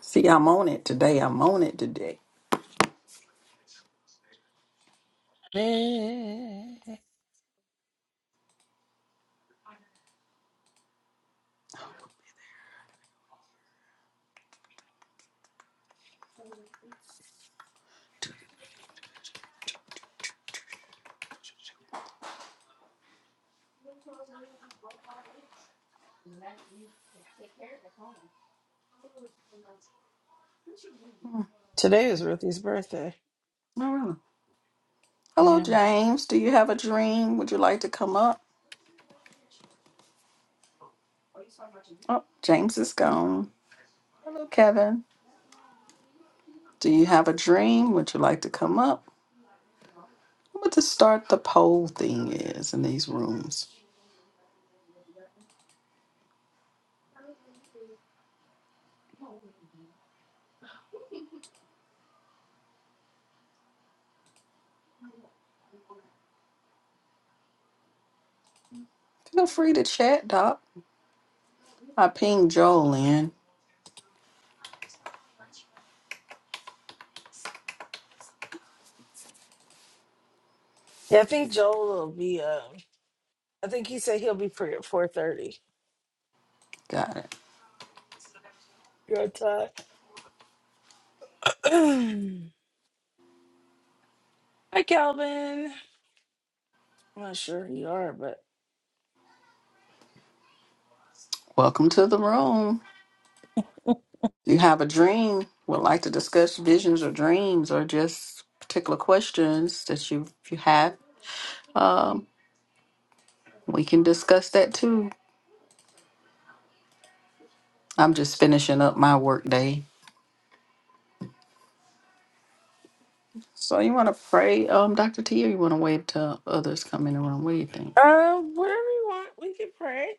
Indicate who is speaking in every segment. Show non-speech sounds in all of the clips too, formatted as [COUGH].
Speaker 1: See, I'm on it today. I'm on it today.
Speaker 2: Today is Ruthie's birthday.
Speaker 1: All right. Hello,
Speaker 2: Yeah.
Speaker 1: James. Do you have a dream? Would you like to come up? Oh, James is gone. Hello, Kevin. Do you have a dream? Would you like to come up? What to start the poll thing is in these rooms. Feel free to chat, Doc. I pinged Joel in.
Speaker 2: Yeah, I think Joel will be um I think he said he'll be free at four thirty
Speaker 1: Got it.
Speaker 2: your time. [CLEARS THROAT] Hi Calvin. I'm not sure who you are, but
Speaker 1: Welcome to the room. Do you have a dream? Would like to discuss visions or dreams or just particular questions that you, if you have? Um, we can discuss that too. I'm just finishing up my work day. So you want to pray, um, Dr. T, or you want to wait till others come in the room? What do you think?
Speaker 2: uh whatever you want, we can pray. [CLEARS THROAT]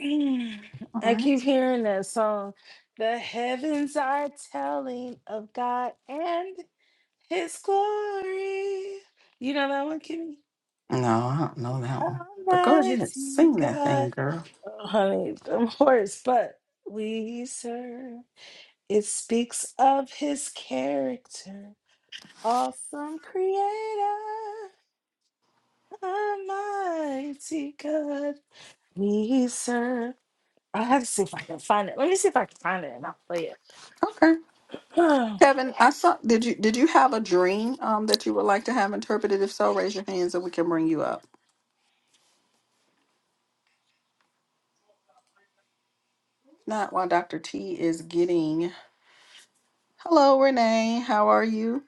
Speaker 2: Mm.
Speaker 1: All
Speaker 2: I
Speaker 1: right.
Speaker 2: keep hearing that song. The heavens are telling of God and his glory. You know that one, Kimmy?
Speaker 1: No, I don't know that one. But go ahead and
Speaker 2: Almighty
Speaker 1: sing that thing,
Speaker 2: God.
Speaker 1: girl.
Speaker 2: honey, them horse, but we serve. It speaks of his character, awesome creator, almighty God. We serve. I have to see if I can find it. Let me see if I can find it and I'll play it. [SIGHS]
Speaker 1: Okay.
Speaker 2: Huh.
Speaker 1: Kevin, I saw. Did you did you have a dream um that you would like to have interpreted? If so, raise your hands and we can bring you up. Not while Dr. T is getting. Hello, Renee. How are you?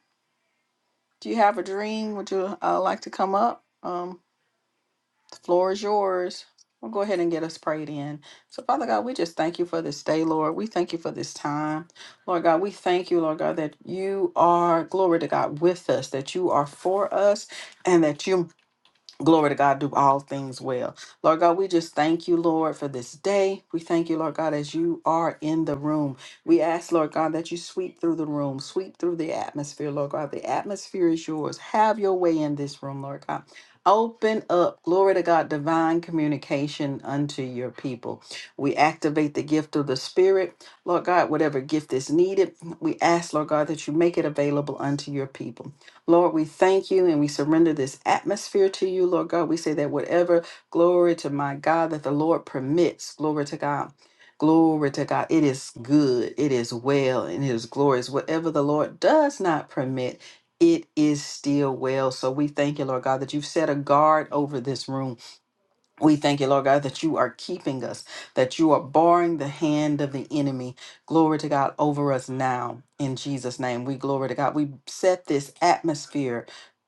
Speaker 1: Do you have a dream? Would you uh, like to come up? um? The floor is yours. We'll go ahead and get us prayed in. So, Father God, we just thank you for this day, Lord. We thank you for this time. Lord God, we thank you, Lord God, that you are, glory to God, with us, that you are for us, and that you glory to God, do all things well. Lord God, we just thank you, Lord, for this day. We thank you, Lord God, as you are in the room. We ask, Lord God, that you sweep through the room, sweep through the atmosphere, Lord God. The atmosphere is yours. Have your way in this room, Lord God. Open up, glory to God, divine communication unto your people. We activate the gift of the Spirit, Lord God, whatever gift is needed. We ask, Lord God, that you make it available unto your people. Lord, we thank you and we surrender this atmosphere to you, Lord God. We say that whatever glory to my God that the Lord permits, glory to God. Glory to God. It is good. It is well and it is glorious. Whatever the Lord does not permit, it is still well. So we thank you, Lord God, that you've set a guard over this room. We thank you, Lord God, that you are keeping us, that you are barring the hand of the enemy. Glory to God over us now in Jesus' name. We glory to God. We set this atmosphere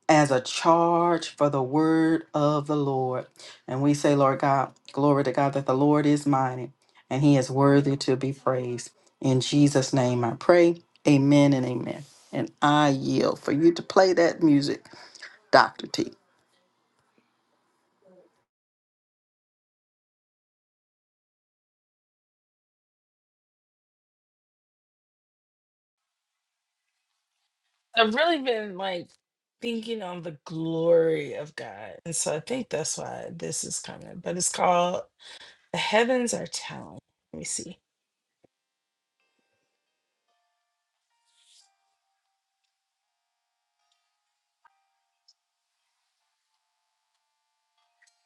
Speaker 1: as a charge for the word of the Lord. And we say, Lord God, glory to God, that the Lord is mighty and he is worthy to be praised. In Jesus' name I pray. Amen and amen. And I yield for you to play that music, Dr. T.
Speaker 2: I've really been like thinking on the glory of God. And so I think that's why this is coming. But it's called The Heavens Are Talent. Let me see. I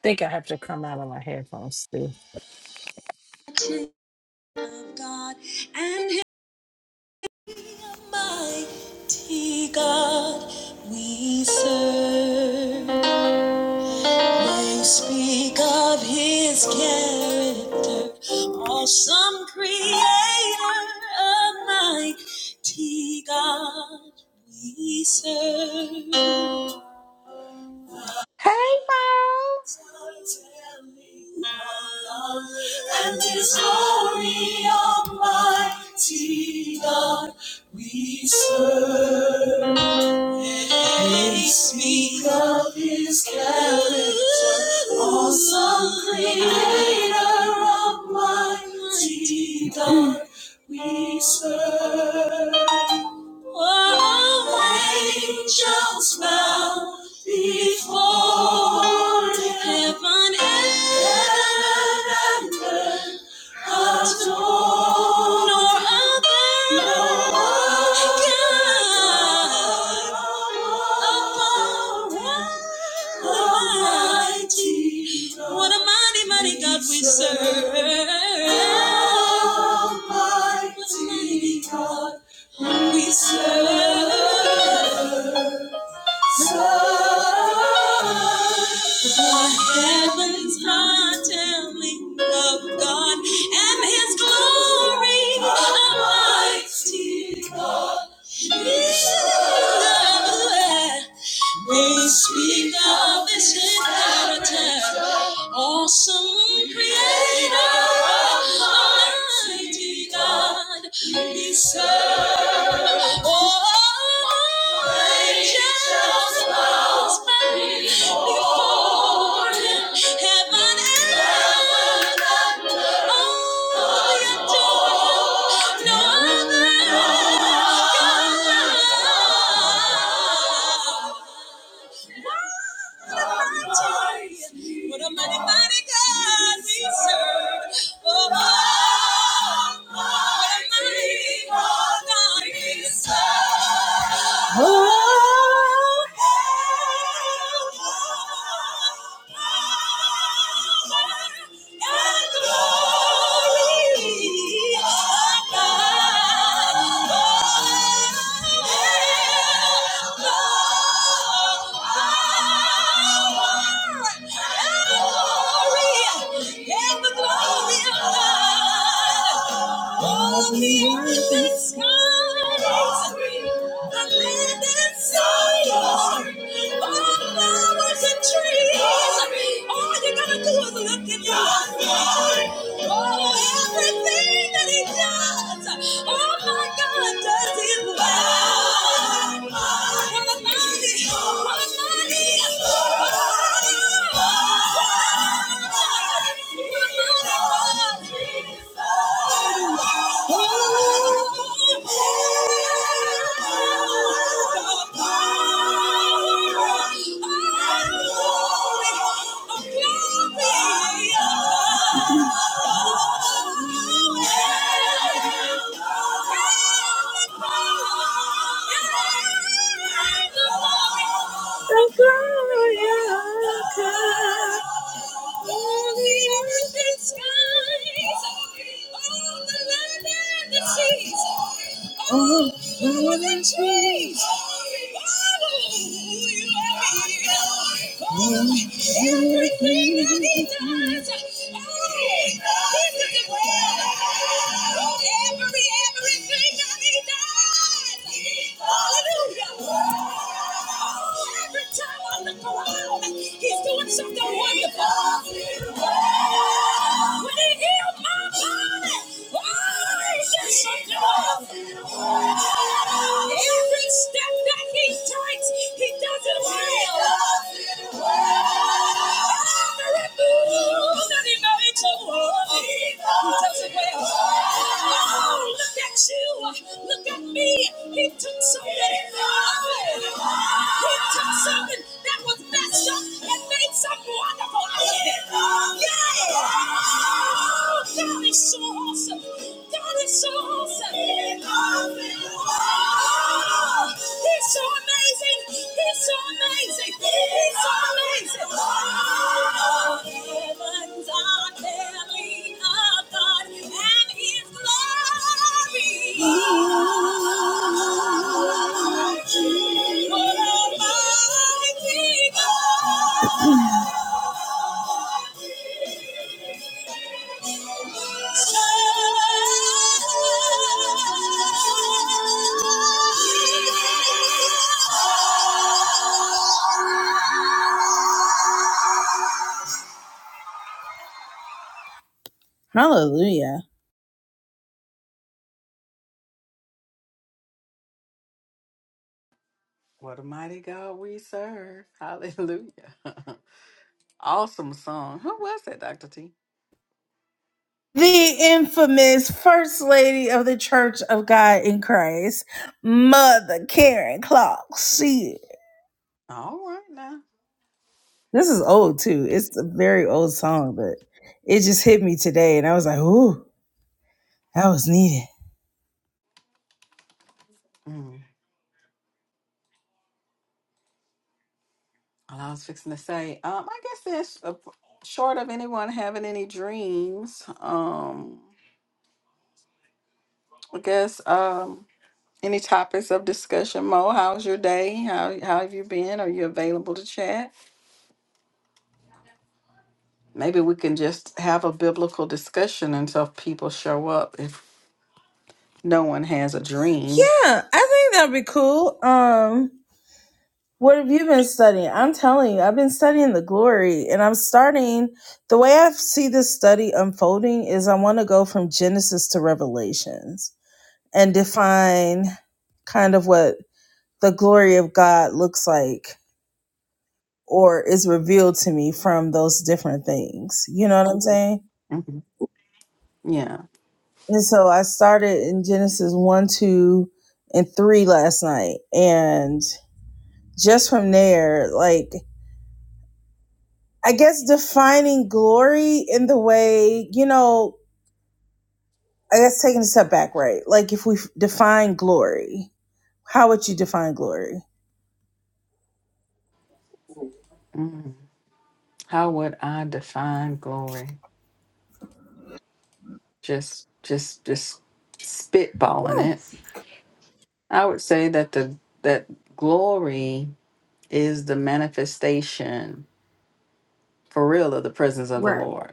Speaker 2: think I have to come out of my headphones too. God and His mighty God, we serve. They speak of his character, awesome creator a mighty God we serve.
Speaker 1: Hey, Mo!
Speaker 2: And this glory, Almighty God, we serve. They speak of his character, awesome creator of mighty God we serve. Oh, angels bow before him. Heaven and earth Adore. Nor other God above Almighty. What a mighty, mighty God we serve. Almighty God we serve. So, for heaven's untimely love of God and His glory Almighty God. They speak of this inheritance. Awesome creator, mighty God, we serve. Oh, angels bow before him, heaven and earth, all we adore him. No other God. Wow. What a mighty, mighty God we serve. Oh, oh, oh, what a mighty God we serve. Oh, oh, oh, all you gotta do is look at God. Oh, everything that He does. Yes! Oh my God, does it work? Almighty, Almighty. Oh, more than trees, oh, you Hallelujah. He's doing something wonderful. When he healed my body, oh, he did something wonderful. Every step that he strikes, he doesn't wail. He doesn't wail. And he makes a world. He doesn't wail. Oh, look at you. Look at me. He took something. He took something that was messed up and made something wonderful out of it. Yeah. Oh, God is so awesome awesome. God is so awesome. He's awesome. Oh, he's so amazing. He's so amazing. He's so amazing. Oh, heavens are telling of God and His glory. Almighty. What a mighty God. Hallelujah.
Speaker 1: What a mighty God we serve. Hallelujah. [LAUGHS] awesome song. Who was that, Dr. T?
Speaker 2: The infamous First Lady of the Church of God in Christ, Mother Karen Clark. She,
Speaker 1: All right now.
Speaker 2: this is old too. It's a very old song, but it just hit me today. And I was like, ooh, that was needed.
Speaker 1: Mm. Well, I was fixing to say, um, I guess that's uh, short of anyone having any dreams. Um, I guess um, any topics of discussion. Mo, how's your day? How how have you been? Are you available to chat? Maybe we can just have a biblical discussion until people show up. If no one has a dream,
Speaker 2: Yeah, I think that'd be cool. Um, what have you been studying? I'm telling you, I've been studying the glory, and I'm starting. The way I see this study unfolding is, I want to go from Genesis to Revelations and define kind of what the glory of God looks like or is revealed to me from those different things. You know what I'm saying?
Speaker 1: Mhm. yeah.
Speaker 2: And so I started in Genesis one, two, and three last night, and just from there, like I guess defining glory in the way, you know, I guess taking a step back, right? Like if we f- define glory, how would you define glory?
Speaker 1: Mm-hmm. How would I define glory? Just just just spitballing it. I would say that the that glory is the manifestation for real of the presence of the Lord.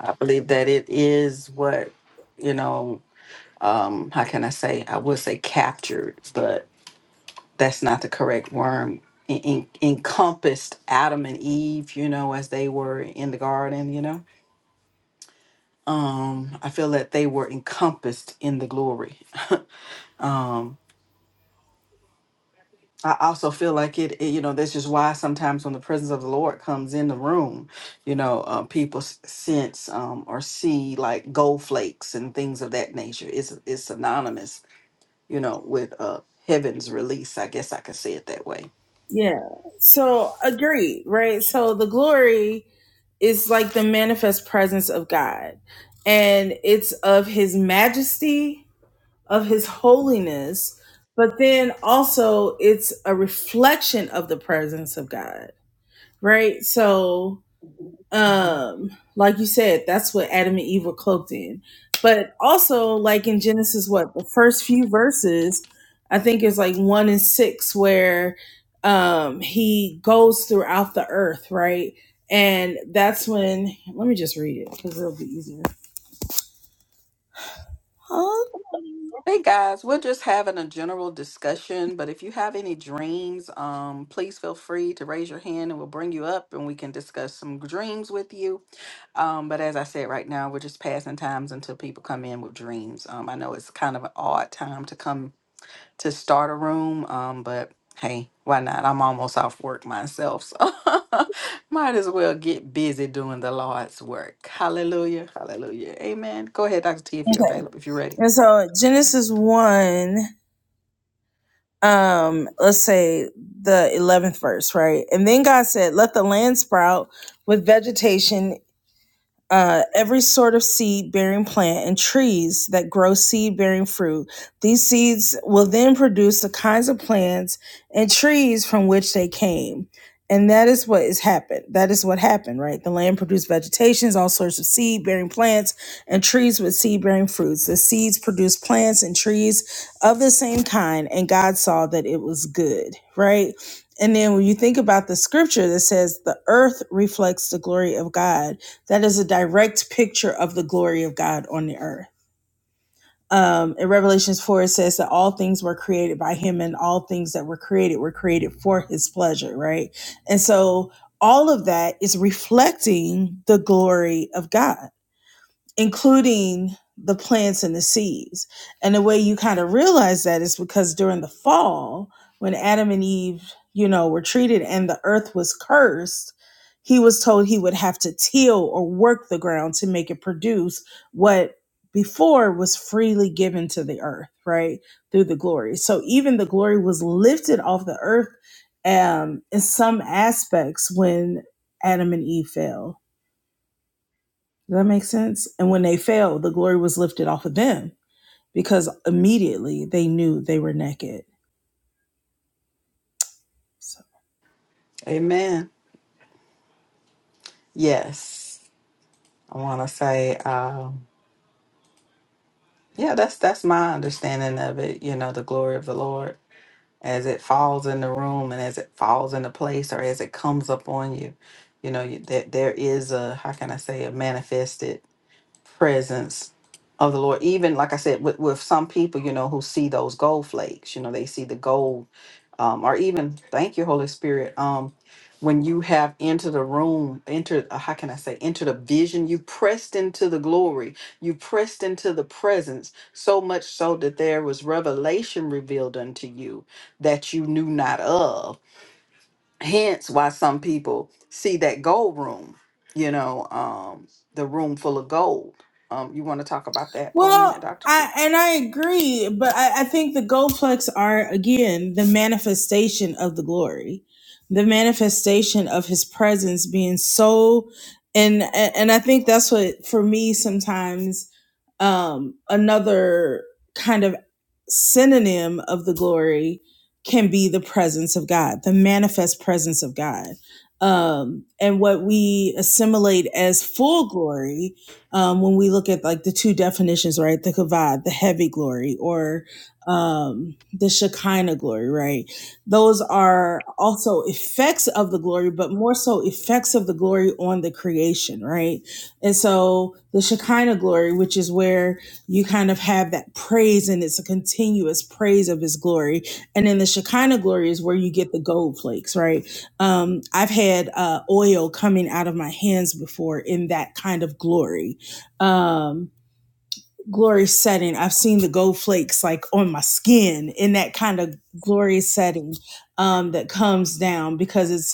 Speaker 1: I believe that it is what, you know, um, how can I say? I would say captured, but that's not the correct word. En- en- encompassed Adam and Eve, you know, as they were in the garden, you know um i feel that they were encompassed in the glory [LAUGHS] um i also feel like it, it- you know this is why sometimes when the presence of the lord comes in the room you know uh, people s- sense um or see like gold flakes and things of that nature it's it's synonymous you know with uh heaven's release i guess i could say it that way
Speaker 2: Yeah. So agreed, right? So the glory is like the manifest presence of God, and it's of his majesty, of his holiness, but then also it's a reflection of the presence of God, right? So um like you said that's what adam and eve were cloaked in but also like in genesis what the first few verses i think it's like one and six where um he goes throughout the earth right and that's when let me just read it because it'll be easier huh?
Speaker 1: Hey guys, we're just having a general discussion, but if you have any dreams, um, please feel free to raise your hand and we'll bring you up and we can discuss some dreams with you. Um, but as I said, right now we're just passing times until people come in with dreams. Um, I know it's kind of an odd time to come to start a room, um, but hey, why not? I'm almost off work myself, so [LAUGHS] might as well get busy doing the Lord's work. Hallelujah, hallelujah, amen. Go ahead, Dr. T, if you're
Speaker 2: okay
Speaker 1: available, if you're ready.
Speaker 2: and so genesis 1 um let's say the 11th verse right and then god said let the land sprout with vegetation uh, every sort of seed bearing plant and trees that grow seed bearing fruit. These seeds will then produce the kinds of plants and trees from which they came. And that is what has happened. That is what happened, right? The land produced vegetations, all sorts of seed bearing plants, and trees with seed bearing fruits. The seeds produced plants and trees of the same kind, and God saw that it was good, right? And then when you think about the scripture that says the earth reflects the glory of God, that is a direct picture of the glory of God on the earth. Um, in Revelations 4, it says that all things were created by him and all things that were created were created for his pleasure, right? And so all of that is reflecting the glory of God including the plants and the seeds. And the way you kind of realize that is because during the fall, when Adam and Eve, you know, were treated and the earth was cursed, he was told he would have to till or work the ground to make it produce what before was freely given to the earth, right? Through the glory. So even the glory was lifted off the earth um, in some aspects when Adam and Eve fell does that make sense? And when they fell, the glory was lifted off of them because immediately they knew they were naked. So,
Speaker 1: Amen. Yes, I want to say, um, yeah, that's that's my understanding of it. You know, the glory of the Lord as it falls in the room and as it falls into place, or as it comes up on you. You know, you, that there is a how can I say a manifested presence of the Lord. Even like I said, with with some people, you know, who see those gold flakes, you know, they see the gold um, or even thank you, Holy Spirit. Um, when you have entered the room, entered, uh, how can I say, entered a vision, you pressed into the glory, you pressed into the presence, so much so that there was revelation revealed unto you that you knew not of. Hence, why some people see that gold room, you know, um, the room full of gold. Um, you want to talk about that for a minute,
Speaker 2: well,
Speaker 1: Dr.
Speaker 2: I
Speaker 1: T?
Speaker 2: and I agree, but I, I think the goldplex are again the manifestation of the glory, the manifestation of His presence being so, and and I think that's what for me sometimes Um, another kind of synonym of the glory can be the presence of God, the manifest presence of God. Um, and what we assimilate as full glory, um, when we look at like the two definitions, right? The kavod, the heavy glory, or um, the Shekinah glory, right? those are also effects of the glory, but more so effects of the glory on the creation, right? And so the Shekinah glory, which is where you kind of have that praise and it's a continuous praise of his glory. And then the Shekinah glory is where you get the gold flakes, right? Um, I've had uh, oil coming out of my hands before in that kind of glory. Um, glory setting. I've seen the gold flakes like on my skin in that kind of glory setting um, that comes down because it's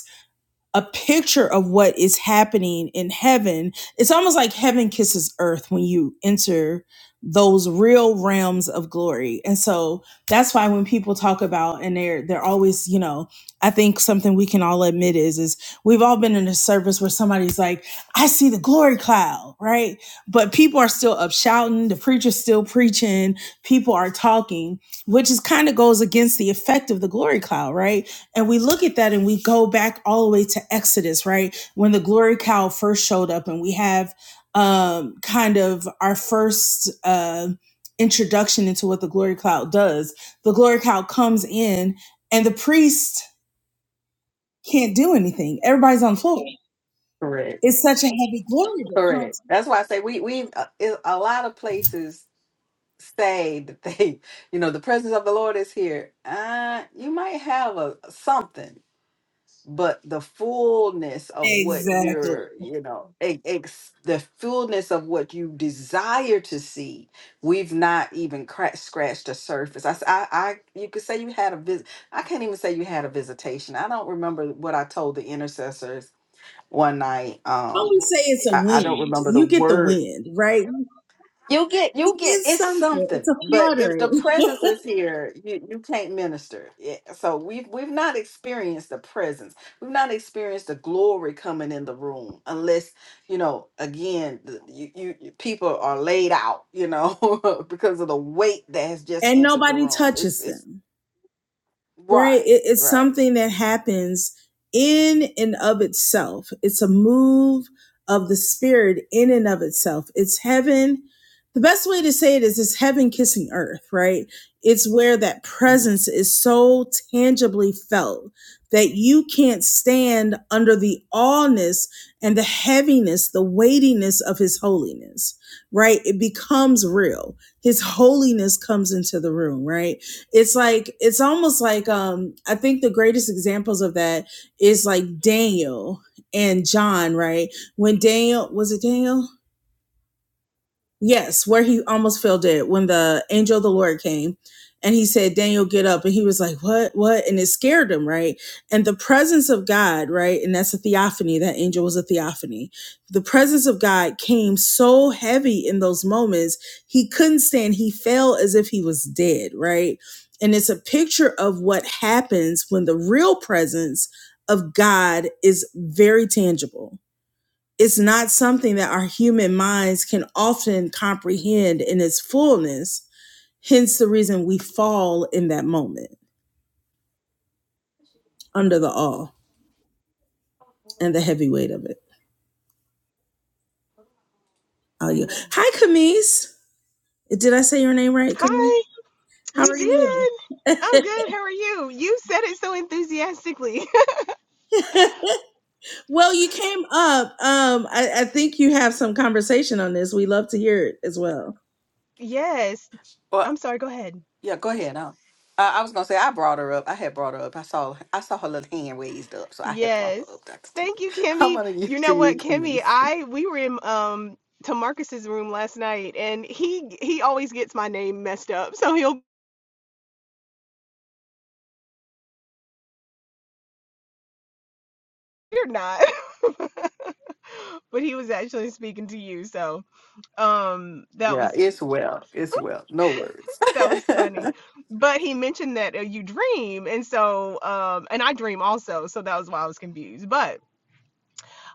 Speaker 2: a picture of what is happening in heaven. It's almost like heaven kisses earth when you enter those real realms of glory. And so that's why when people talk about and they're they're always, you know, I think something we can all admit is is we've all been in a service where somebody's like, I see the glory cloud, right? But people are still up shouting, the preacher's still preaching, people are talking, which is kind of goes against the effect of the glory cloud, right? And we look at that and we go back all the way to Exodus, right? When the glory cow first showed up, and we have um, kind of our first uh, introduction into what the glory cloud does. The glory cloud comes in, and the priest can't do anything. Everybody's on the floor.
Speaker 1: Correct.
Speaker 2: It's such a heavy glory that
Speaker 1: Correct.
Speaker 2: comes.
Speaker 1: That's why I say we we uh, i- a lot of places say that they, [LAUGHS] you know, the presence of the Lord is here, uh, you might have a something, but the fullness of what
Speaker 2: Exactly.
Speaker 1: you're, you know, e- ex- the fullness of what you desire to see, we've not even cra- scratched the surface. I, s- I, I- you could say you had a visit. I can't even say you had a visitation. I don't remember what I told the intercessors one night.
Speaker 2: When we
Speaker 1: Um,
Speaker 2: say it's a
Speaker 1: I, I don't
Speaker 2: wind,
Speaker 1: remember the
Speaker 2: you get the
Speaker 1: word
Speaker 2: wind, right?
Speaker 1: you get,
Speaker 2: It
Speaker 1: you get,
Speaker 2: is
Speaker 1: it's
Speaker 2: something. It's
Speaker 1: something.
Speaker 2: a
Speaker 1: But if the
Speaker 2: fluttering,
Speaker 1: presence is here, you, you can't minister. Yeah. So we've we've not experienced the presence. We've not experienced the glory coming in the room, unless you know. Again, the- you, you you- people are laid out, you know, [LAUGHS] because of the weight that has
Speaker 2: [LAUGHS]
Speaker 1: just
Speaker 2: and
Speaker 1: entered the
Speaker 2: nobody
Speaker 1: room. It's
Speaker 2: touches
Speaker 1: it's
Speaker 2: them right
Speaker 1: right,
Speaker 2: it, it's
Speaker 1: right.
Speaker 2: something that happens in and of itself it's a move of the spirit in and of itself it's heaven the best way to say it is it's heaven kissing earth right it's where that
Speaker 1: Mhm.
Speaker 2: presence is so tangibly felt that you can't stand under the allness and the heaviness the weightiness of his holiness right it becomes real his holiness comes into the room right it's like it's almost like um i think the greatest examples of that is like daniel and john right when daniel was it daniel Yes, where he almost fell dead when the angel of the Lord came and he said, Daniel, get up. And he was like, What? What? And it scared him, right? And the presence of God, right? And that's a theophany. That angel was a theophany. The presence of God came so heavy in those moments, he couldn't stand. He fell as if he was dead, right? And it's a picture of what happens when the real presence of God is very tangible it's not something that our human minds can often comprehend in its fullness. Hence the reason we fall in that moment under the awe and the heavy weight of it. Oh, you.
Speaker 1: Amen.
Speaker 2: Hi, Camise. Did I say your name right, Camise?
Speaker 3: Hi,
Speaker 2: How
Speaker 3: you
Speaker 2: are you?
Speaker 3: did. I'm good. How are you? You said it so enthusiastically. [LAUGHS]
Speaker 2: [LAUGHS] well, you came up. Um, I, I think you have some conversation on this. We love to hear it as well.
Speaker 3: Yes. I'm sorry. Go ahead.
Speaker 1: Yeah, go ahead. Huh? Uh, I was gonna say I brought her up. I had brought her up. I saw I saw her little hand raised up, so I had brought
Speaker 3: Yes.
Speaker 1: her up, Dr. T.
Speaker 3: Thank you,
Speaker 1: [LAUGHS] I'm
Speaker 3: Kimmy.
Speaker 1: gonna use
Speaker 3: You know
Speaker 1: to you,
Speaker 3: what, Kimmy?
Speaker 1: Camise.
Speaker 3: I we were in um to Marcus's room last night, and he he always gets my name messed up, so [LAUGHS] he'll you're not. [LAUGHS] But he was actually speaking to you, so um that
Speaker 1: Yeah,
Speaker 3: was
Speaker 1: it's well. It's well. No worries.
Speaker 3: that was funny.
Speaker 1: [LAUGHS]
Speaker 3: But he mentioned that uh, you dream, and so um and I dream also, so that was why I was confused. But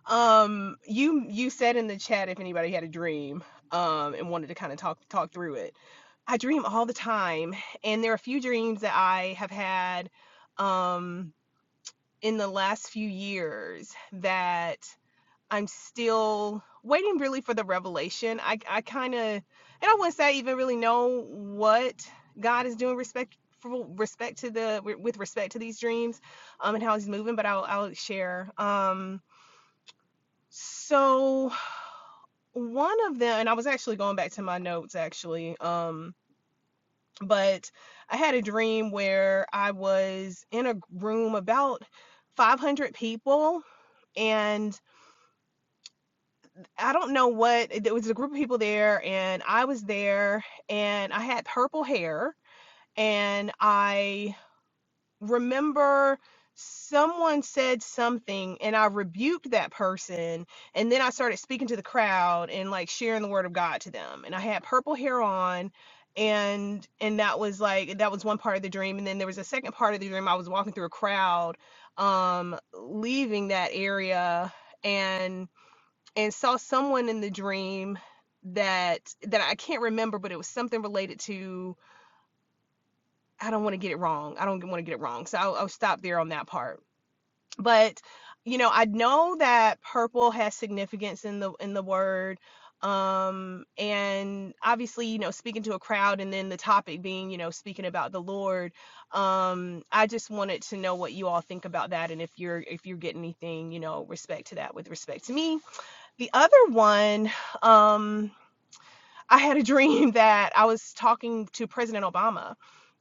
Speaker 3: Um, you you said in the chat if anybody had a dream, um, and wanted to kind of talk talk through it. I dream all the time, and there are a few dreams that I have had, um, in the last few years that I'm still waiting really for the revelation. I I kind of, and I wouldn't say I even really know what God is doing respect for respect to the with respect to these dreams, um, and how He's moving. But I'll I'll share. Um, so one of them, and I was actually going back to my notes actually, um, but I had a dream where I was in a room about 500 people, and I don't know what, it was a group of people there, and I was there, and I had purple hair, and I remember someone said something and I rebuked that person and then I started speaking to the crowd and like sharing the word of God to them and I had purple hair on and and that was like that was one part of the dream and then there was a second part of the dream I was walking through a crowd um leaving that area and and saw someone in the dream that that I can't remember but it was something related to I don't want to get it wrong I don't want to get it wrong so I'll, I'll stop there on that part but you know i know that purple has significance in the in the word um and obviously you know speaking to a crowd and then the topic being you know speaking about the lord um i just wanted to know what you all think about that and if you're if you're getting anything you know respect to that with respect to me the other one um I had a dream [LAUGHS] that I was talking to President Obama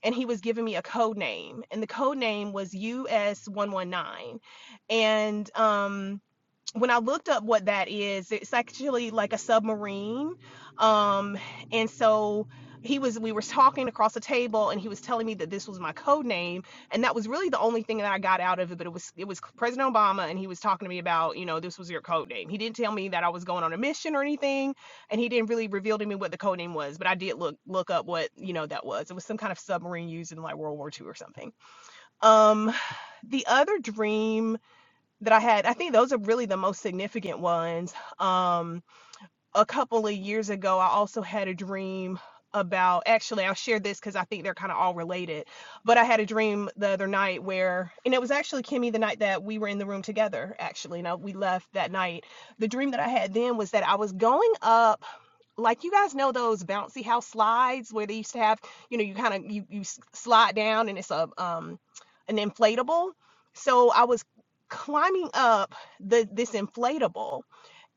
Speaker 3: and he was giving me a code name and the code name was US119 and um when I looked up what that is, it's actually like a submarine. Um, and so he was we were talking across the table and he was telling me that this was my code name and that was really the only thing that I got out of it but it was it was President Obama and he was talking to me about you know this was your code name he didn't tell me that I was going on a mission or anything and he didn't really reveal to me what the code name was but I did look look up what you know that was it was some kind of submarine used in like World War II or something um the other dream that I had. I think those are really the most significant ones. Um, a couple of years ago, I also had a dream about actually I'll share this because I think they're kind of all related. But I had a dream the other night where and it was actually Kimmy the night that we were in the room together actually. Now we left that night. The dream that I had then was that I was going up like you guys know those bouncy house slides where they used to have you know you kind of you you slide down and it's a um an inflatable so i was climbing up the this inflatable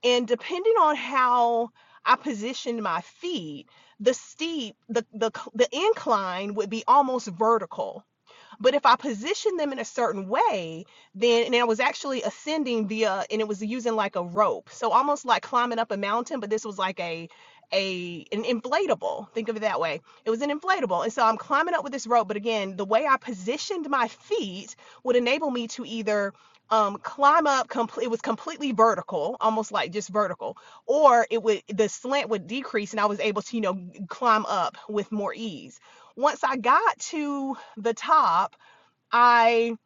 Speaker 3: and depending on how i positioned my feet the steep the the the incline would be almost vertical but if I position them in a certain way, then and I was actually ascending via and it was using like a rope. So almost like climbing up a mountain, but this was like a a an inflatable. Think of it that way. It was an inflatable. And so I'm climbing up with this rope, but again, the way I positioned my feet would enable me to either um climb up compl- it was completely vertical almost like just vertical or it would the slant would decrease and i was able to you know climb up with more ease once i got to the top, I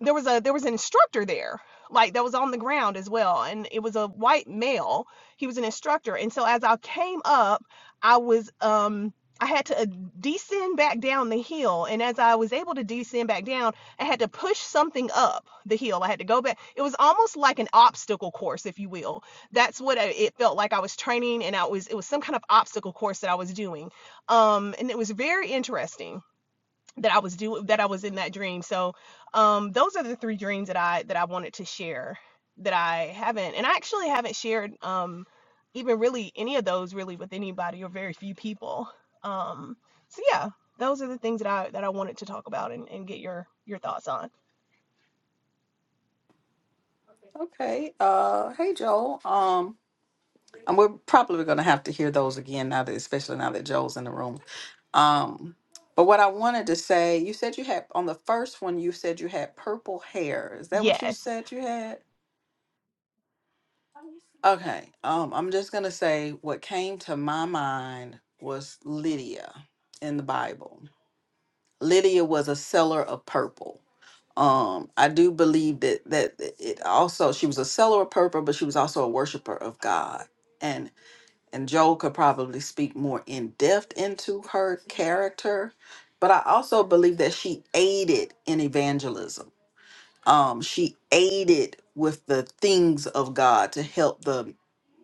Speaker 3: there was a there was an instructor there like that was on the ground as well and it was a white male he was an instructor and so as i came up i was um i had to uh, descend back down the hill and as i was able to descend back down i had to push something up the hill i had to go back it was almost like an obstacle course if you will that's what it felt like i was training and i was it was some kind of obstacle course that i was doing um and it was very interesting that I was doing that I was in that dream. So um those are the three dreams that I that I wanted to share that I haven't and I actually haven't shared um even really any of those really with anybody or very few people. Um so yeah, those are the things that I that I wanted to talk about and, and get your your thoughts on.
Speaker 1: okay. Uh hey Joel. Um and we're probably gonna have to hear those again now that especially now that Joel's in the room. Um but what I wanted to say, you said you had on the first one you said you had purple hair. Is that what you
Speaker 3: Yes.
Speaker 1: said you had? Okay. Um, I'm just gonna say what came to my mind was Lydia in the Bible. Lydia was a seller of purple. Um, I do believe that that it also she was a seller of purple, but she was also a worshiper of God. And and Joel could probably speak more in depth into her character, but I also believe that she aided in evangelism um, she aided with the things of God to help the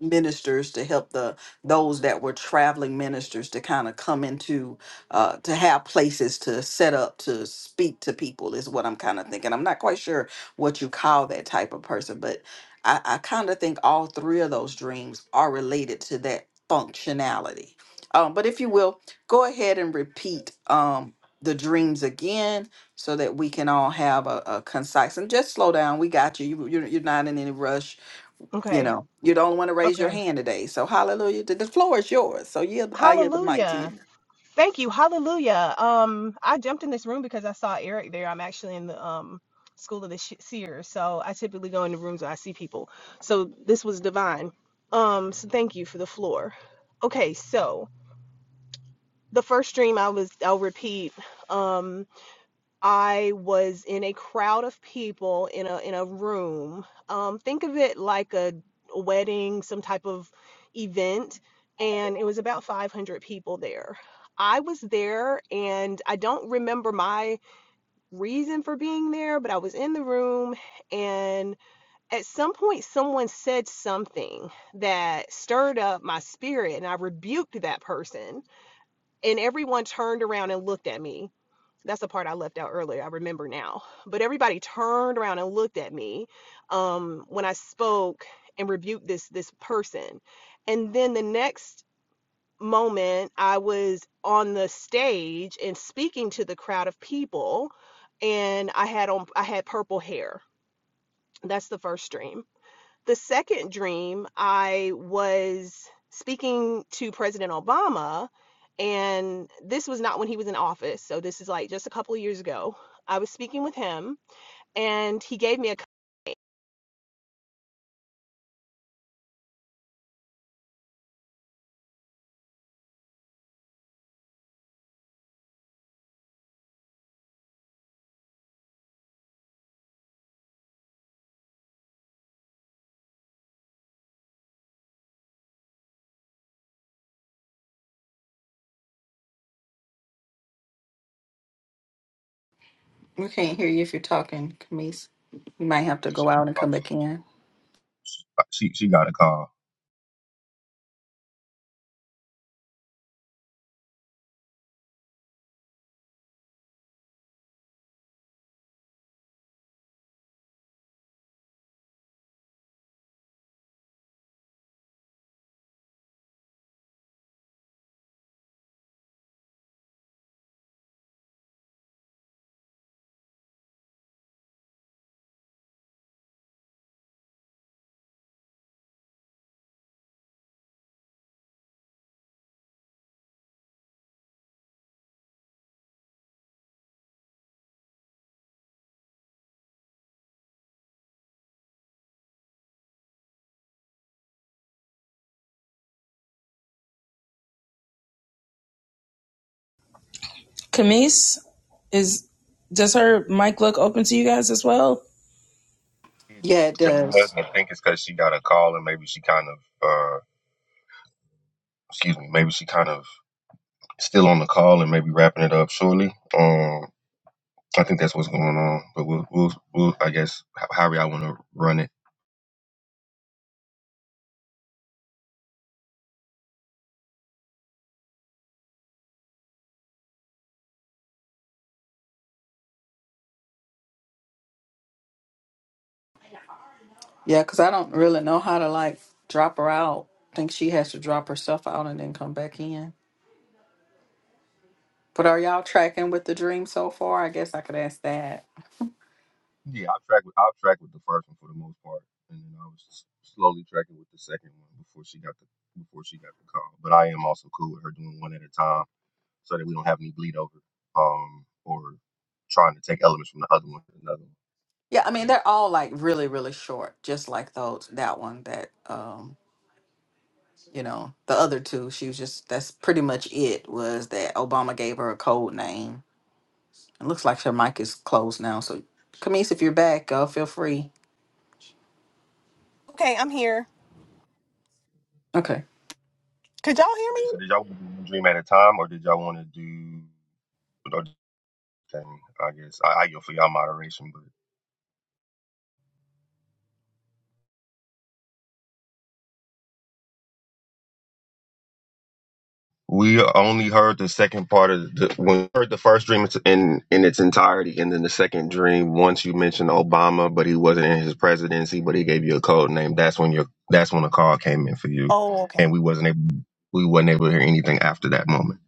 Speaker 1: ministers to help the those that were traveling ministers to kind of come into uh to have places to set up to speak to people is what i'm kind of thinking i'm not quite sure what you call that type of person but i i kind of think all three of those dreams are related to that functionality um but if you will go ahead and repeat um the dreams again so that we can all have a, a concise and just slow down. We got you. you you're, you're not in any rush. You
Speaker 3: Okay.
Speaker 1: know, you don't want to raise your
Speaker 3: Okay.
Speaker 1: hand today. So hallelujah. The the floor is yours. So yeah, I yield the mic to
Speaker 3: Hallelujah.
Speaker 1: you.
Speaker 3: Thank you. Hallelujah. Um, I jumped in this room because I saw Eric there. I'm actually in the um school of the Sh- seer, so I typically go in the rooms where I see people. So this was divine. Um, so thank you for the floor. Okay, so the first dream I was I'll repeat. Um, I was in a crowd of people in a in a room. Um, think of it like a, a wedding, some type of event, and it was about 500 people there. I was there, and I don't remember my reason for being there, but I was in the room, and at some point, someone said something that stirred up my spirit, and I rebuked that person, and everyone turned around and looked at me that's the part I left out earlier. I remember now. But everybody turned around and looked at me um, when I spoke and rebuked this this person. And then the next moment, I was on the stage and speaking to the crowd of people, and I had on I had purple hair. That's the first dream the second dream, I was speaking to President Obama, and this was not when he was in office. So this is like just a couple of years ago. I was speaking with him, and he gave me a.
Speaker 1: We can't hear you if you're talking, Camise. You might
Speaker 4: got
Speaker 1: have
Speaker 4: a,
Speaker 1: to
Speaker 4: she,
Speaker 1: go out and come back in.
Speaker 4: she she got a call.
Speaker 2: Camise, is does her mic look open to you guys as well?
Speaker 1: Yeah, it does.
Speaker 4: I think it's because she got a call and maybe she kind of uh, excuse me, maybe she kind of still on the call and maybe wrapping it up shortly. Um, I think that's what's going on. But we'll we'll, we'll I guess how- however I want to run it.
Speaker 1: Yeah, because I don't really know how to like drop her out. I think she has to drop herself out and then come back in. But are y'all tracking with the dream so far? I guess I could ask that.
Speaker 4: Yeah, I'll track with I'll track with the first one for the most part, and then I was s- slowly tracking with the second one before she got the before she got the call. But I am also cool with her doing one at a time so that we don't have any bleed over um, or trying to take elements from the other one to another one.
Speaker 1: Yeah, I
Speaker 4: Okay.
Speaker 1: mean they're all like really, really short, just like those that one that um, you know, the other two, she was just that's pretty much it was that Obama gave her a code name. It looks like her mic is closed now, so Camise, if you're back, uh, feel free.
Speaker 3: Okay, I'm here.
Speaker 1: Okay.
Speaker 3: Could you?
Speaker 4: So did y'all want to do one dream at a time, or did y'all want to do or do thing? I guess I, I go for y'all moderation, but we only heard the second part of the when we heard the first dream in in its entirety, and then the second dream. Once you mentioned Obama, but he wasn't in his presidency, but he gave you a code name. That's when your that's when a call came in for you,
Speaker 3: Oh, okay.
Speaker 4: and we wasn't able we wasn't able to hear anything after that moment.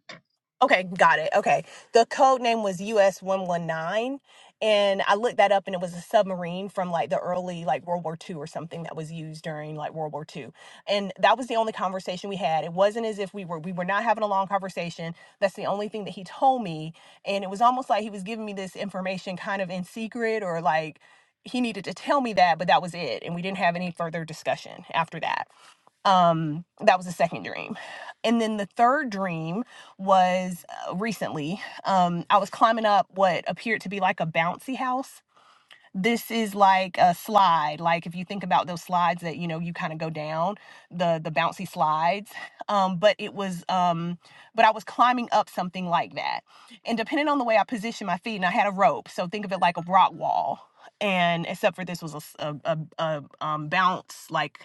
Speaker 3: Okay, got it. Okay. The code name was US 119 and I looked that up and it was a submarine from like the early like World War Two or something that was used during like World War Two. And that was the only conversation we had. It wasn't as if we were we were not having a long conversation. That's the only thing that he told me and it was almost like he was giving me this information kind of in secret or like he needed to tell me that, but that was it. And we didn't have any further discussion after that. Um, that was the second dream. And then the third dream was uh, recently. Um, I was climbing up what appeared to be like a bouncy house. This is like a slide. Like if you think about those slides that you know you kind of go down the the bouncy slides. Um, but it was um, but I was climbing up something like that. And depending on the way I positioned my feet, and I had a rope, so think of it like a rock wall. And except for this was a, s- a- a- a, um, bounce like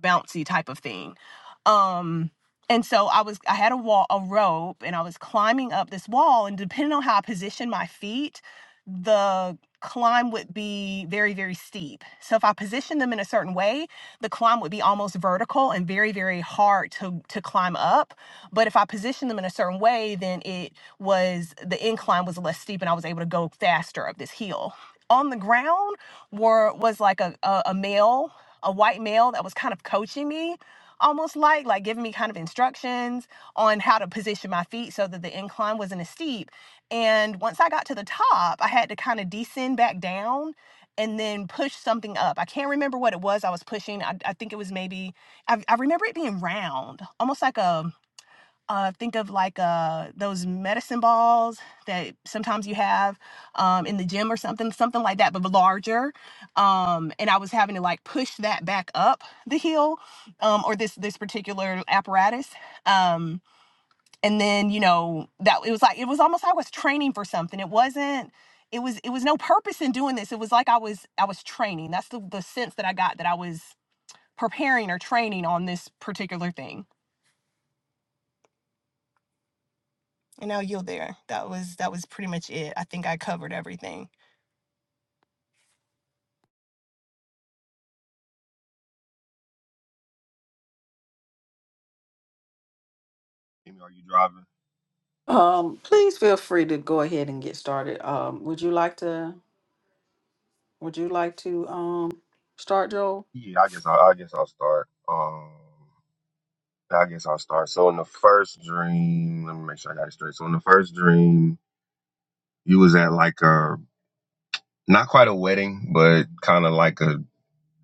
Speaker 3: bouncy type of thing. Um, and so I was I had a wall a rope and I was climbing up this wall and depending on how I positioned my feet, the climb would be very very steep. So if I positioned them in a certain way, the climb would be almost vertical and very very hard to to climb up. But if I positioned them in a certain way, then it was the incline was less steep and I was able to go faster up this hill. On the ground were was like a a, a male a white male that was kind of coaching me almost like like giving me kind of instructions on how to position my feet so that the incline wasn't as steep and once i got to the top i had to kind of descend back down and then push something up i can't remember what it was i was pushing i, I think it was maybe I, I remember it being round almost like a uh, think of like uh, those medicine balls that sometimes you have um, in the gym or something, something like that, but larger. Um, and I was having to like push that back up the hill, um, or this this particular apparatus. Um, and then you know that it was like it was almost like I was training for something. It wasn't. It was it was no purpose in doing this. It was like I was I was training. That's the the sense that I got that I was preparing or training on this particular thing And now you're there. That was that was pretty much it. I think I covered everything.
Speaker 4: Amy, Are you driving?
Speaker 1: Um, please feel free to go ahead and get started. Um, would you like to would you like to um start Joel?
Speaker 4: Yeah, I guess I, I guess I'll start. Um, I guess I'll start. So in the first dream, let me make sure I got it straight. So in the first dream, you was at like a not quite a wedding, but kind of like a.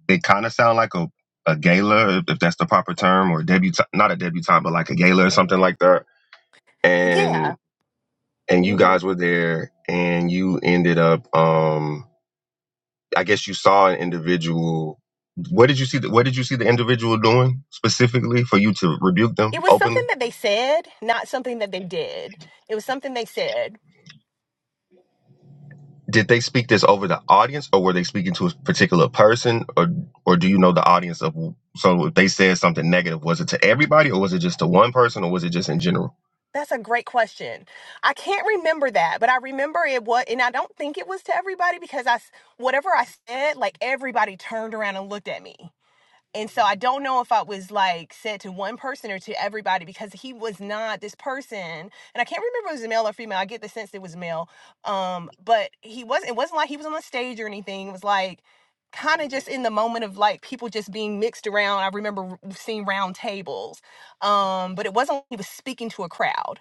Speaker 4: It kind of sound like a a gala, if, if that's the proper term, or debut not a debutante, but like a gala or something like that.
Speaker 3: Yeah.
Speaker 4: And and you
Speaker 3: hmm
Speaker 4: guys were there, and you ended up. um I guess you saw an individual. What did you see? The, what did you see the individual doing specifically for you to rebuke
Speaker 3: It
Speaker 4: them
Speaker 3: was something
Speaker 4: openly?
Speaker 3: that they said, not something that they did. It was something they said.
Speaker 4: Did they speak this over the audience, or were they speaking to a particular person, or or do you know the audience of? So if they said something negative, was it to everybody, or was it just to one person, or was it just in general?
Speaker 3: That's a great question. I can't remember that, but I remember it was, and I don't think it was to everybody because I, s- whatever I said, like everybody turned around and looked at me. And so I don't know if I was like said to one person or to everybody because he was not this person. And I can't remember if it was male or female. I get the sense it was male. Um, but he wasn't it wasn't like he was on the stage or anything. It was like kind of just in the moment of like people just being mixed around. I remember seeing round tables. Um, but it wasn't like he was speaking to a crowd.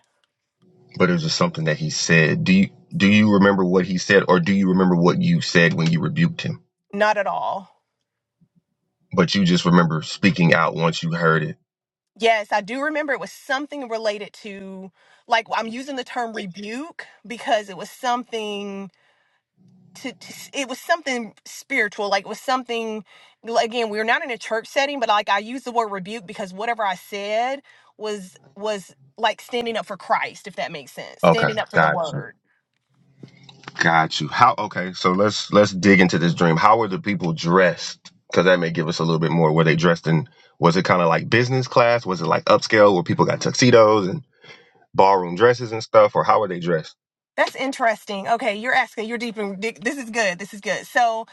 Speaker 4: But it was just something that he said. Do you do you remember what he said, or do you remember what you said when you rebuked him?
Speaker 3: Not at all.
Speaker 4: But you just remember speaking out once you heard it.
Speaker 3: Yes, I do remember it was something related to like I'm using the term rebuke because it was something to, to it was something spiritual like it was something again we were not in a church setting but like i use the word rebuke because whatever i said was was like standing up for christ if that makes sense
Speaker 4: Okay,
Speaker 3: standing up for the
Speaker 4: gotcha.
Speaker 3: word
Speaker 4: Got you. How? Okay, so let's let's dig into this dream. How were the people dressed? Because that may give us a little bit more. Were they dressed in? Was it kind of like business class? Was it like upscale where people got tuxedos and ballroom dresses and stuff? Or how were they dressed?
Speaker 3: that's interesting okay you're asking you're deep in this is good this is good so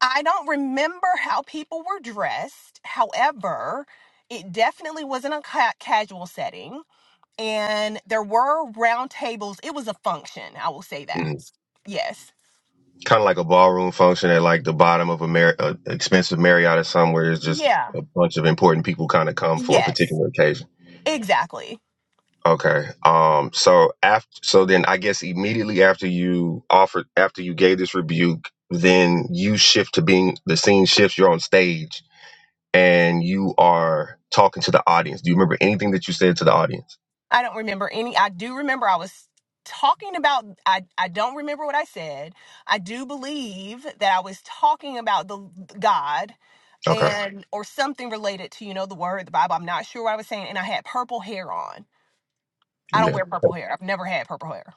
Speaker 3: i don't remember how people were dressed however it definitely wasn't a ca- casual setting and there were round tables it was a function i will say that
Speaker 4: Mm,
Speaker 3: yes
Speaker 4: kind of like a ballroom function at like the bottom of a Mar- uh, expensive Marriott or somewhere. It's just
Speaker 3: yeah
Speaker 4: a bunch of important people kind of come for a
Speaker 3: Yes,
Speaker 4: particular occasion.
Speaker 3: exactly.
Speaker 4: Okay. Um. So after, so then I guess immediately after you offered, after you gave this rebuke, then you shift to being the scene shifts. You're on stage and you are talking to the audience. Do you remember anything that you said to the audience?
Speaker 3: I don't remember any. I do remember I was talking about, I, I don't remember what I said. I do believe that I was talking about the God
Speaker 4: Okay.
Speaker 3: and or something related to, you know, the word, the Bible. I'm not sure what I was saying. And I had purple hair on. I
Speaker 4: You
Speaker 3: don't
Speaker 4: had
Speaker 3: wear purple hair. I've never had purple hair.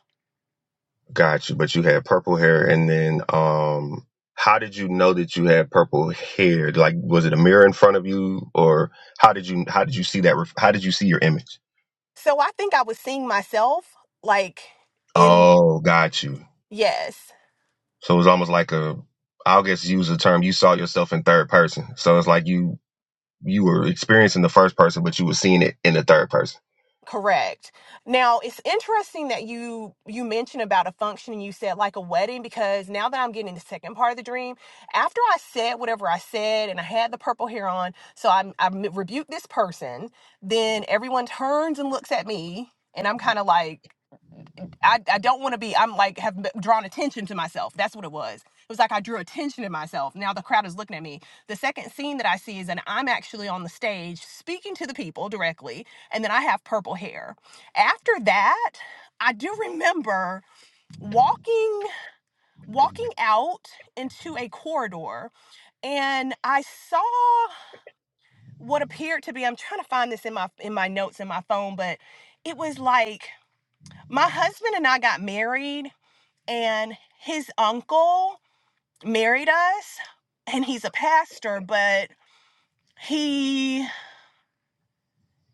Speaker 4: got you, but you had purple hair, and then um, how did you know that you had purple hair? Like, was it a mirror in front of you, or how did you how did you see that? ref- How did you see your image?
Speaker 3: So I think I was seeing myself like in,
Speaker 4: Oh, got you.
Speaker 3: yes.
Speaker 4: So it was almost like a, I'll just use the term, you saw yourself in third person. So it's like you, you were experiencing the first person, but you were seeing it in the third person.
Speaker 3: Correct. Now, it's interesting that you you mentioned about a function and you said like a wedding because now that I'm getting the second part of the dream, after I said whatever I said and I had the purple hair on, so I I rebuked this person, then everyone turns and looks at me and I'm kind of like I, I don't want to be i'm like have drawn attention to myself that's what it was it was like i drew attention to myself now the crowd is looking at me the second scene that i see is that i'm actually on the stage speaking to the people directly and then i have purple hair after that i do remember walking walking out into a corridor and i saw what appeared to be i'm trying to find this in my in my notes in my phone but it was like my husband and i got married and his uncle married us and he's a pastor but he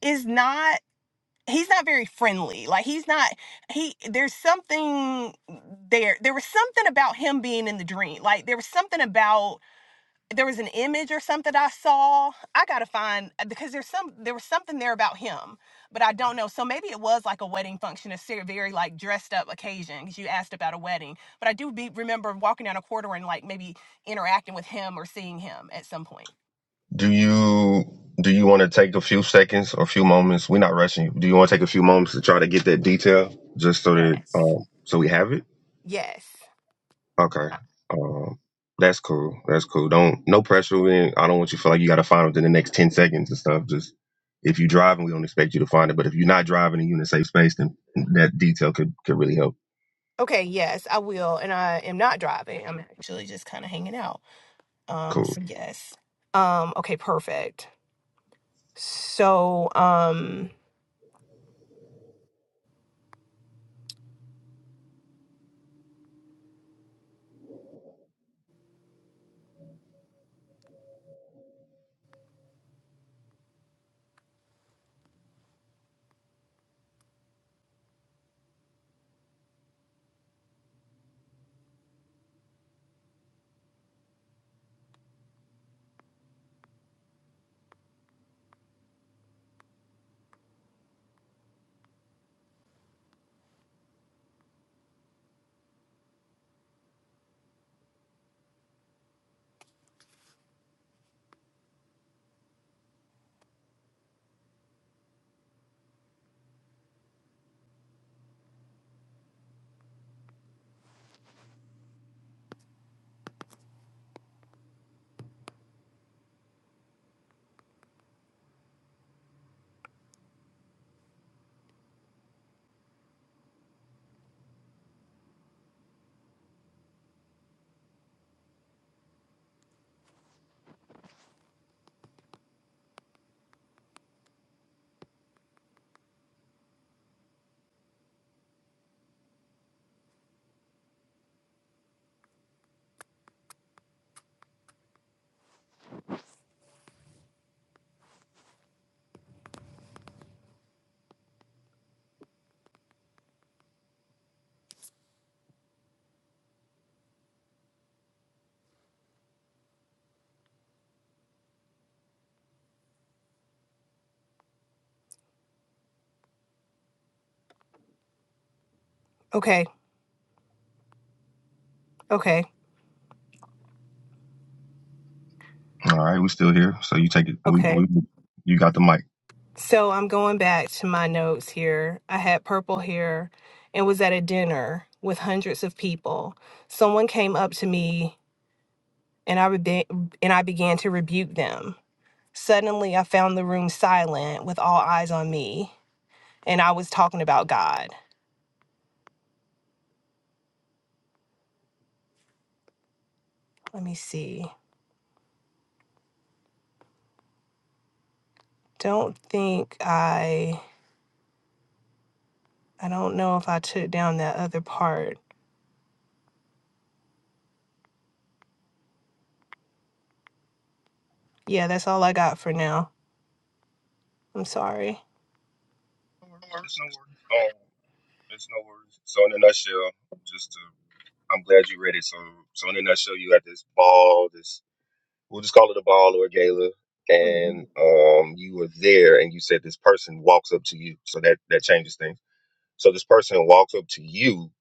Speaker 3: is not he's not very friendly like he's not he there's something there there was something about him being in the dream like there was something about there was an image or something I saw. I gotta find uh, because there's some there was something there about him, but I don't know. So maybe it was like a wedding function, a ser- very like dressed up occasion because you asked about a wedding. But I do be remember walking down a corridor and like maybe interacting with him or seeing him at some point.
Speaker 4: Do you, do you want to take a few seconds or a few moments? We're not rushing you. Do you want to take a few moments to try to get that detail just so that,
Speaker 3: Yes.
Speaker 4: um, so we have it?
Speaker 3: Yes.
Speaker 4: Okay. Um, that's cool. That's cool. Don't, no pressure. We ain't- I don't want you to feel like you got to find it within the next 10 seconds and stuff. Just, if you're driving, we don't expect you to find it. But if you're not driving and you're in a safe space, then that detail could, could really help.
Speaker 3: Okay, yes, I will. And I am not driving. I'm actually just kind of hanging out. Um,
Speaker 4: Cool.
Speaker 3: so yes. Um, okay, perfect. So, um, okay, okay,
Speaker 4: All right, we still here. So you take it. We,
Speaker 3: okay.
Speaker 4: we you got the mic.
Speaker 3: So I'm going back to my notes here. I had purple hair and was at a dinner with hundreds of people. Someone came up to me and I rebe- and I began to rebuke them. Suddenly, I found the room silent with all eyes on me, and I was talking about God. Let me see. Don't think I I don't know if I took down that other part. Yeah, that's all I got for now. I'm sorry.
Speaker 4: No worries. It's no worries. Um, it's no worries. So in a nutshell, just to, I'm glad you read it. So so in a nutshell, you had this ball. This we'll just call it a ball or a gala,
Speaker 3: Mhm.
Speaker 4: and um, you were there, and you said this person walks up to you. So that that changes things. So this person walks up to you,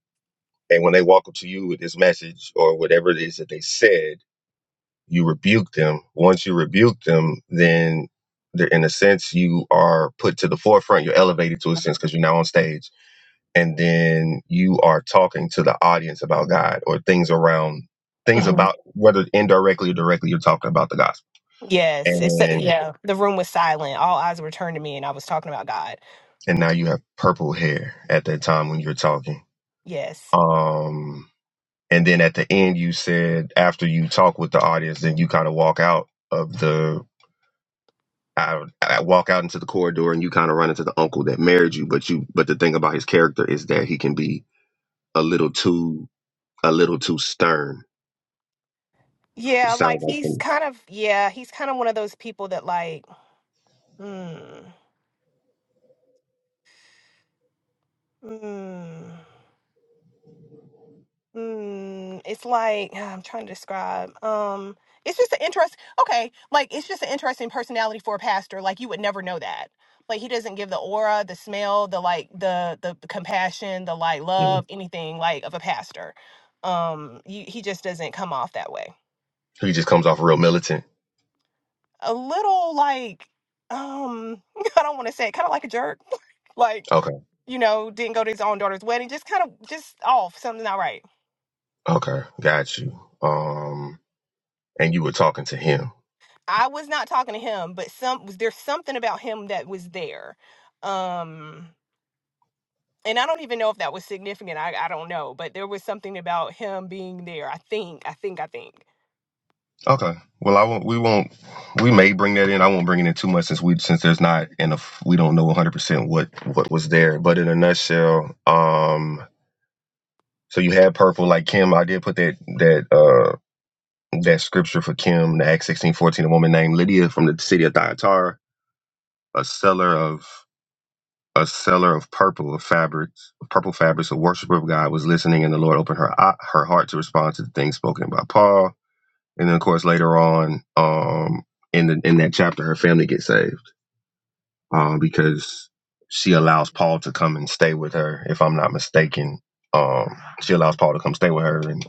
Speaker 4: and when they walk up to you with this message or whatever it is that they said you rebuke them. Once you rebuke them, then they're, in a sense you are put to the forefront. You're elevated to a sense because you're now on stage, and then you are talking to the audience about God or things around things about whether indirectly or directly you're talking about the gospel.
Speaker 3: Yes, it's
Speaker 4: And
Speaker 3: yeah. The room was silent. All eyes were turned to me, and I was talking about God.
Speaker 4: and now
Speaker 3: Mhm.
Speaker 4: you have purple hair at that time when you're talking.
Speaker 3: Yes,
Speaker 4: Um, and then at the end you said after you talk with the audience, then you kind of walk out of the I, I walk out into the corridor and you kind of run into the uncle that married you, but you but the thing about his character is that he can be a little too a little too stern.
Speaker 3: yeah.
Speaker 4: Sounds
Speaker 3: Like
Speaker 4: like
Speaker 3: he's
Speaker 4: him.
Speaker 3: kind of yeah. He's kind of one of those people that like. Hmm. Hmm. Hmm. It's like ah, I'm trying to describe. Um. It's just an interest. Okay. Like it's just an interesting personality for a pastor. Like you would never know that. Like he doesn't give the aura, the smell, the like, the the compassion, the like
Speaker 4: Mm.
Speaker 3: love, anything like of a pastor um you, he just doesn't come off that way
Speaker 4: He just comes off real militant.
Speaker 3: a little like um [LAUGHS] I don't want to say it, kind of like a jerk. [LAUGHS] like,
Speaker 4: Okay,
Speaker 3: you know, didn't go to his own daughter's wedding, just kind of just off, something not right.
Speaker 4: okay, got you. Um, and you were talking to him.
Speaker 3: I was not talking to him, but some was there's something about him that was there. Um and I don't even know if that was significant. I, I don't know, but there was something about him being there. I think, I think, I think.
Speaker 4: Okay. Well, I won't. We won't. We may bring that in. I won't bring it in too much since we since there's not enough. We don't know 100 percent what what was there. But in a nutshell, um, so you had purple like Kim. I did put that that uh that scripture for Kim, the Acts sixteen fourteen, a woman named Lydia from the city of Thyatira, a seller of a seller of purple of fabrics, of purple fabrics, a worshiper of God was listening, and the Lord opened her eye- her heart to respond to the things spoken by Paul. And then, of course, later on, um, in the in that chapter, her family gets saved um, because she allows Paul to come and stay with her, if I'm not mistaken. Um, she allows Paul to come stay with her, and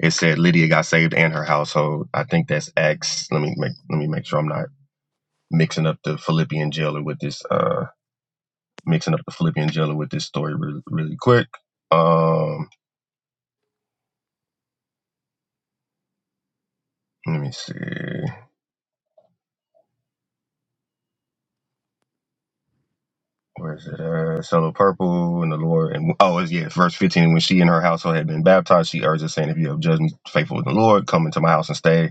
Speaker 4: it said Lydia got saved and her household. I think that's Acts. Let me make let me make sure I'm not mixing up the Philippian jailer with this. Uh, mixing up the Philippian jailer with this story really, really quick. Um, let me see. Where is it? Uh, Son of Purple and the Lord. And oh, it's, yeah, it's verse 15. When she and her household had been baptized, she urged us, saying, "If you have judged me faithful with the Lord, come into my house and stay."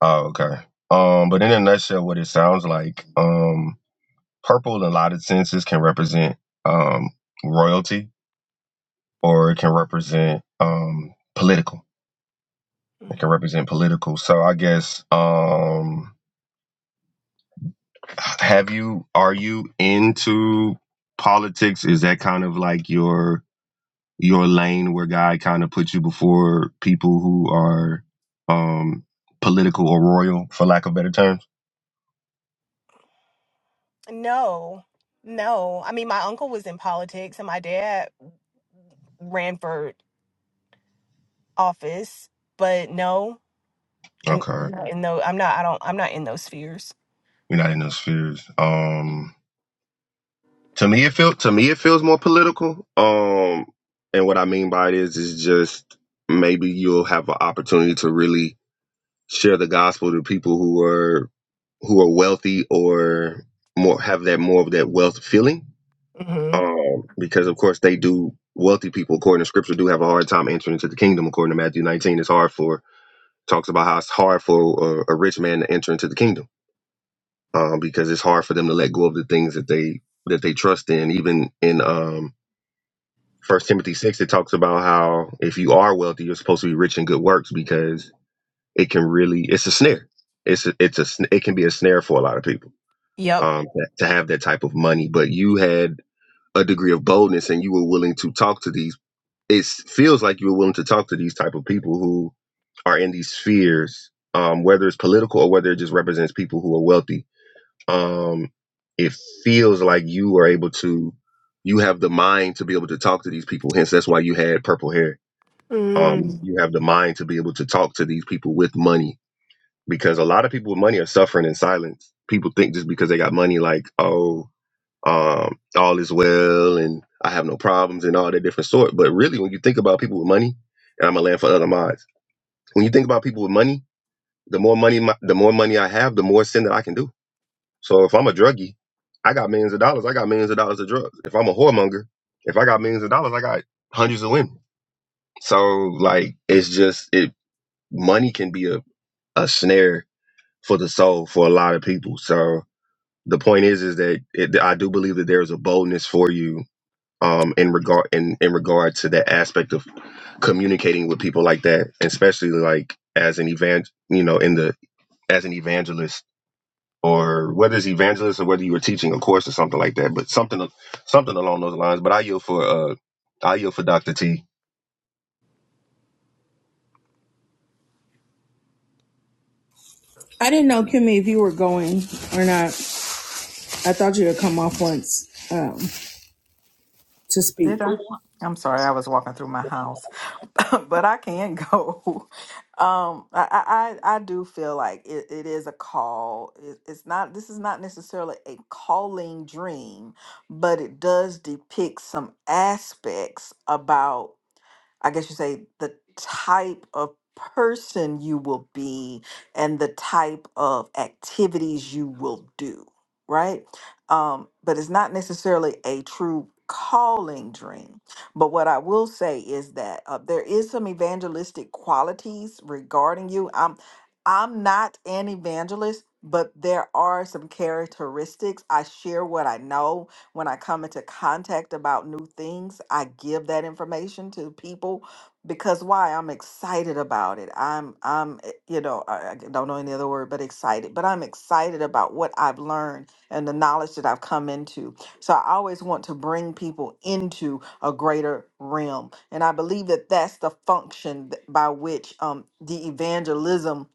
Speaker 4: Oh, okay. Um, but in a nutshell, what it sounds like, um, purple in a lot of senses can represent um, royalty, or it can represent um, political. It can
Speaker 3: Mhm.
Speaker 4: represent political. So I guess, um, have you? Are you into politics? Is that kind of like your your lane where God kind of puts you before people who are um, political or royal, for lack of better terms?
Speaker 3: No, no. I mean, my uncle was in politics and my dad ran for office, but no. And
Speaker 4: Okay,
Speaker 3: I'm not in those, I'm not. I don't. I'm not in those spheres.
Speaker 4: you're not in those spheres. Um, To me, it feel to me it feels more political. Um, and what I mean by it is, is just maybe you'll have an opportunity to really share the gospel to people who are who are wealthy or more have that more of that wealth feeling.
Speaker 3: hmm
Speaker 4: Um, because of course they do. Wealthy people, according to Scripture, do have a hard time entering into the kingdom. According to Matthew 19, it's hard for talks about how it's hard for a, a rich man to enter into the kingdom um, because it's hard for them to let go of the things that they that they trust in, even in um, First Timothy six, it talks about how if you are wealthy, you're supposed to be rich in good works because it can really it's a snare. It's a, it's a sn- it can be a snare for a lot of people
Speaker 3: Yep.
Speaker 4: um, to have that type of money. But you had a degree of boldness and you were willing to talk to these. It feels like you were willing to talk to these type of people who are in these spheres, um, whether it's political or whether it just represents people who are wealthy um, it feels like you were able to, you have the mind to be able to talk to these people. Hence, that's why you had purple hair. Um,
Speaker 3: Mm.
Speaker 4: you have the mind to be able to talk to these people with money because a lot of people with money are suffering in silence. People think just because they got money, like, oh, um, all is well and I have no problems and all that different sort. But really, when you think about people with money, and I'm a land for other mods. When you think about people with money, the more money, my, the more money I have, the more sin that I can do so if I'm a druggie, I got millions of dollars. I got millions of dollars of drugs. If I'm a whoremonger, if I got millions of dollars, I got hundreds of women. So like it's just it money can be a, a snare for the soul for a lot of people. So the point is is that it, I do believe that there is a boldness for you um in regard in, in regard to that aspect of communicating with people like that, especially like as an evangel you know in the as an evangelist or whether it's evangelist or whether you were teaching a course or something like that, but something something along those lines. But I yield for uh I yield for Dr. T.
Speaker 2: I didn't know, Kimmy, if you were going or not. I thought you would come off once um, to speak.
Speaker 1: Did I?
Speaker 2: Yeah.
Speaker 1: I'm sorry, I was walking through my house, [LAUGHS] but I can [LAUGHS] go. Um, I, I I I do feel like it, it is a call. It, it's not. This is not necessarily a calling dream, but it does depict some aspects about I guess you say the type of person you will be and the type of activities you will do, right? Um, but it's not necessarily a true calling dream. But what I will say is that uh, there is some evangelistic qualities regarding you. I'm I'm not an evangelist, but there are some characteristics. I share what I know when I come into contact about new things, I give that information to people because why? I'm excited about it. I'm I'm eh, you know, I, I don't know any other word but excited, but I'm excited about what I've learned and the knowledge that I've come into. So I always want to bring people into a greater realm. And I believe that that's the function th- by which um the evangelism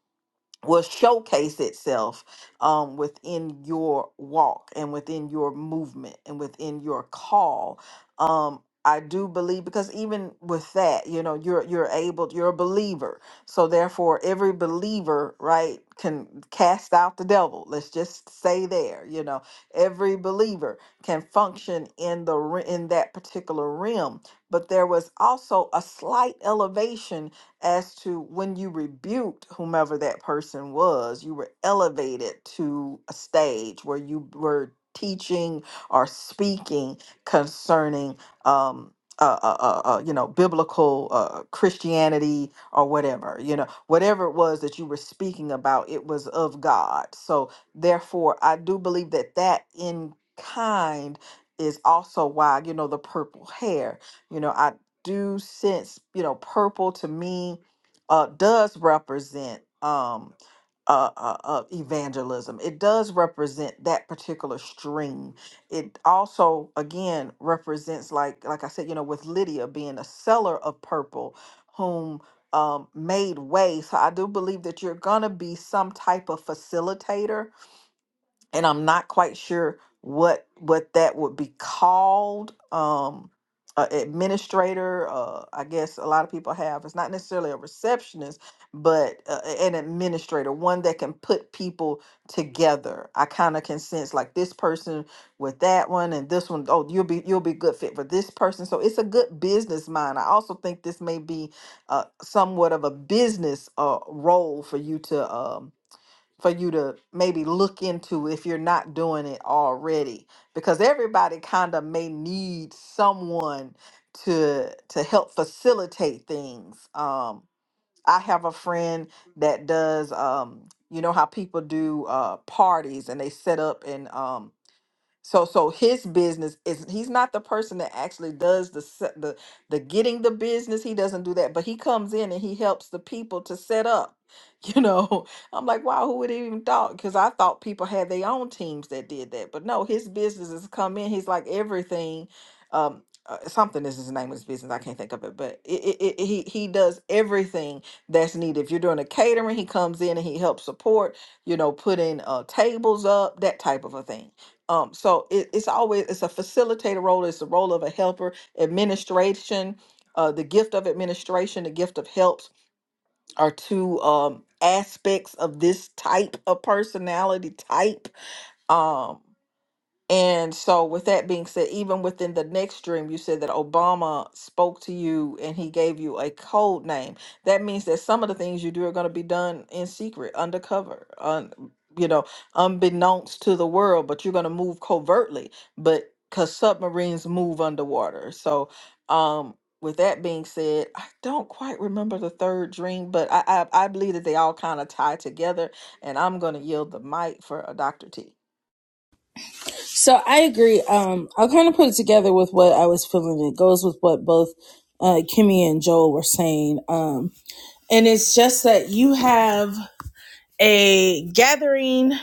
Speaker 1: will showcase itself um, within your walk and within your movement and within your call. Um, I do believe because even with that, you know, you're you're able, you're a believer. So therefore, every believer, right, can cast out the devil. Let's just say there, you know, every believer can function in the re- in that particular realm. But there was also a slight elevation as to when you rebuked whomever that person was, you were elevated to a stage where you were teaching or speaking concerning, um, uh, uh, uh, uh, you know, biblical uh, Christianity or whatever, you know, whatever it was that you were speaking about, it was of God. So, therefore, I do believe that that in kind is also why, you know, the purple hair. You know, I, do sense, you know, purple to me uh, does represent um, uh, uh, uh, evangelism. It does represent that particular stream. It also, again, represents like like I said, you know, with Lydia being a seller of purple, whom um, made way. So I do believe that you're gonna be some type of facilitator and I'm not quite sure what what that would be called. Um, a administrator, uh, I guess a lot of people have. It's not necessarily a receptionist, but uh, an administrator, one that can put people together. I kind of can sense like this person with that one and this one. Oh, you'll be you'll be good fit for this person. So it's a good business mind. I also think this may be uh, somewhat of a business uh, role for you to. Um, for you to maybe look into if you're not doing it already because everybody kind of may need someone to to help facilitate things um i have a friend that does um you know how people do uh parties and they set up and um so so his business is he's not the person that actually does the se- the the getting the business. He doesn't do that, but he comes in and he helps the people to set up. [LAUGHS] You know, I'm like, wow, who would have even thought? Because I thought people had their own teams that did that, but no, his business has come in. He's like everything. Um, uh, something is his name of his business. I can't think of it, but it, it, it, he he does everything that's needed. If you're doing a catering, he comes in and he helps support. You know, putting uh, tables up, that type of a thing. Um, so it, it's always it's a facilitator role, it's the role of a helper, administration, uh, the gift of administration, the gift of helps are two um aspects of this type of personality type. Um and so, with that being said, even within the next dream, you said that Obama spoke to you and he gave you a code name. That means that some of the things you do are going to be done in secret, undercover, un, you know, unbeknownst to the world, but you're going to move covertly. But because submarines move underwater. So, um, with that being said, I don't quite remember the third dream, but I, I, I believe that they all kind of tie together. And I'm going to yield the mic for uh, Dr. T.
Speaker 2: So I agree. Um, I'll kind of put it together with what I was feeling. It goes with what both uh, Kimmy and Joel were saying. Um, and it's just that you have a gathering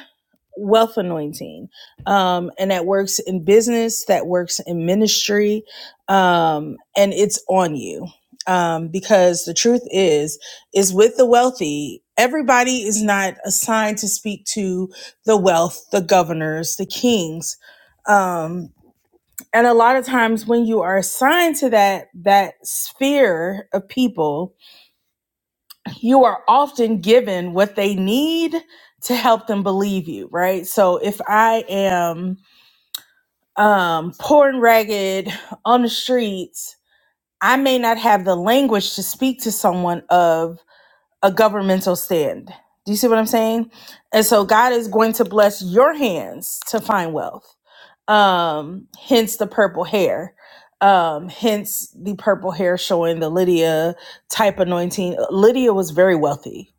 Speaker 2: wealth anointing um and that works in business that works in ministry um and it's on you um because the truth is is with the wealthy everybody is not assigned to speak to the wealth the governors the kings um and a lot of times when you are assigned to that that sphere of people you are often given what they need to help them believe you, right? So if I am um, poor and ragged on the streets, I may not have the language to speak to someone of a governmental stand. Do you see what I'm saying? And so God is going to bless your hands to find wealth. Um, hence the purple hair. Um, hence the purple hair showing the Lydia type anointing. Lydia was very wealthy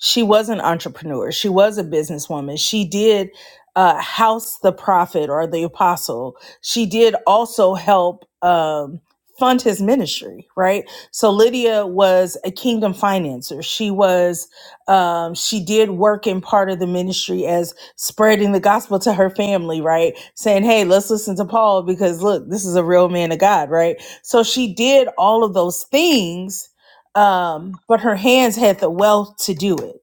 Speaker 2: she was an entrepreneur. She was a businesswoman. She did uh, house the prophet or the apostle. She did also help um, fund his ministry, right? So Lydia was a kingdom financer. She was um, she did work in part of the ministry as spreading the gospel to her family, right? Saying, "Hey, let's listen to Paul because look, this is a real man of God," right? So she did all of those things um, but her hands had the wealth to do it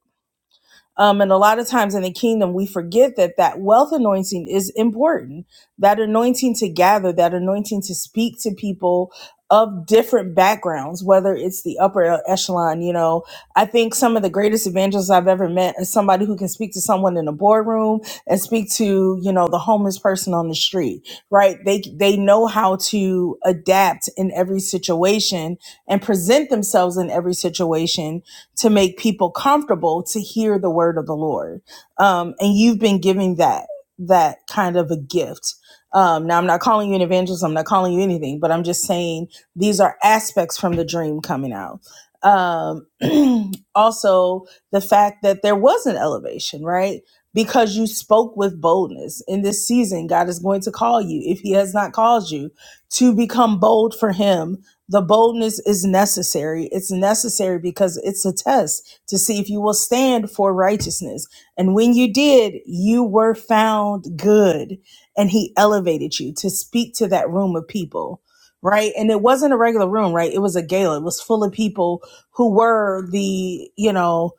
Speaker 2: um, and a lot of times in the kingdom, we forget that that wealth anointing is important. That anointing to gather, that anointing to speak to people of different backgrounds, whether it's the upper echelon. You know, I think some of the greatest evangelists I've ever met is somebody who can speak to someone in a boardroom and speak to, you know, the homeless person on the street, right? They, they know how to adapt in every situation and present themselves in every situation to make people comfortable to hear the word of the Lord. Um, and you've been giving that that kind of a gift. Um, now I'm not calling you an evangelist. I'm not calling you anything, but I'm just saying these are aspects from the dream coming out. Um, [CLEARS THROAT] also, the fact that there was an elevation, right? Because you spoke with boldness. In this season, God is going to call you, if He has not called you, to become bold for Him the boldness is necessary. It's necessary because it's a test to see if you will stand for righteousness. And when you did, you were found good. And he elevated you to speak to that room of people, right? And it wasn't a regular room, right? It was a gala. It was full of people who were the, you know,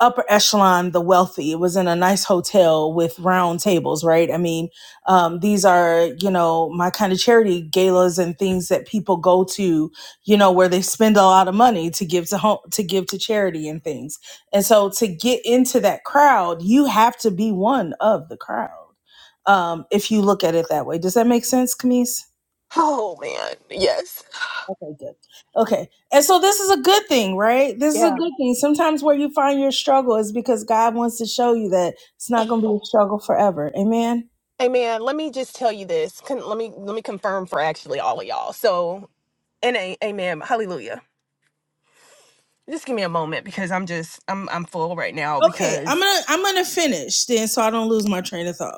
Speaker 2: upper echelon, the wealthy. It was in a nice hotel with round tables, right? I mean, um, these are, you know, my kind of charity galas and things that people go to, you know, where they spend a lot of money to give to home, to give to charity and things. And so to get into that crowd, you have to be one of the crowd. Um, if you look at it that way. Does that make sense, Camise?
Speaker 3: Oh man. Yes.
Speaker 2: Okay, good. Okay. And so this is a good thing, right? This is a
Speaker 3: Yeah.
Speaker 2: good thing. Sometimes where you find your struggle is because God wants to show you that it's not going to be a struggle forever. Amen.
Speaker 3: Hey man, let me just tell you this. Can, let me let me confirm for actually all of y'all. So, and a, amen. Hallelujah. Just give me a moment because I'm just I'm I'm full right now
Speaker 2: Okay, I'm
Speaker 3: because
Speaker 2: going to I'm going to finish then so I don't lose my train of thought.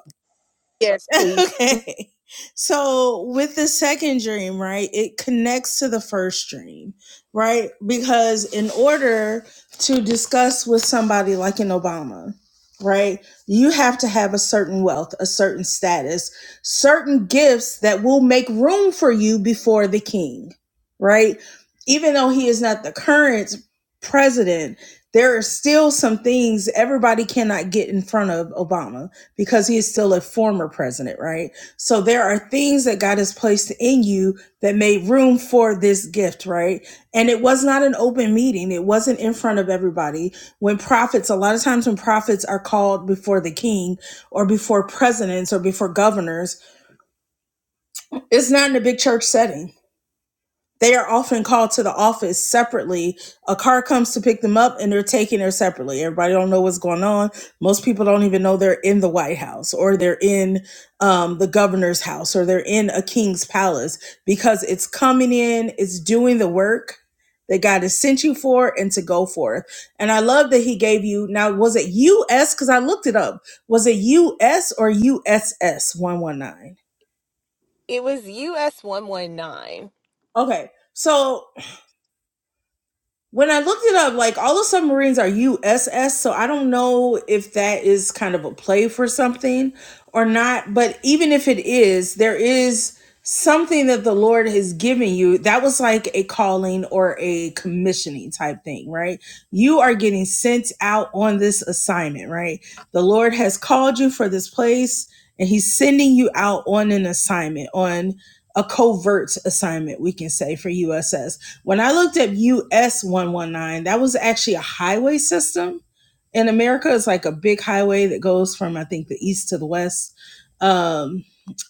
Speaker 3: yes,
Speaker 2: [LAUGHS]
Speaker 3: please.
Speaker 2: okay. So with the second dream, right, it connects to the first dream, right? Because in order to discuss with somebody like an Obama, right, you have to have a certain wealth, a certain status, certain gifts that will make room for you before the king, right? Even though he is not the current president, there are still some things everybody cannot get in front of Obama because he is still a former president, right? So there are things that God has placed in you that made room for this gift, right? And it was not an open meeting. It wasn't in front of everybody. When prophets, a lot of times when prophets are called before the king or before presidents or before governors, it's not in a big church setting they are often called to the office separately. A car comes to pick them up and they're taken there separately. Everybody don't know what's going on. Most people don't even know they're in the White House or they're in um, the governor's house or they're in a king's palace because it's coming in, it's doing the work that God has sent you for and to go forth. And I love that he gave you, now was it US? Because I looked it up. Was it US or USS 119?
Speaker 3: It was US one one nine.
Speaker 2: Okay. So When I looked it up, like all the submarines are USS, so I don't know if that is kind of a play for something or not. But even if it is, there is something that the Lord has given you. That was like a calling or a commissioning type thing, right? You are getting sent out on this assignment, right? The Lord has called you for this place and he's sending you out on an assignment, on a covert assignment, we can say for USS when I looked at US 119, that was actually a highway system in America. It's like a big highway that goes from, I think, the east to the west. Um,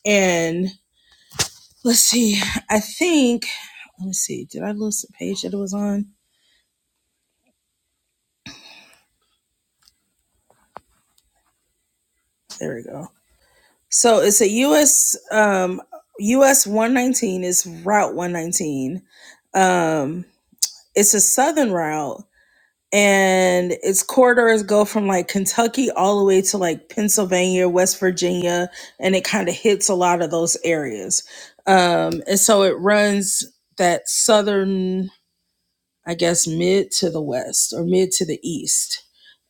Speaker 2: and let's see, I think, let me see, did I lose the page that it was on? There we go. So it's a US, um, US 119 is Route 119. Um, it's a southern route and its corridors go from like Kentucky all the way to like Pennsylvania, West Virginia, and it kind of hits a lot of those areas. Um, and so it runs that southern, I guess, mid to the west or mid to the east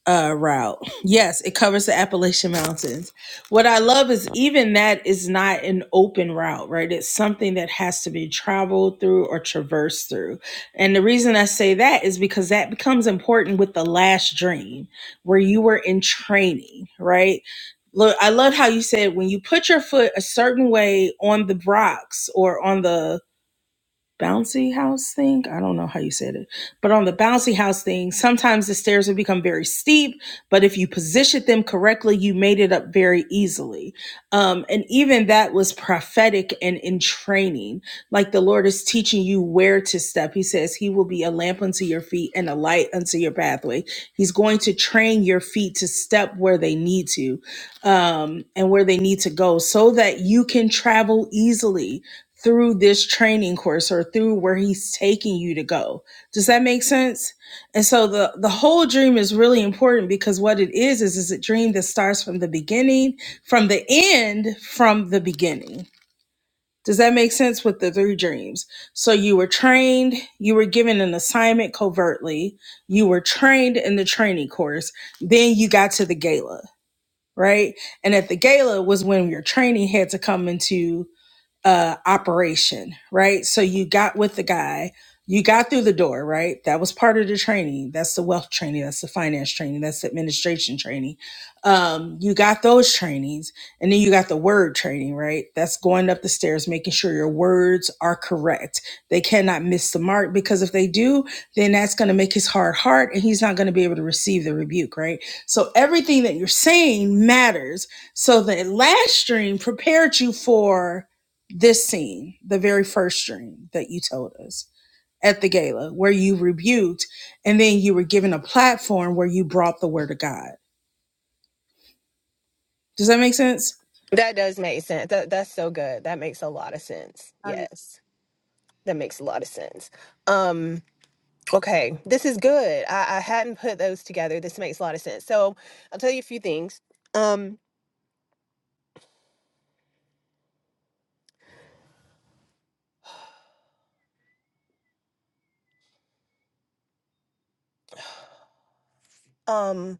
Speaker 2: uh, route. Yes, it covers the Appalachian Mountains. What I love is even that is not an open route, right? It's something that has to be traveled through or traversed through. And the reason I say that is because that becomes important with the last dream where you were in training, right? Look, I love how you said when you put your foot a certain way on the rocks or on the bouncy house thing. I don't know how you said it, but on the bouncy house thing, sometimes the stairs would become very steep, but if you positioned them correctly, you made it up very easily. Um, and even that was prophetic and in training. Like the Lord is teaching you where to step. He says he will be a lamp unto your feet and a light unto your pathway. He's going to train your feet to step where they need to um, and where they need to go so that you can travel easily through this training course or through where he's taking you to go. Does that make sense? And so the the whole dream is really important because what it is is is a dream that starts from the beginning, from the end, from the beginning. Does that make sense with the three dreams? So you were trained, you were given an assignment covertly, you were trained in the training course, then you got to the gala, right? And at the gala was when your training had to come into uh, operation, right? So you got with the guy, you got through the door, right? That was part of the training. That's the wealth training, that's the finance training, that's the administration training. Um, you got those trainings, and then you got the word training, right? That's going up the stairs, making sure your words are correct. They cannot miss the mark because if they do, then that's going to make his hard heart, and he's not going to be able to receive the rebuke, right? So everything that you're saying matters. So the last stream prepared you for this scene, the very first dream that you told us at the gala, where you rebuked and then you were given a platform where you brought the word of God. Does that make sense?
Speaker 3: That does make sense. That that's so good. That makes a lot of sense. Yes, that makes a lot of sense. Um, Okay, this is good. I, I hadn't put those together. This makes a lot of sense. So I'll tell you a few things. Um, um,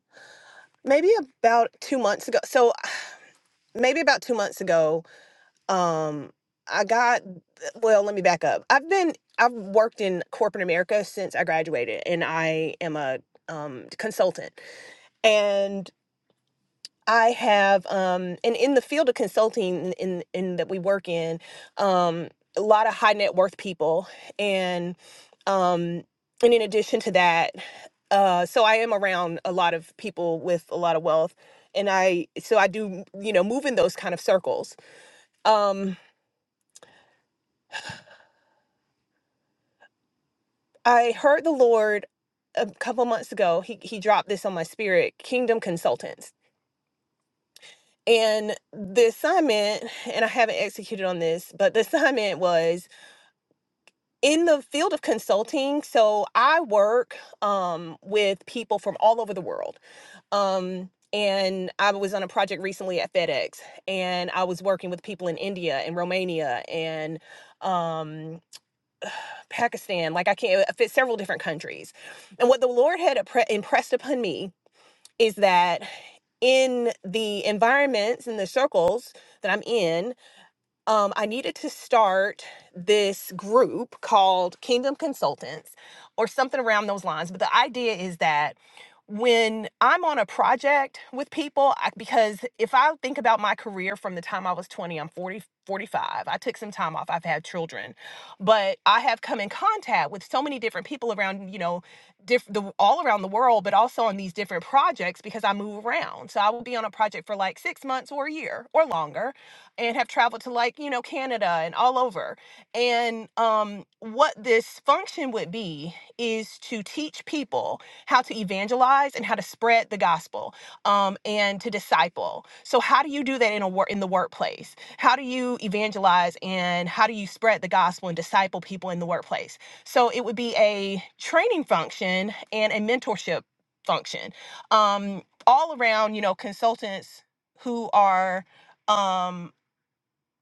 Speaker 3: maybe about two months ago. So I- maybe about two months ago, um, I got. Well, let me back up. I've been. I've worked in corporate America since I graduated, and I am a um, consultant. And I have, um, and in the field of consulting in, in that we work in, um, a lot of high net worth people, and um, and in addition to that, uh, so I am around a lot of people with a lot of wealth, and I so I do you know move in those kind of circles. Um, I heard the Lord a couple months ago. He he dropped this on my spirit: Kingdom Consultants. And the assignment, and I haven't executed on this, but the assignment was in the field of consulting, so I work um, with people from all over the world. Um, and I was on a project recently at FedEx, and I was working with people in India and Romania and um, Pakistan. Like I can't I fit several different countries. And what the Lord had impressed upon me is that in the environments and the circles that I'm in, um, I needed to start this group called Kingdom Consultants or something around those lines. But the idea is that when I'm on a project with people, I, because if I think about my career from the time I was 20, I'm 40, 45. I took some time off. I've had children, but I have come in contact with so many different people around, you know, diff- the, all around the world, but also on these different projects because I move around. So I will be on a project for like six months or a year or longer and have traveled to like you know canada and all over and um what this function would be is to teach people how to evangelize and how to spread the gospel um and to disciple so how do you do that in a work in the workplace how do you evangelize and how do you spread the gospel and disciple people in the workplace so it would be a training function and a mentorship function um all around you know consultants who are um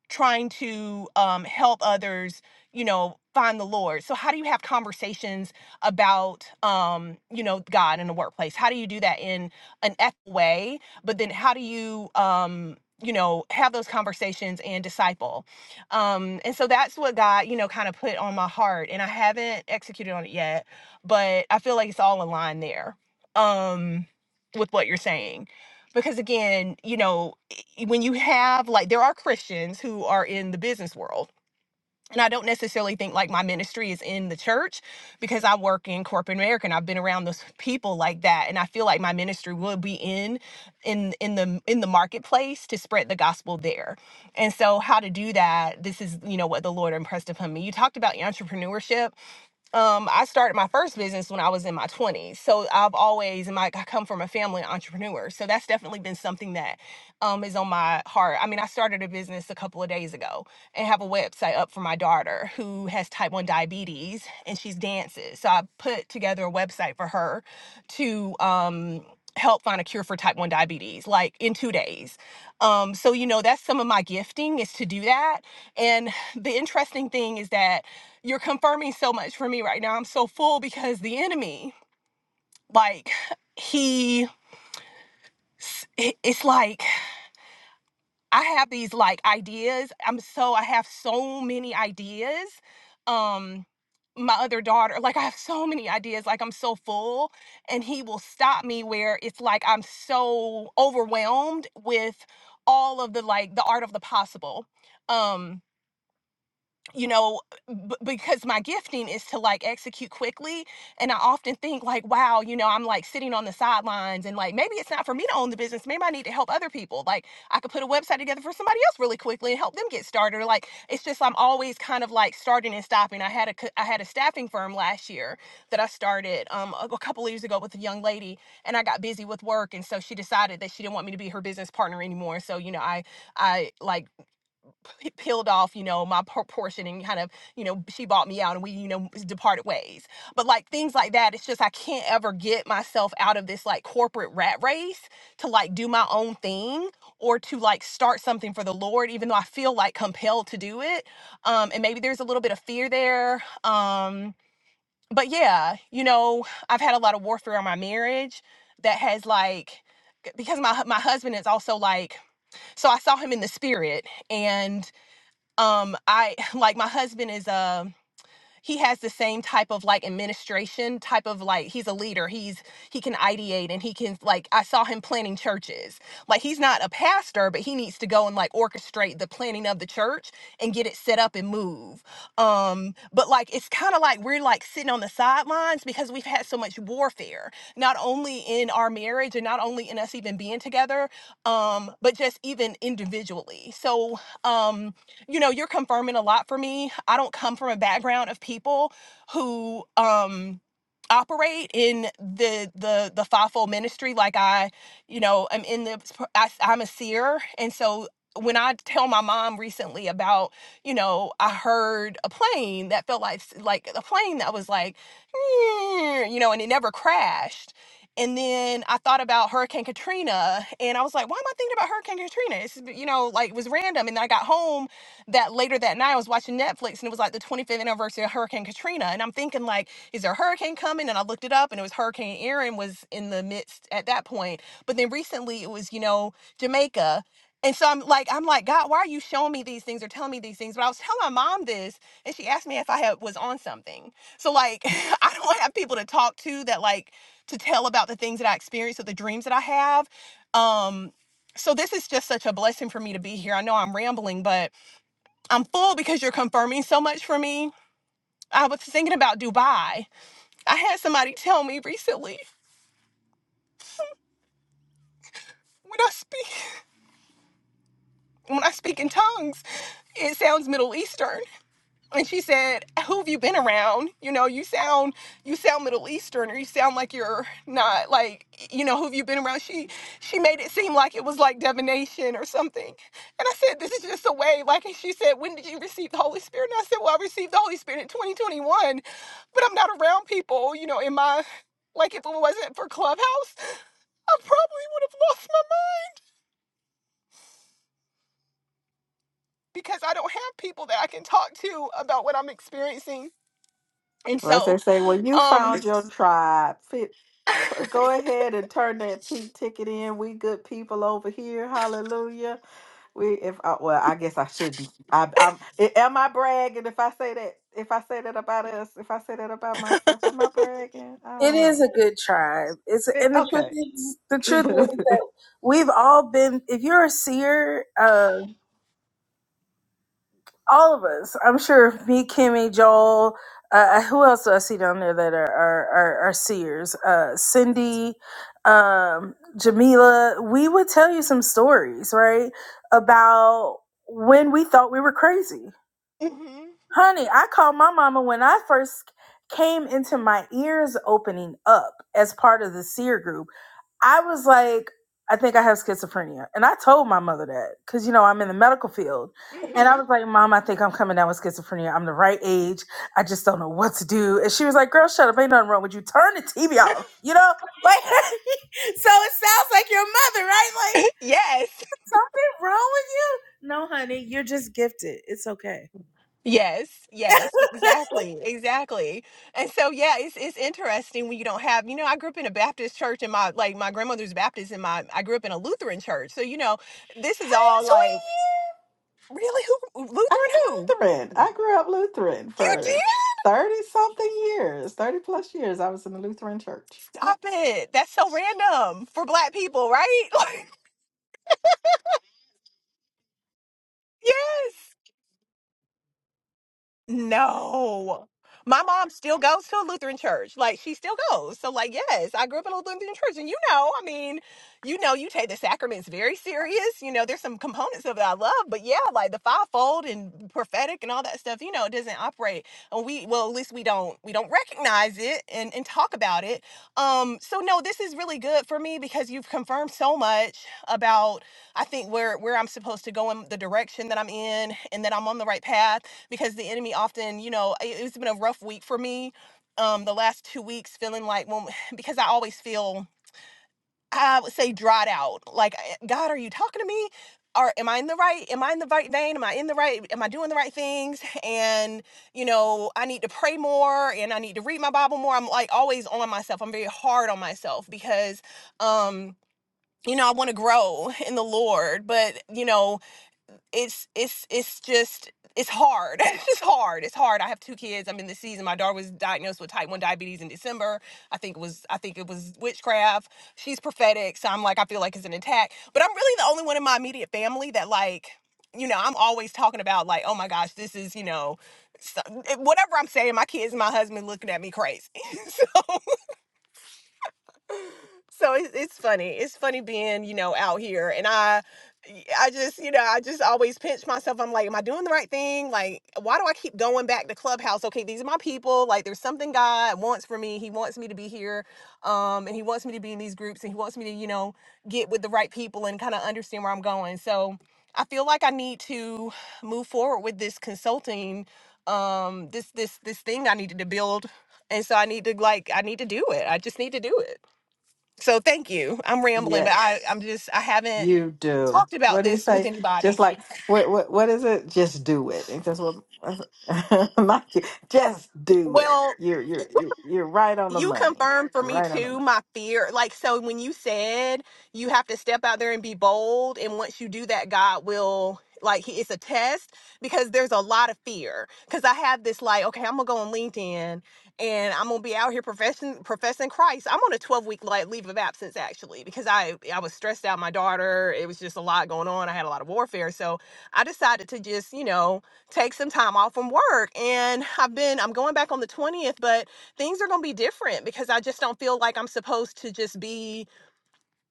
Speaker 3: trying to um, help others you know find the lord so how do you have conversations about um you know god in the workplace how do you do that in an ethical way but then how do you um you know have those conversations and disciple um and so that's what god you know kind of put on my heart and i haven't executed on it yet but i feel like it's all in line there um with what you're saying because again, you know, i- when you have like there are Christians who are in the business world. And I don't necessarily think like my ministry is in the church because I work in corporate America and I've been around those people like that and I feel like my ministry will be in in in the in the marketplace to spread the gospel there. And so how to do that, this is you know what the Lord impressed upon me. You talked about entrepreneurship um, I started my first business when I was in my 20s. So I've always, and my, I come from a family of entrepreneurs. So that's definitely been something that um, is on my heart. I mean, I started a business a couple of days ago and have a website up for my daughter who has type 1 diabetes and she's dances. So I put together a website for her to um, help find a cure for type 1 diabetes, like in two days. Um, so, you know, that's some of my gifting is to do that. And the interesting thing is that you're confirming so much for me right now. I'm so full because the enemy, like, he, it's like, I have these like ideas. I'm so, I have so many ideas. Um, my other daughter, like, I have so many ideas. Like, I'm so full. And he will stop me where it's like I'm so overwhelmed with all of the, like, the art of the possible. Um, you know b- because my gifting is to like execute quickly and i often think like wow you know i'm like sitting on the sidelines and like maybe it's not for me to own the business maybe i need to help other people like i could put a website together for somebody else really quickly and help them get started or like it's just i'm always kind of like starting and stopping i had a co- i had a staffing firm last year that i started um a a couple of years ago with a young lady and i got busy with work and so she decided that she didn't want me to be her business partner anymore so you know i I like p- peeled off, you know, my por- portion and kind of, you know, she bought me out and we, you know, departed ways. But like things like that, it's just I can't ever get myself out of this like corporate rat race to like do my own thing or to like start something for the Lord, even though I feel like compelled to do it. Um, and maybe there's a little bit of fear there. Um, but yeah, you know, I've had a lot of warfare on my marriage that has like, because my hu- my husband is also like so I saw him in the spirit and um i [LAUGHS] like my husband is a he has the same type of like administration type of like he's a leader he's he can ideate and he can like i saw him planning churches like he's not a pastor but he needs to go and like orchestrate the planning of the church and get it set up and move um but like it's kind of like we're like sitting on the sidelines because we've had so much warfare not only in our marriage and not only in us even being together um but just even individually so um you know, you're confirming a lot for me. I don't come from a background of people who um operate in the the the fivefold ministry like I, you know, I'm in the I, I'm a seer and so when I tell my mom recently about, you know, I heard a plane that felt like like a plane that was like, you know, and it never crashed. And then I thought about Hurricane Katrina, and I was like, "Why am I thinking about Hurricane Katrina?" It's you know, like it was random. And then I got home that later that night I was watching Netflix and it was like the 25th anniversary of Hurricane Katrina. And I'm thinking like, is there a hurricane coming? And I looked it up and it was Hurricane Erin was in the midst at that point. But then recently it was, you know, Jamaica. And so I'm like, I'm like, God, why are you showing me these things or telling me these things? But I was telling my mom this, and she asked me if I had was on something. So like, [LAUGHS] I don't have people to talk to that like to tell about the things that I experience or the dreams that I have. Um, so this is just such a blessing for me to be here. I know I'm rambling, but I'm full because you're confirming so much for me. I was thinking about Dubai. I had somebody tell me recently when I speak [LAUGHS] when I speak in tongues, it sounds Middle Eastern. And she said, "Who have you been around? You know, you sound you sound Middle Eastern, or you sound like you're not like you know who have you been around?" She she made it seem like it was like divination or something. And I said, "This is just a way." Like, and she said, "When did you receive the Holy Spirit?" And I said, "Well, I received the Holy Spirit in 2021." but I'm not around people, you know, in my like if it wasn't for Clubhouse, I probably would have lost my mind because I don't have people that I can talk to about what I'm experiencing. And
Speaker 1: Unless
Speaker 3: so,
Speaker 1: they say, well, you
Speaker 3: um
Speaker 1: found your tribe. Fit, p- go ahead and turn that pink ticket in. We good people over here. Hallelujah. We, if I, well, I guess I shouldn't. I, I'm. a- Am I bragging if I say that? If I say that about us? If I say that about myself? Am I bragging? I
Speaker 2: It
Speaker 1: don't
Speaker 2: is
Speaker 1: know.
Speaker 2: a good tribe. It's
Speaker 1: Eh,
Speaker 2: and the truth
Speaker 1: okay.
Speaker 2: is the
Speaker 1: [LAUGHS]
Speaker 2: truth is
Speaker 1: Between
Speaker 2: that we've all been. If you're a seer, uh, all of us. I'm sure me, Kimmy, Joel. Uh, uh, who else do I see down there that are are, are, are seers? Uh, Cindy, um, Jamila. We would tell you some stories, right, about when we thought we were crazy.
Speaker 3: mhm,
Speaker 2: Honey, I called my mama when I first came into my ears opening up as part of the seer group. I was like, I think I have schizophrenia. And I told my mother that because, you know, I'm in the medical field. And I
Speaker 3: mhm.
Speaker 2: was like, Mom, I think I'm coming down with schizophrenia. I'm the right age. I just don't know what to do. And she was like, Girl, shut up. Ain't nothing wrong with you. Turn the TV off. You know? Like, [LAUGHS] so it sounds like your mother, right? Like,
Speaker 3: [LAUGHS] yes.
Speaker 2: something wrong with you? No, honey. You're just gifted. It's okay.
Speaker 3: Yes, yes,
Speaker 2: [LAUGHS]
Speaker 3: exactly, exactly. And so yeah, it's it's interesting when you don't have, you know, I grew up in a Baptist church and my like my grandmother's Baptist and my I grew up in a Lutheran church. So, you know, this is all like really who
Speaker 1: I'm
Speaker 3: Lutheran who?
Speaker 1: Lutheran. I grew up Lutheran
Speaker 3: You did?
Speaker 1: for thirty something years, thirty plus years. I was in the Lutheran church. Yep.
Speaker 3: Stop it. That's so random for black people, right? [LAUGHS] Like, yes. No. My mom still goes to a Lutheran church. Like she still goes. So like yes, I grew up in a Lutheran church and you know, I mean, you know you take the sacraments very serious. You know, there's some components of it I love, but yeah, like the fivefold and prophetic and all that stuff, you know, it doesn't operate. And we well, at least we don't we don't recognize it and and talk about it. Um so no, this is really good for me because you've confirmed so much about I think where where I'm supposed to go in the direction that I'm in and that I'm on the right path because the enemy often, you know, it, it's been a rough week for me. Um, the last two weeks feeling like when [SIGHS] because I always feel I would say dried out. Like "Eh, God, are you talking to me? Or am I in the right? Am I in the right vein? Am I in the right? Am I doing the right things? And you know, I need to pray more and I need to read my Bible more. I'm like always on myself. I'm very hard on myself because um you know i want to grow in the lord but you know it's it's it's just it's hard [LAUGHS] it's just hard it's hard i have two kids i'm in the season my daughter was diagnosed with type 1 diabetes in december i think it was i think it was witchcraft she's prophetic so i'm like i feel like it's an attack but i'm really the only one in my immediate family that like you know i'm always talking about like oh my gosh this is you know so, eh, whatever i'm saying my kids and my husband looking at me crazy [LAUGHS] so so it's, it's funny. It's funny being, you know, out here. And I, I just, you know, I just always pinch myself. I'm like, am I doing the right thing? Like, why do I keep going back to Clubhouse? Okay, these are my people. Like, there's something God wants for me. He wants me to be here. Um, and he wants me to be in these groups and he wants me to, you know, get with the right people and kind of understand where I'm going. So I feel like I need to move forward with this consulting, um, this this this thing I needed to build. And so I need to like I need to do it. I just need to do it. So thank you. I'm rambling, but I
Speaker 1: Yes.
Speaker 3: I'm just I haven't
Speaker 1: You do.
Speaker 3: talked about
Speaker 1: What do you
Speaker 3: this with
Speaker 1: say? Just
Speaker 3: anybody.
Speaker 1: like what what what is it? Just do it. And that's what [LAUGHS] my kid- just do it.
Speaker 3: Well,
Speaker 1: You're you're you're you're right on the
Speaker 3: you
Speaker 1: money.
Speaker 3: confirmed for
Speaker 1: You're
Speaker 3: me
Speaker 1: right on the
Speaker 3: too
Speaker 1: money.
Speaker 3: my fear like so when you said you have to step out there and be bold and once you do that god will like he- it's a test because there's a lot of fear because i have this like okay i'm gonna go on linkedin and i'm gonna be out here professing professing christ i'm on a 12 week like leave of absence actually because i i was stressed out my daughter it was just a lot going on i had a lot of warfare so i decided to just you know take some time off from work and i've been i'm going back on the 20th but things are going to be different because I just don't feel like I'm supposed to just be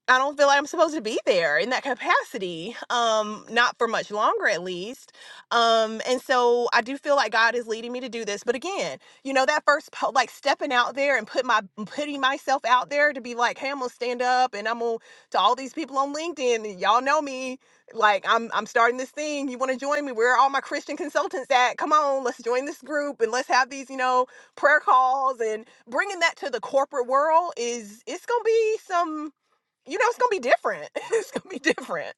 Speaker 3: I don't feel like I'm supposed to be there in that capacity, um, not for much longer at least. Um, and so I do feel like God is leading me to do this. But again, you know, that first po- like stepping out there and put my putting myself out there to be like, hey, I'm gonna stand up and I'm gonna to all these people on LinkedIn, and y'all know me. Like I'm I'm starting this thing. You wanna join me? Where are all my Christian consultants at? Come on, let's join this group and let's have these, you know, prayer calls and bringing that to the corporate world is it's gonna be some you know, it's gonna be different. [LAUGHS] it's gonna be different.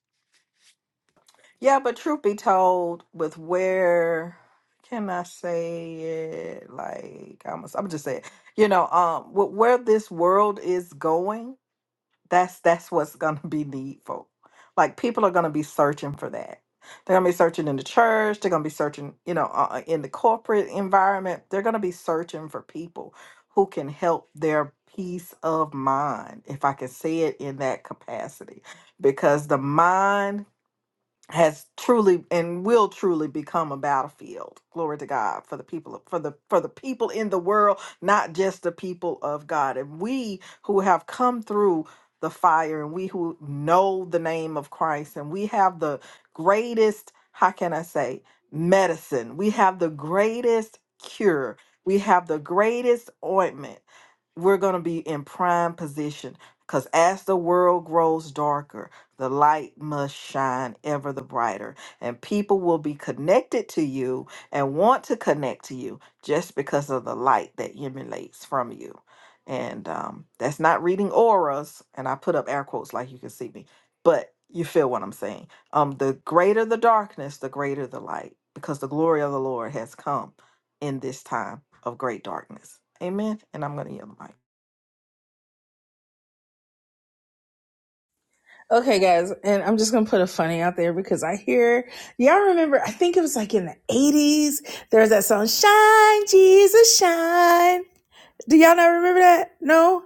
Speaker 1: Yeah, but truth be told, with where can I say it? Like I'm I'm just saying, you know, um, with where this world is going. That's that's what's gonna be needful. Like people are gonna be searching for that. They're gonna be searching in the church. They're gonna be searching, you know, uh, uh, in the corporate environment. They're gonna be searching for people who can help their peace of mind, if I can say it in that capacity, because the mind has truly and will truly become a battlefield. Glory to God for the people for the for the people in the world, not just the people of God. And we who have come through the fire and we who know the name of Christ and we have the greatest, how can I say, medicine. We have the greatest cure. We have the greatest ointment we're going to be in prime position because as the world grows darker, the light must shine ever the brighter, and people will be connected to you and want to connect to you just because of the light that emanates from you. And um, that's not reading auras, and I put up air quotes like you can see me, but you feel what I'm saying. Um, the greater the darkness, the greater the light, because the glory of the Lord has come in this time of great darkness. Amen. And I'm going to yield the mic.
Speaker 2: Okay, guys, and I'm just gonna put a funny out there because I hear y'all remember. I think it was like in the '80s. There was that song "Shine, Jesus, Shine." Do y'all not remember that? No,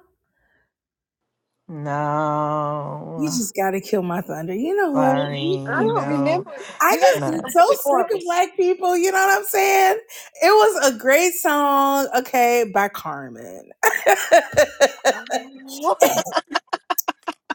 Speaker 2: you
Speaker 1: No,
Speaker 2: just gotta kill my thunder. You know what?
Speaker 1: sorry,
Speaker 3: I don't
Speaker 1: no,
Speaker 3: remember.
Speaker 2: I
Speaker 3: You got to
Speaker 2: just
Speaker 3: see
Speaker 1: no.
Speaker 3: them
Speaker 2: get so
Speaker 3: before
Speaker 2: sick
Speaker 3: it
Speaker 2: of
Speaker 3: was.
Speaker 2: black people. You know what I'm saying? It was a great song, okay, by Carmen.
Speaker 3: What?
Speaker 2: [LAUGHS]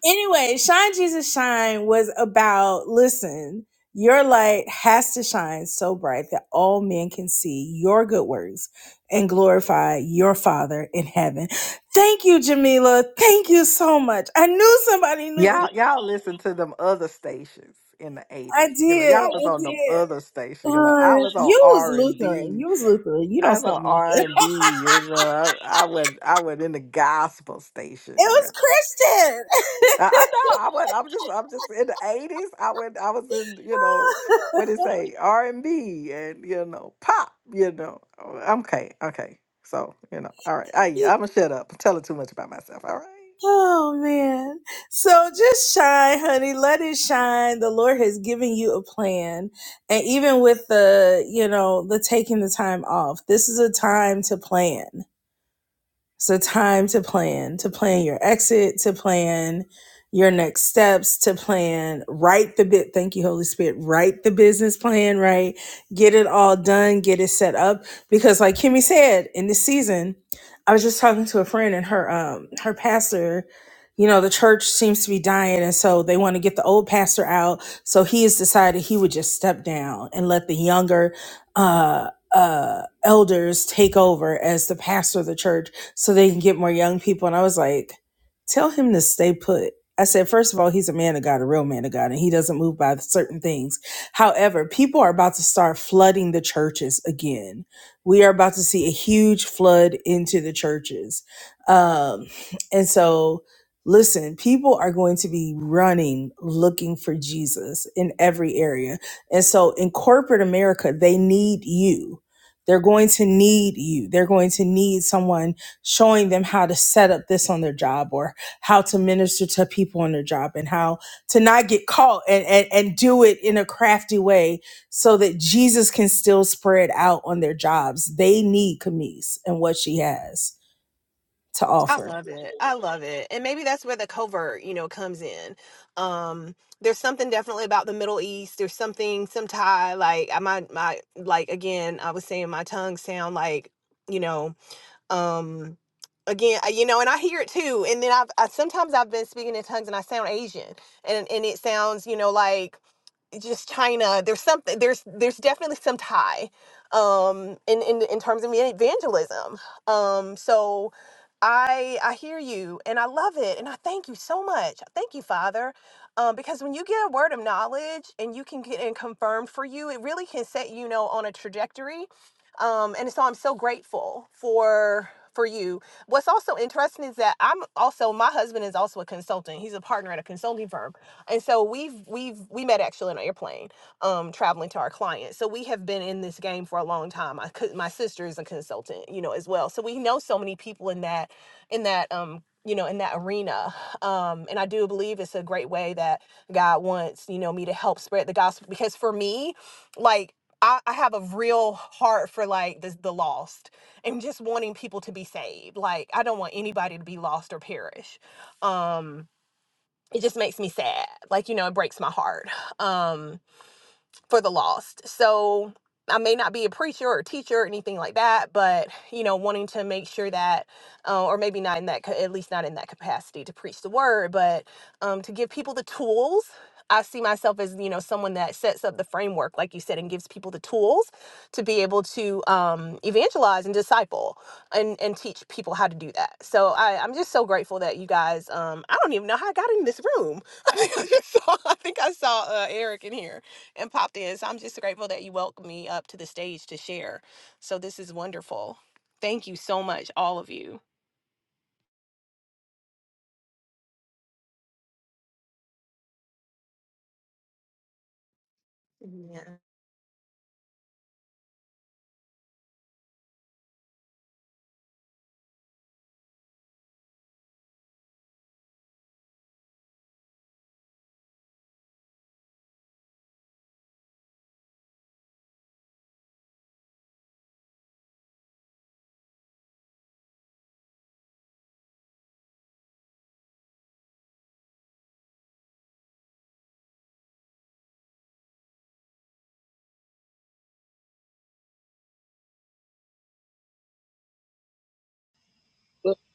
Speaker 2: anyway, Shine Jesus Shine was about listen, your light has to shine so bright that all men can see your good works and glorify your Father in heaven. Thank you, Jamila. Thank you so much. I knew somebody knew this.
Speaker 1: Y'all, y'all listen to them other stations in the
Speaker 2: I
Speaker 1: eighties. You know,
Speaker 2: did.
Speaker 1: y'all was
Speaker 2: I
Speaker 1: on them
Speaker 2: did.
Speaker 1: other stations. You know, I
Speaker 2: Uh,
Speaker 1: was on
Speaker 2: you was
Speaker 1: R and
Speaker 2: Lutheran.
Speaker 1: B.
Speaker 2: You was Lutheran. You
Speaker 1: I
Speaker 2: don't
Speaker 1: was
Speaker 2: say
Speaker 1: on R
Speaker 2: nothing.
Speaker 1: and B. You know, I, I was I was in the gospel station.
Speaker 2: It
Speaker 1: Yeah,
Speaker 2: was
Speaker 1: I, I know. I went. I'm just. I'm just in the eighties. I went. I was in. You know, what do
Speaker 2: Christian.
Speaker 1: you say? R and B and you know pop. You know. Okay. Okay. So you know. All right. I
Speaker 2: [LAUGHS]
Speaker 1: I'm gonna shut up. I'm telling too much about myself. All right.
Speaker 2: Oh man. So just shine, honey. Let it shine. The Lord has given you a plan. And even with the, you know, the taking the time off, this is a time to plan. It's a time to plan, to plan your exit, to plan your next steps, to plan, write the bit. Thank you, Holy Spirit. Write the business plan, right? Get it all done, get it set up. Because like Kimmy said, in this season, I was just talking to a friend and her um her pastor, you know, the church seems to be dying, and so they want to get the old pastor out. So he has decided he would just step down and let the younger uh uh elders take over as the pastor of the church so they can get more young people. And I was like, tell him to stay put. I said, first of all, he's a man of God, a real man of God, and he doesn't move by certain things. However, people are about to start flooding the churches again. We are about to see a huge flood into the churches. Um, and so, listen, people are going to be running looking for Jesus in every area. And so, in corporate America, they need you. They're going to need you. They're going to need someone showing them how to set up this on their job or how to minister to people on their job and how to not get caught and, and, and do it in a crafty way so that Jesus can still spread out on their jobs. They need Camise and what she has to
Speaker 3: [LAUGHS] I
Speaker 2: offer.
Speaker 3: love it. I love it. And maybe that's where the covert, you know, comes in. Um, there's something definitely about the Middle East. There's something, some Thai, like I my my like again, I was saying my tongue sound like, you know, um again, I- you know, and I hear it too. And then I've I, sometimes I've been speaking in tongues and I sound Asian. And and it sounds, you know, like just China, there's something there's there's definitely some tie um in in in terms of evangelism. Um so I I hear you and I love it and I thank you so much. Thank you, Father. Um because when you get a word of knowledge and you can get it confirmed for you, it really can set you know on a trajectory. Um and so I'm so grateful for for you. What's also interesting is that I'm also my husband is also a consultant. He's a partner at a consulting firm. And so we've we've we met actually on an airplane, um, traveling to our clients. So we have been in this game for a long time. I could, my sister is a consultant, you know, as well. So we know so many people in that in that um you know in that arena um and i do believe it's a great way that god wants you know me to help spread the gospel because for me like i, I have a real heart for like the, the lost and just wanting people to be saved like i don't want anybody to be lost or perish Um, it just makes me sad. Like, you know, it breaks my heart. Um, for the lost. So I may not be a preacher or a teacher or anything like that, but you know, wanting to make sure that, uh, or maybe not in that, ca- at least not in that capacity to preach the word, but um, to give people the tools. I see myself as you know someone that sets up the framework, like you said, and gives people the tools to be able to um, evangelize and disciple and and teach people how to do that. So I, I'm just so grateful that you guys. Um, I don't even know how I got in this room. [LAUGHS] I think I, just saw, I, think I saw uh, Eric in here and popped in. So I'm just grateful that you welcomed me up to the stage to share. So this is wonderful. Thank you so much, all of you. Yeah.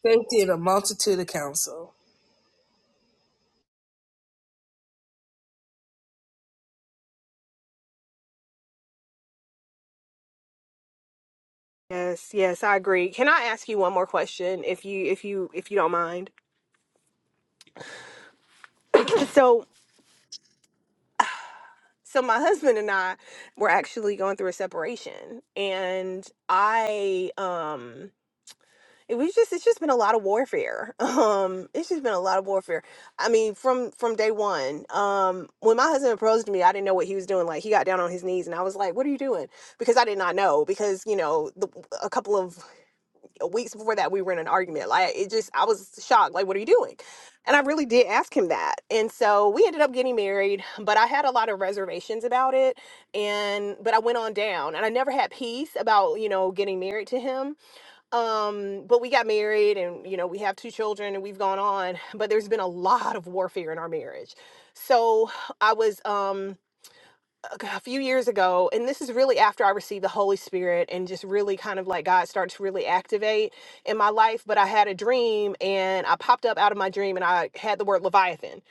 Speaker 2: safety in a multitude of counsel.
Speaker 3: Yes, yes, I agree. Can I ask you one more question if you if you if you don't mind? [CLEARS THROAT] so so my husband and I were actually going through a separation and I um it was just it's just been a lot of warfare [LAUGHS] um it's just been a lot of warfare i mean from from day one um when my husband approached me i didn't know what he was doing like he got down on his knees and i was like what are you doing because i did not know because you know the, a couple of weeks before that we were in an argument like it just i was shocked like what are you doing and i really did ask him that and so we ended up getting married but i had a lot of reservations about it and but i went on down and i never had peace about you know getting married to him um but we got married and you know we have two children and we've gone on but there's been a lot of warfare in our marriage so i was um okay, A few years ago, and this is really after I received the Holy Spirit and just really kind of like God started to really activate in my life. But I had a dream and I popped up out of my dream and I had the word Leviathan.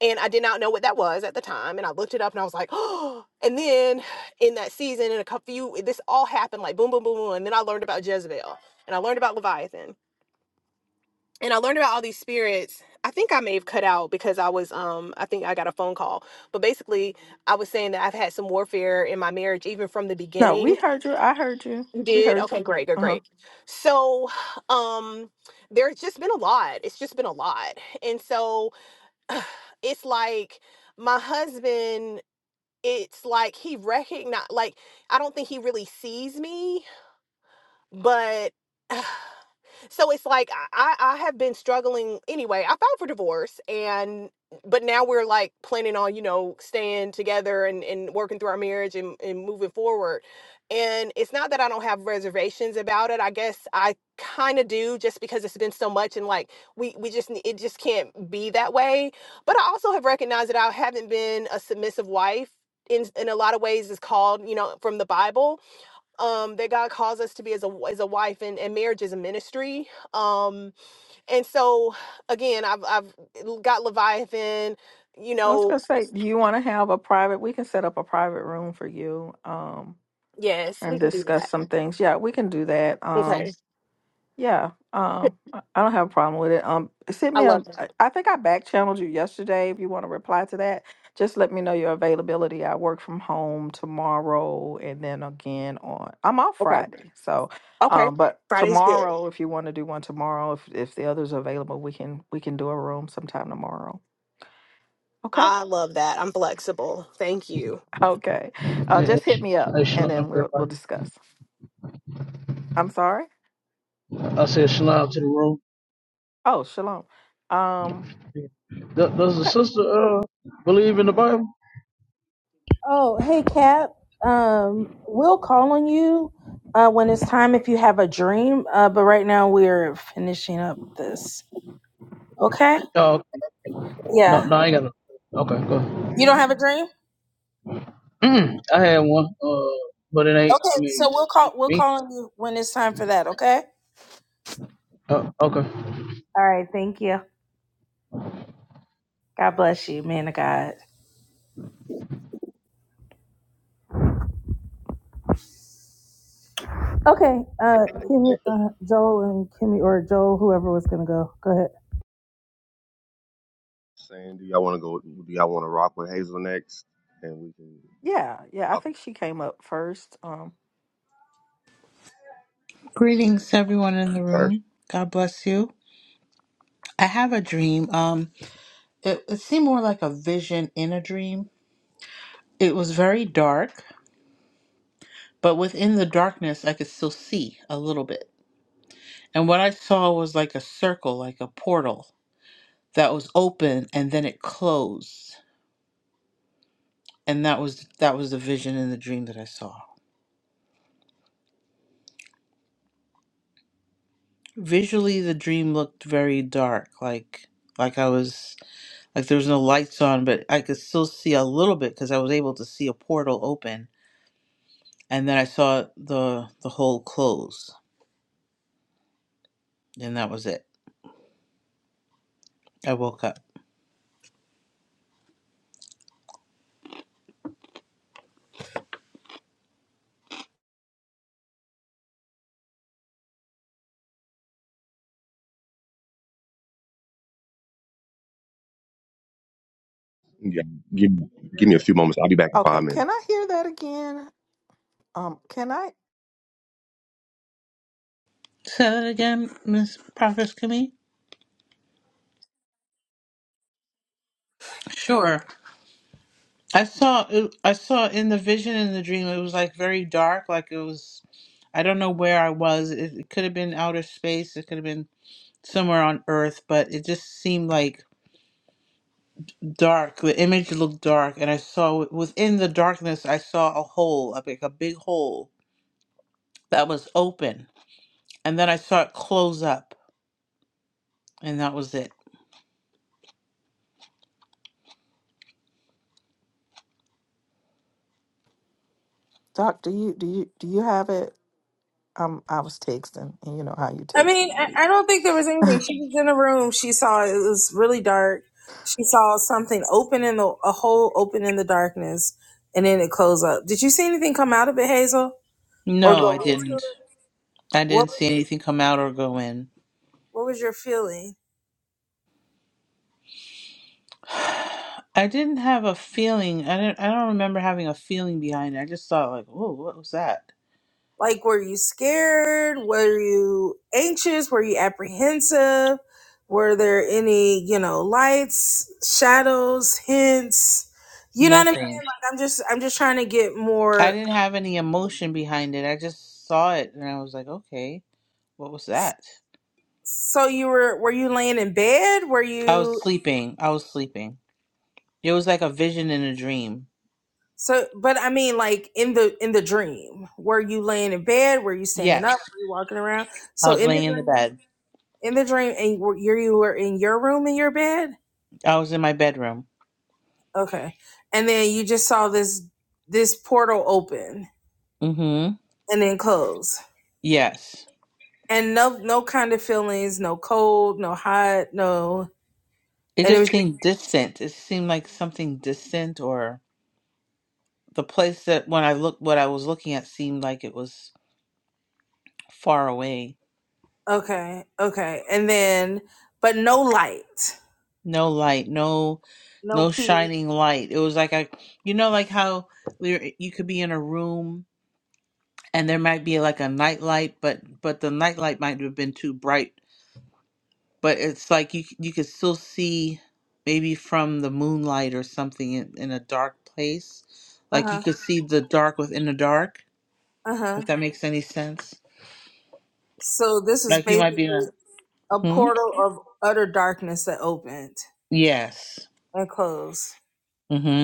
Speaker 3: And I did not know what that was at the time. And I looked it up and I was like, [GASPS] oh. And then in that season, in a couple few, this all happened like boom, boom, boom, boom. And then I learned about Jezebel and I learned about Leviathan and I learned about all these spirits. I think I may have cut out because I was um I think I got a phone call. But basically I was saying that I've had some warfare in my marriage even from the
Speaker 1: No, we
Speaker 3: beginning.
Speaker 1: heard you. I heard you.
Speaker 3: You
Speaker 1: We
Speaker 3: did?
Speaker 1: heard
Speaker 3: Okay, great, good,
Speaker 1: you.
Speaker 3: great. So um there's just been a lot. It's just been a lot. And so [SIGHS] it's like my husband it's like he recognize like I don't think he really sees me but [SIGHS] so it's like I, I have been struggling anyway. I filed for divorce and but now we're like planning on, you know, staying together and, and working through our marriage and, and moving forward. And it's not that I don't have reservations about it. I guess I kind of do just because it's been so much and like we, we just ne- it just can't be that way. But I also have recognized that I haven't been a submissive wife in in a lot of ways is called, you know, from the Bible um, that God calls us to be as a as a wife, and, and marriage is a ministry. Um, and so, again, I've I've got Leviathan. You
Speaker 1: I was
Speaker 3: know,
Speaker 1: gonna say, do you want to have a private? We can set up a private room for you, um,
Speaker 3: yes, we
Speaker 1: and
Speaker 3: can do
Speaker 1: discuss
Speaker 3: that.
Speaker 1: some things. Yeah, we can do that. Um,
Speaker 3: Okay,
Speaker 1: yeah, um, I I don't have a problem with it. Um, send
Speaker 3: I
Speaker 1: me a.
Speaker 3: love
Speaker 1: I
Speaker 3: that.
Speaker 1: I think I back channeled you yesterday. If you want to reply to that, just let me know your availability. I work from home tomorrow, and then again on. I'm off
Speaker 3: Okay,
Speaker 1: Friday, so.
Speaker 3: okay,
Speaker 1: Um, but
Speaker 3: Friday's good.
Speaker 1: tomorrow, if you want to do one tomorrow, if if the others are available, we can we can do a room sometime tomorrow. Okay.
Speaker 3: I love that. I'm flexible. Thank you.
Speaker 1: Okay. Uh,
Speaker 5: Hey,
Speaker 1: just
Speaker 5: sh-
Speaker 1: hit me up
Speaker 5: hey,
Speaker 1: and
Speaker 5: shalom,
Speaker 1: then we'll we'll
Speaker 5: everybody.
Speaker 1: discuss. I'm sorry.
Speaker 5: I said shalom to the room.
Speaker 1: Oh, shalom. Um,
Speaker 5: Does, does the
Speaker 1: okay.
Speaker 5: sister uh believe in the Bible?
Speaker 2: Oh, hey, Cap. Um, we'll call on you uh, when it's time if you have a dream. Uh, but right now we're finishing up this. Okay?
Speaker 5: Oh,
Speaker 2: Yeah.
Speaker 5: no, no, I ain't got no. Okay, go ahead.
Speaker 2: You don't have a dream?
Speaker 5: Mm, I had one, uh, but it ain't.
Speaker 2: Okay,
Speaker 5: I mean,
Speaker 2: so we'll call we'll
Speaker 5: me.
Speaker 2: call on you when it's time for that, okay?
Speaker 5: Uh, okay.
Speaker 2: All right, thank you. God bless you, man of God. Okay, uh, Kimmy,
Speaker 4: Hazelneck
Speaker 2: uh, Joel and Kimmy, or Joel, whoever was gonna go. Go ahead.
Speaker 4: saying, do y'all want to go? Do y'all want to rock with Hazel next? And we can.
Speaker 1: Yeah, yeah, I
Speaker 4: Okay.
Speaker 1: think she came up first. Um,
Speaker 6: Greetings, everyone in the
Speaker 4: All right.
Speaker 6: room. God bless you. I have a dream. Um, it, it seemed more like a vision in a dream. It was very dark, but within the darkness, I could still see a little bit. And what I saw was like a circle, like a portal that was open and then it closed. And that was that was the vision in the dream that I saw. Visually, the dream looked very dark, like like I was like there was no lights on, but I could still see a little bit because I was able to see a portal open and then I saw the the hole close, and that was it. I woke up.
Speaker 4: Yeah. Give, give me a few moments. I'll be back in
Speaker 1: okay.
Speaker 4: five
Speaker 1: Can
Speaker 4: minutes.
Speaker 1: I hear that again? Um, can I
Speaker 6: Say that again, Miss Prophet Kimmy. Sure, I saw I saw in the vision in the dream. It was like very dark, like it was. I don't know where I was. It, it could have been outer space. It could have been somewhere on Earth, but it just seemed like dark. The image looked dark, and I saw within the darkness. I saw a hole, like a big hole that was open, and then I saw it close up, and that was it.
Speaker 1: Doc, do you do you do you have it? Um, I was texting and you know how you
Speaker 2: I
Speaker 1: text
Speaker 2: mean,
Speaker 1: and read.
Speaker 2: I, I don't think there was anything. She was in a room. She saw it was really dark. She saw something open in the a hole open in the darkness, and then it closed up. Did you see anything come out of it, Hazel, or go
Speaker 6: No, I
Speaker 2: into
Speaker 6: didn't.
Speaker 2: it?
Speaker 6: I
Speaker 2: What
Speaker 6: didn't see anything come out or go in.
Speaker 2: What was your feeling?
Speaker 6: [SIGHS] I didn't have a feeling. I don't. I don't remember having a feeling behind it. I just thought like, "Oh, what was that?"
Speaker 2: Like, were you scared? Were you anxious? Were you apprehensive? Were there any, you know, lights, shadows, hints? You know what I mean?
Speaker 6: Nothing.
Speaker 2: Like, I'm just, I'm just trying to get
Speaker 6: I
Speaker 2: more.
Speaker 6: didn't have any emotion behind it. I just saw it and I was like, "Okay, what was that?"
Speaker 2: So you were, were you laying in bed? Were
Speaker 6: I was
Speaker 2: you?
Speaker 6: sleeping. I was sleeping. It was like a vision in a dream.
Speaker 2: So, but I mean, like in the in the dream, were you laying in bed? Were you standing up?
Speaker 6: Yes.
Speaker 2: Were you walking around?
Speaker 6: I
Speaker 2: So
Speaker 6: was
Speaker 2: in the
Speaker 6: laying in the
Speaker 2: dream,
Speaker 6: bed.
Speaker 2: in the dream, and were you you were in your room in your bed?
Speaker 6: I was in my bedroom.
Speaker 2: Okay. And then you just saw this this portal open
Speaker 6: Mhm.
Speaker 2: and then close.
Speaker 6: Yes.
Speaker 2: And no no kind of feelings, no cold, no hot, no
Speaker 6: It
Speaker 2: and it
Speaker 6: just
Speaker 2: was just,
Speaker 6: seemed distant. It seemed like something distant or the place that when I looked what I was looking at seemed like it was far away.
Speaker 2: okay, okay. And then but no light.
Speaker 6: No light, no
Speaker 2: No
Speaker 6: no
Speaker 2: peace.
Speaker 6: shining light. It was like I you know like how there- you could be in a room and there might be like a night light but but the night light might have been too bright, but it's like you you could still see maybe from the moonlight or something in, in a dark place. Like you
Speaker 2: Uh-huh.
Speaker 6: could see the dark within the dark,
Speaker 2: Uh-huh.
Speaker 6: if that makes any sense.
Speaker 2: So this is
Speaker 6: Like you might
Speaker 2: basically
Speaker 6: be in a
Speaker 2: a
Speaker 6: hmm?
Speaker 2: portal of utter darkness that opened
Speaker 6: Yes.
Speaker 2: and closed.
Speaker 6: Mm-hmm.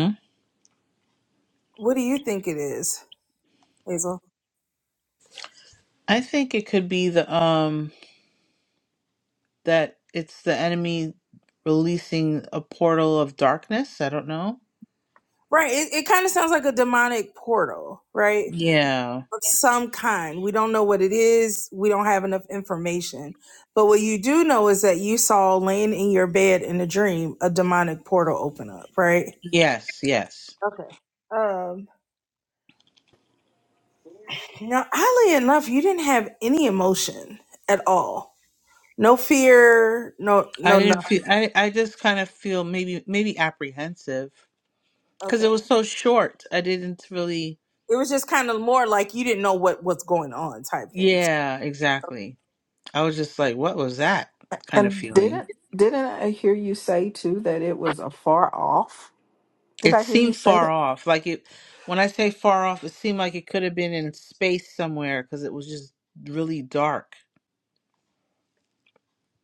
Speaker 2: What do you think it is, Hazel?
Speaker 6: I think it could be the um that it's the enemy releasing a portal of darkness. I don't know.
Speaker 2: Right. It, it kind of sounds like a demonic portal, right?
Speaker 6: Yeah.
Speaker 2: of some kind. We don't know what it is. We don't have enough information. But what you do know is that you saw laying in your bed in a dream a demonic portal open up, right?
Speaker 6: Yes. Yes.
Speaker 2: Okay. Um now oddly enough, you didn't have any emotion at all. No fear, no
Speaker 6: I
Speaker 2: no nothing.
Speaker 6: didn't feel. I I just kind of feel maybe maybe apprehensive because it
Speaker 2: Okay.
Speaker 6: was so short. I didn't really.
Speaker 2: It was just kind of more like you didn't know what was going on type things.
Speaker 6: Yeah. Exactly. I was just like, what was that kind of
Speaker 1: And
Speaker 6: feeling?
Speaker 1: didn't didn't I hear you say too that it was a far off? Did
Speaker 6: It
Speaker 1: I hear you
Speaker 6: seemed
Speaker 1: say
Speaker 6: far
Speaker 1: that?
Speaker 6: off. Like it. When I say far off, it seemed like it could have been in space somewhere because it was just really dark.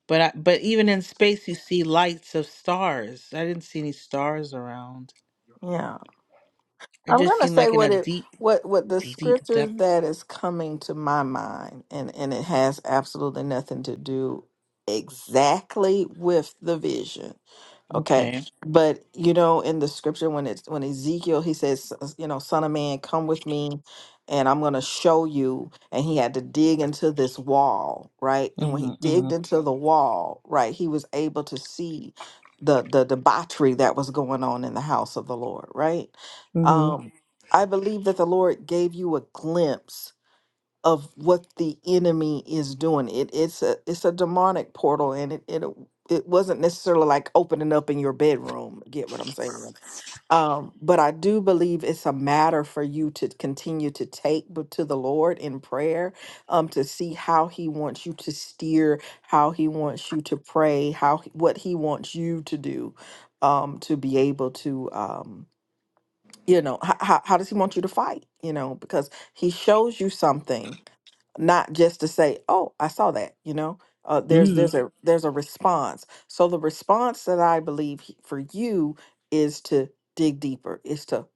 Speaker 6: But I, but even in space, you see lights of stars. I didn't see any stars around.
Speaker 1: Yeah.
Speaker 6: It
Speaker 1: I'm
Speaker 6: just
Speaker 1: going to
Speaker 6: seemed
Speaker 1: say
Speaker 6: like in
Speaker 1: what
Speaker 6: a
Speaker 1: it
Speaker 6: deep,
Speaker 1: what what the
Speaker 6: deep
Speaker 1: scriptures
Speaker 6: depth.
Speaker 1: that is coming to my mind, and and it has absolutely nothing to do exactly with the vision. Okay.
Speaker 6: Okay.
Speaker 1: But you know, in the scripture when it's when Ezekiel he says, s- you know, son of man, come with me and I'm gonna show you. And he had to dig into this wall, right? And when
Speaker 6: hmm
Speaker 1: he
Speaker 6: hmm
Speaker 1: digged into the wall, right, he was able to see the the debauchery that was going on in the house of the Lord, right?
Speaker 6: hmm
Speaker 1: Um I believe that the Lord gave you a glimpse of what the enemy is doing. It it's a it's a demonic portal, and it it it wasn't necessarily like opening up in your bedroom. Get what I'm saying? Um, but I do believe it's a matter for you to continue to take b- to the Lord in prayer, um, to see how He wants you to steer, how He wants you to pray, how he- what He wants you to do, um, to be able to um, you know, how, how how does He want you to fight? You know, because He shows you something not just to say, "Oh, I saw that," you know. Uh, there's
Speaker 6: hmm
Speaker 1: there's a there's a response. So the response that I believe he- for you is to dig deeper. Is to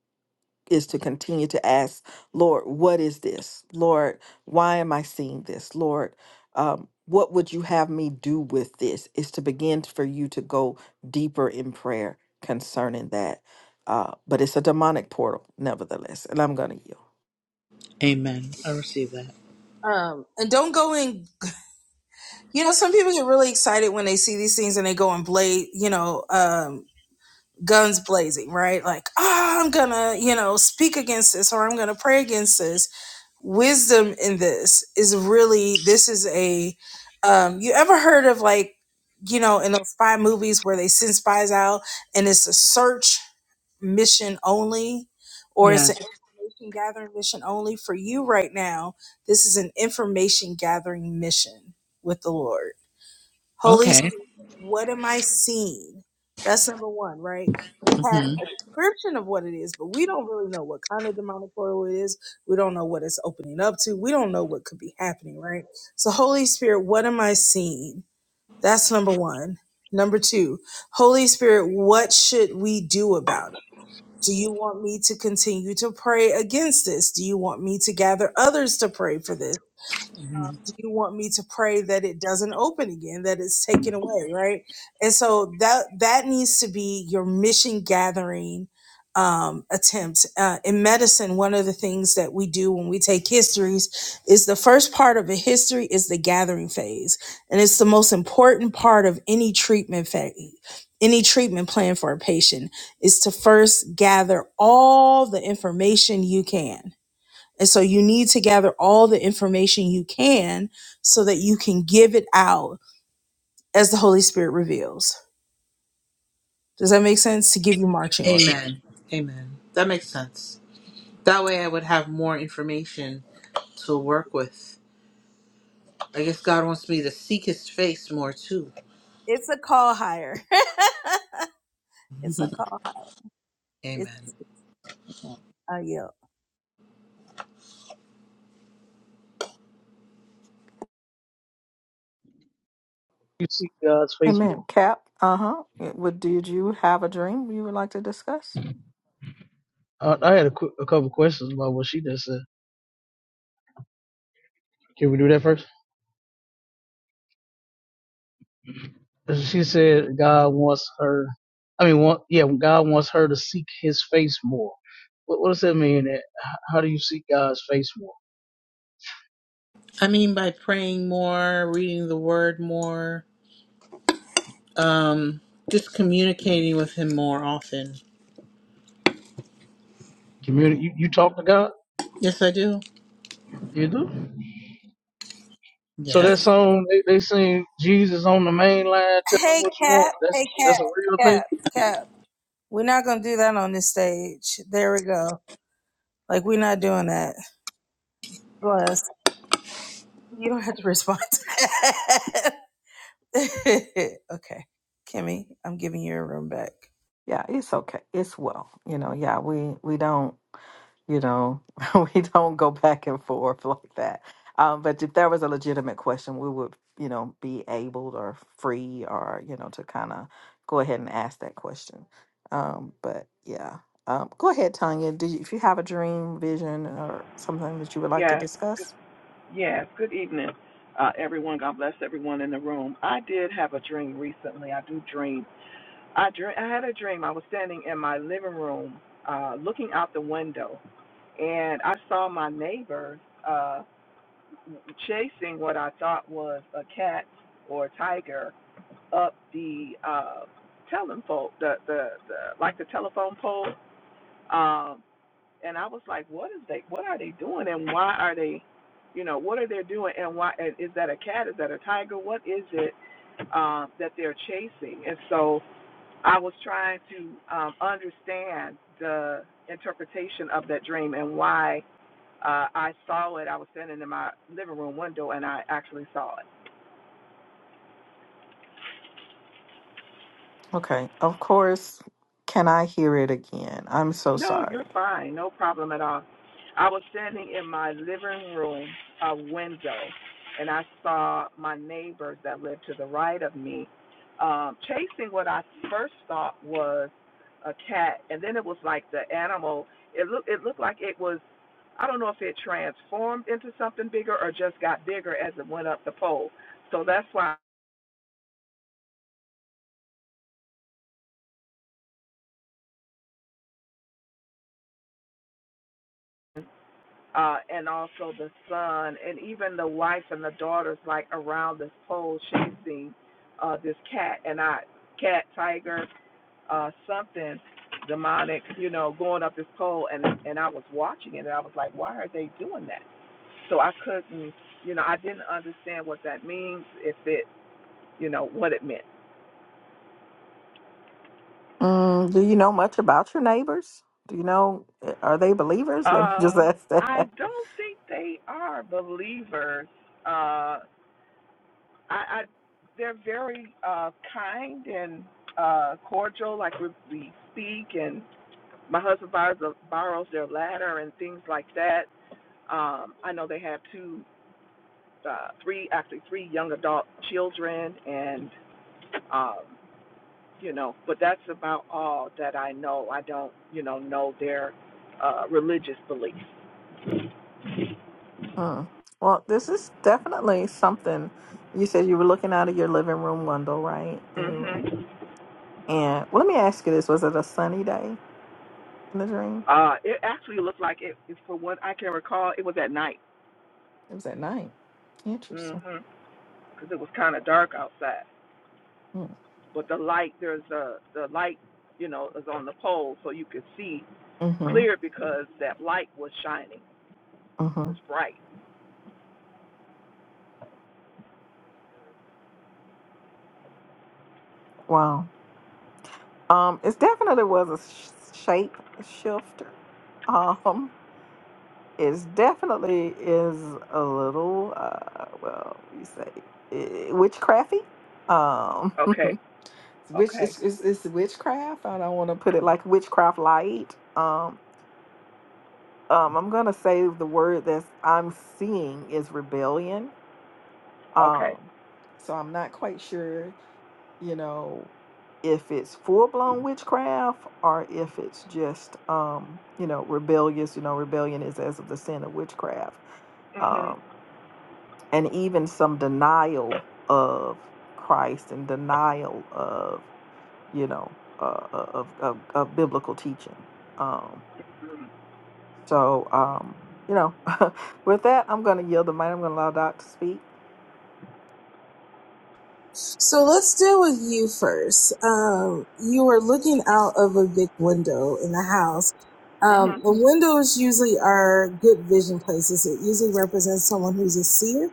Speaker 1: is to continue to ask, Lord, what is this? Lord, why am I seeing this? Lord, um, what would you have me do with this? Is to begin for you to go deeper in prayer concerning that. Uh, but it's a demonic portal, nevertheless, and I'm gonna yield.
Speaker 6: Amen. I receive that.
Speaker 2: Um, and don't go in. You know, some people get really excited when they see these things and they go and blade. You know, um, guns blazing, right? Like, oh, I'm gonna, you know, speak against this or I'm gonna pray against this. Wisdom in this is really. This is a. Um, you ever heard of like, you know, in those spy movies where they send spies out and it's a search mission only or it's an
Speaker 6: Yes.
Speaker 2: information gathering mission only for you right now this is an information gathering mission with the lord holy Spirit,
Speaker 6: Okay.
Speaker 2: what am i seeing that's number one right we have a
Speaker 6: hmm
Speaker 2: description of what it is but we don't really know what kind of demonic portal it is we don't know what it's opening up to we don't know what could be happening right so holy spirit what am i seeing that's number one number two holy spirit what should we do about it do you want me to continue to pray against this? Do you want me to gather others to pray for this?
Speaker 6: hmm
Speaker 2: you want me to pray that it doesn't open again, that it's taken away, right? And so that that needs to be your mission gathering um, attempt. Uh, in medicine, one of the things that we do when we take histories is the first part of a history is the gathering phase, and it's the most important part of any treatment phase. Any treatment plan for a patient is to first gather all the information you can and so you need to gather all the information you can so that you can give it out as the Holy Spirit reveals. Does that make sense? To give you marching orders.
Speaker 6: Amen. Amen. That makes sense. That way, I would have more information to work with. I guess God wants me to seek His face more too.
Speaker 2: It's a call higher. [LAUGHS]
Speaker 6: [LAUGHS]
Speaker 2: It's a call higher. It's
Speaker 6: Amen.
Speaker 2: a yield.
Speaker 5: You see God's face more.
Speaker 1: Amen. Cap, uh huh. What did you have a dream you would like to discuss?
Speaker 5: Uh, I had a, qu- a couple questions about what she just said. Can we do that first? She said God wants her. I mean, want, yeah, God wants her to seek His face more. What, what does that mean? That- How do you seek God's face more?
Speaker 6: I mean, by praying more, reading the Word more Um, just communicating with him more often.
Speaker 5: Community. You, you talk to God.
Speaker 6: Yes, I do.
Speaker 5: You do. So that
Speaker 6: Yes.
Speaker 5: song they, they sing Jesus on the main line, tell him
Speaker 2: Hey,
Speaker 5: what you
Speaker 2: Cap.
Speaker 5: want. That's
Speaker 2: Hey, Cap.
Speaker 5: that's a real thing.
Speaker 2: Cap. Cap. We're not going to do that on this stage. There we go. Like, we're not doing that. Bless. You don't have to respond to that. [LAUGHS] okay. Kimmy, I'm giving you your room back.
Speaker 1: Yeah, it's okay. It's well. You know, yeah, we we don't, you know, [LAUGHS] we don't go back and forth like that. Um, but if there was a legitimate question, we would, you know, be able or free or, you know, to kind of go ahead and ask that question. Um, but yeah. Um, go ahead, Tanya. Do you, if you have a dream, vision, or something that you would like to
Speaker 7: Yes,
Speaker 1: discuss?
Speaker 7: yes. Good evening, uh, everyone. God bless everyone in the room. I did have a dream recently. I do dream. I dream. I had a dream. I was standing in my living room, uh, looking out the window, and I saw my neighbor uh, chasing what I thought was a cat or a tiger up the uh, telephone, the, the the like the telephone pole. Um, and I was like, what is they? What are they doing? And why are they? You know, what are they doing? And why is that a cat? Is that a tiger? What is it um, that they're chasing? And so I was trying to um, understand the interpretation of that dream and why uh, I saw it. I was standing in my living room window and I actually saw it.
Speaker 1: Okay. Of course, can I hear it again? I'm so
Speaker 7: No, you're
Speaker 1: sorry.
Speaker 7: fine. No problem at all. I was standing in my living room uh, window, and I saw my neighbors that lived to the right of me um, chasing what I first thought was a cat, and then it was like the animal. It looked it looked like it was. I don't know if it transformed into something bigger or just got bigger as it went up the pole. So that's why. I uh, and also the son, and even the wife and the daughters, like around this pole chasing uh, this cat and I, cat, tiger, uh, something demonic, you know, going up this pole, and and I was watching it, and I was like, why are they doing that? So I couldn't, you know, I didn't understand what that means, if it, you know, what it meant.
Speaker 1: Mm, do you know much about your neighbors? Do you know, eh, are they believers? [LAUGHS] Let me just
Speaker 7: Um,
Speaker 1: ask
Speaker 7: I
Speaker 1: that.
Speaker 7: don't think they are believers. Uh, I, I they're very uh, kind and uh, cordial. Like we, we speak, and my husband borrows, borrows their ladder and things like that. Um, I know they have two, uh, three, actually three young adult children, and um, you know, but that's about all that I know. I don't, you know, know their uh, religious beliefs.
Speaker 1: Mm. Well, this is definitely something. You said you were looking out of your living room window, right? And you were.
Speaker 7: hmm
Speaker 1: And well, let me ask you this: Was it a sunny day in the dream?
Speaker 7: Uh, it actually looked like it, it, for what I can recall, it was at night.
Speaker 1: It was at night.
Speaker 7: Mm-hmm.
Speaker 1: Interesting.
Speaker 7: because it was kind of dark outside.
Speaker 1: Mm.
Speaker 7: but the light there's a the light you know is on the pole so you could see
Speaker 1: Mm-hmm.
Speaker 7: clear because that light was shining
Speaker 1: Mm-hmm.
Speaker 7: it's bright
Speaker 1: Wow. Um, it definitely was a sh- shape shifter. [LAUGHS] Um, is definitely is a little uh well what do you say eh, witchcrafty um
Speaker 7: okay
Speaker 1: [LAUGHS] which
Speaker 7: okay
Speaker 1: it's, it's it's witchcraft i don't want to put it like witchcraft light um um i'm gonna say the word that i'm seeing is rebellion
Speaker 7: okay
Speaker 1: um so i'm not quite sure you know if it's full-blown witchcraft or if it's just um you know rebellious you know rebellion is as of the sin of witchcraft
Speaker 7: mhm
Speaker 1: Um, and even some denial of Christ and denial of you know uh, uh, of, of of biblical teaching. Um, so um, you know, [LAUGHS] with that, I'm going to yield the mic. I'm going to allow Doc to speak.
Speaker 2: So let's deal with you first. Um, you are looking out of a big window in the house. Um,
Speaker 7: mhm
Speaker 2: the windows usually are good vision places. It usually represents someone who's a seer,